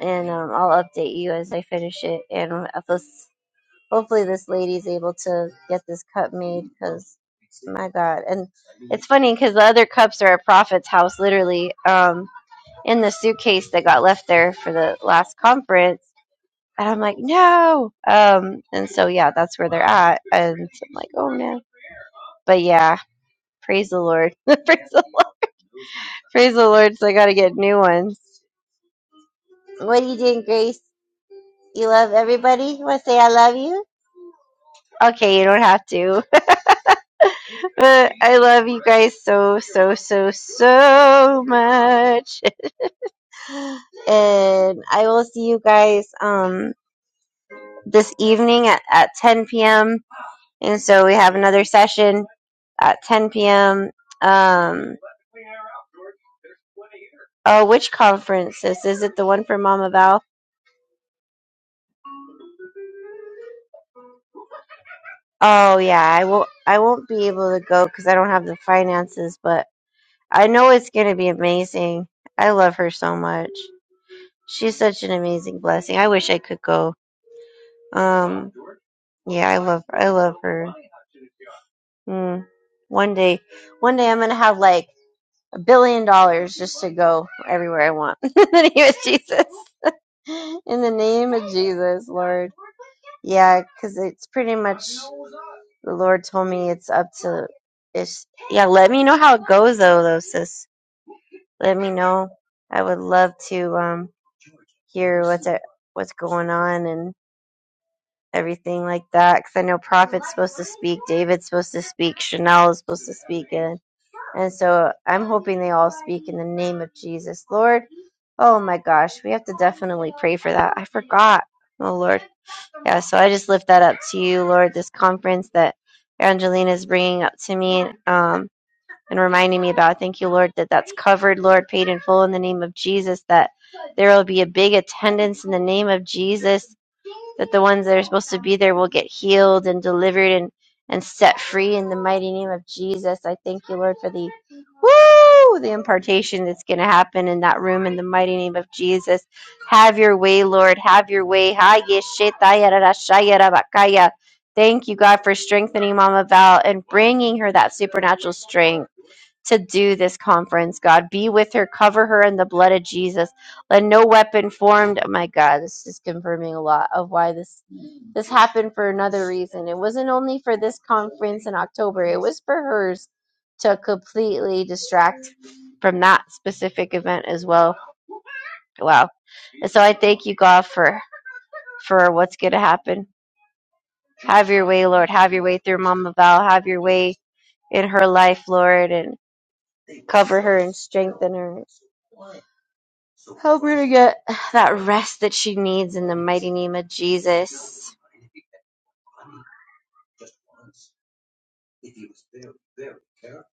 Speaker 2: and um, I'll update you as I finish it. And if this, hopefully, this lady's able to get this cup made because my God. And it's funny because the other cups are at Prophet's house, literally, um, in the suitcase that got left there for the last conference. And I'm like, no. Um, and so yeah, that's where they're at. And I'm like, oh man. But yeah, praise the Lord. praise the Lord. Praise the Lord. So I got to get new ones. What are you doing, Grace? You love everybody? You want to say I love you? Okay, you don't have to. but I love you guys so, so, so, so much. And I will see you guys um this evening at, at 10 p.m. And so we have another session at 10 p.m. Um, oh, which conference this? Is it the one for Mama Val? Oh yeah, I will. I won't be able to go because I don't have the finances, but I know it's going to be amazing. I love her so much. She's such an amazing blessing. I wish I could go. Um, yeah, I love, I love her. Mm. One day, one day I'm going to have like a billion dollars just to go everywhere I want. In the name of Jesus. In the name of Jesus, Lord. Yeah, because it's pretty much the Lord told me it's up to it's yeah, let me know how it goes though though sis. Let me know. I would love to um hear what's a, what's going on and everything like that. Because I know Prophet's supposed to speak, David's supposed to speak, Chanel is supposed to speak, and and so I'm hoping they all speak in the name of Jesus, Lord. Oh my gosh, we have to definitely pray for that. I forgot. Oh Lord, yeah. So I just lift that up to you, Lord. This conference that Angelina is bringing up to me, um, and reminding me about. Thank you, Lord, that that's covered, Lord, paid in full in the name of Jesus, that there will be a big attendance in the name of Jesus, that the ones that are supposed to be there will get healed and delivered and, and set free in the mighty name of Jesus. I thank you, Lord, for the woo, the impartation that's going to happen in that room in the mighty name of Jesus. Have your way, Lord. Have your way. Thank you, God, for strengthening Mama Val and bringing her that supernatural strength to do this conference, God. Be with her, cover her in the blood of Jesus. Let no weapon formed. Oh my God, this is confirming a lot of why this this happened for another reason. It wasn't only for this conference in October. It was for hers to completely distract from that specific event as well. Wow. And so I thank you, God, for for what's going to happen. Have your way, Lord. Have your way through Mama Val. Have your way in her life, Lord, and cover her and strengthen her. Help her to get that rest that she needs in the mighty name of Jesus.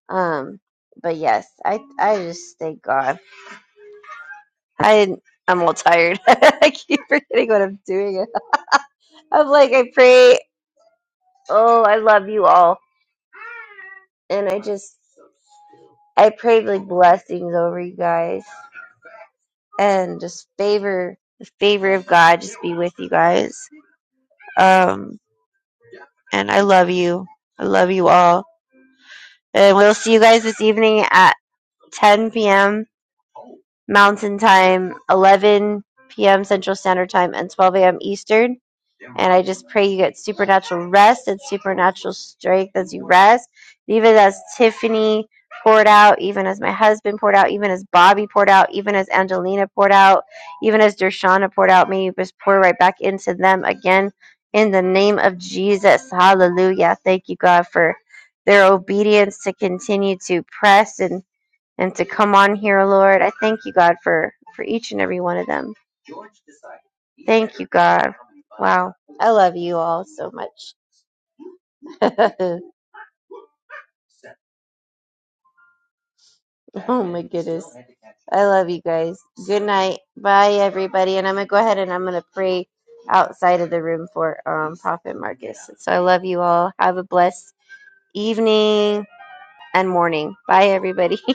Speaker 2: Um, but yes, I I just thank God. I I'm all tired. I keep forgetting what I'm doing. I'm like I pray. Oh, I love you all, and I just I pray like blessings over you guys, and just favor the favor of God just be with you guys. Um, and I love you. I love you all, and we'll see you guys this evening at 10 p.m Mountain Time, 11 p.m. Central Standard Time, and 12 a.m. Eastern. And I just pray you get supernatural rest and supernatural strength as you rest. Even as Tiffany poured out, even as my husband poured out, even as Bobby poured out, even as Angelina poured out, even as Dershana poured out, may you just pour right back into them again in the name of Jesus. Hallelujah. Thank you, God, for their obedience to continue to press and and to come on here, Lord. I thank you, God, for, for each and every one of them. Thank you, God. Wow. I love you all so much. oh my goodness. I love you guys. Good night. Bye everybody. And I'm gonna go ahead and I'm gonna pray outside of the room for um Prophet Marcus. So I love you all. Have a blessed evening and morning. Bye everybody.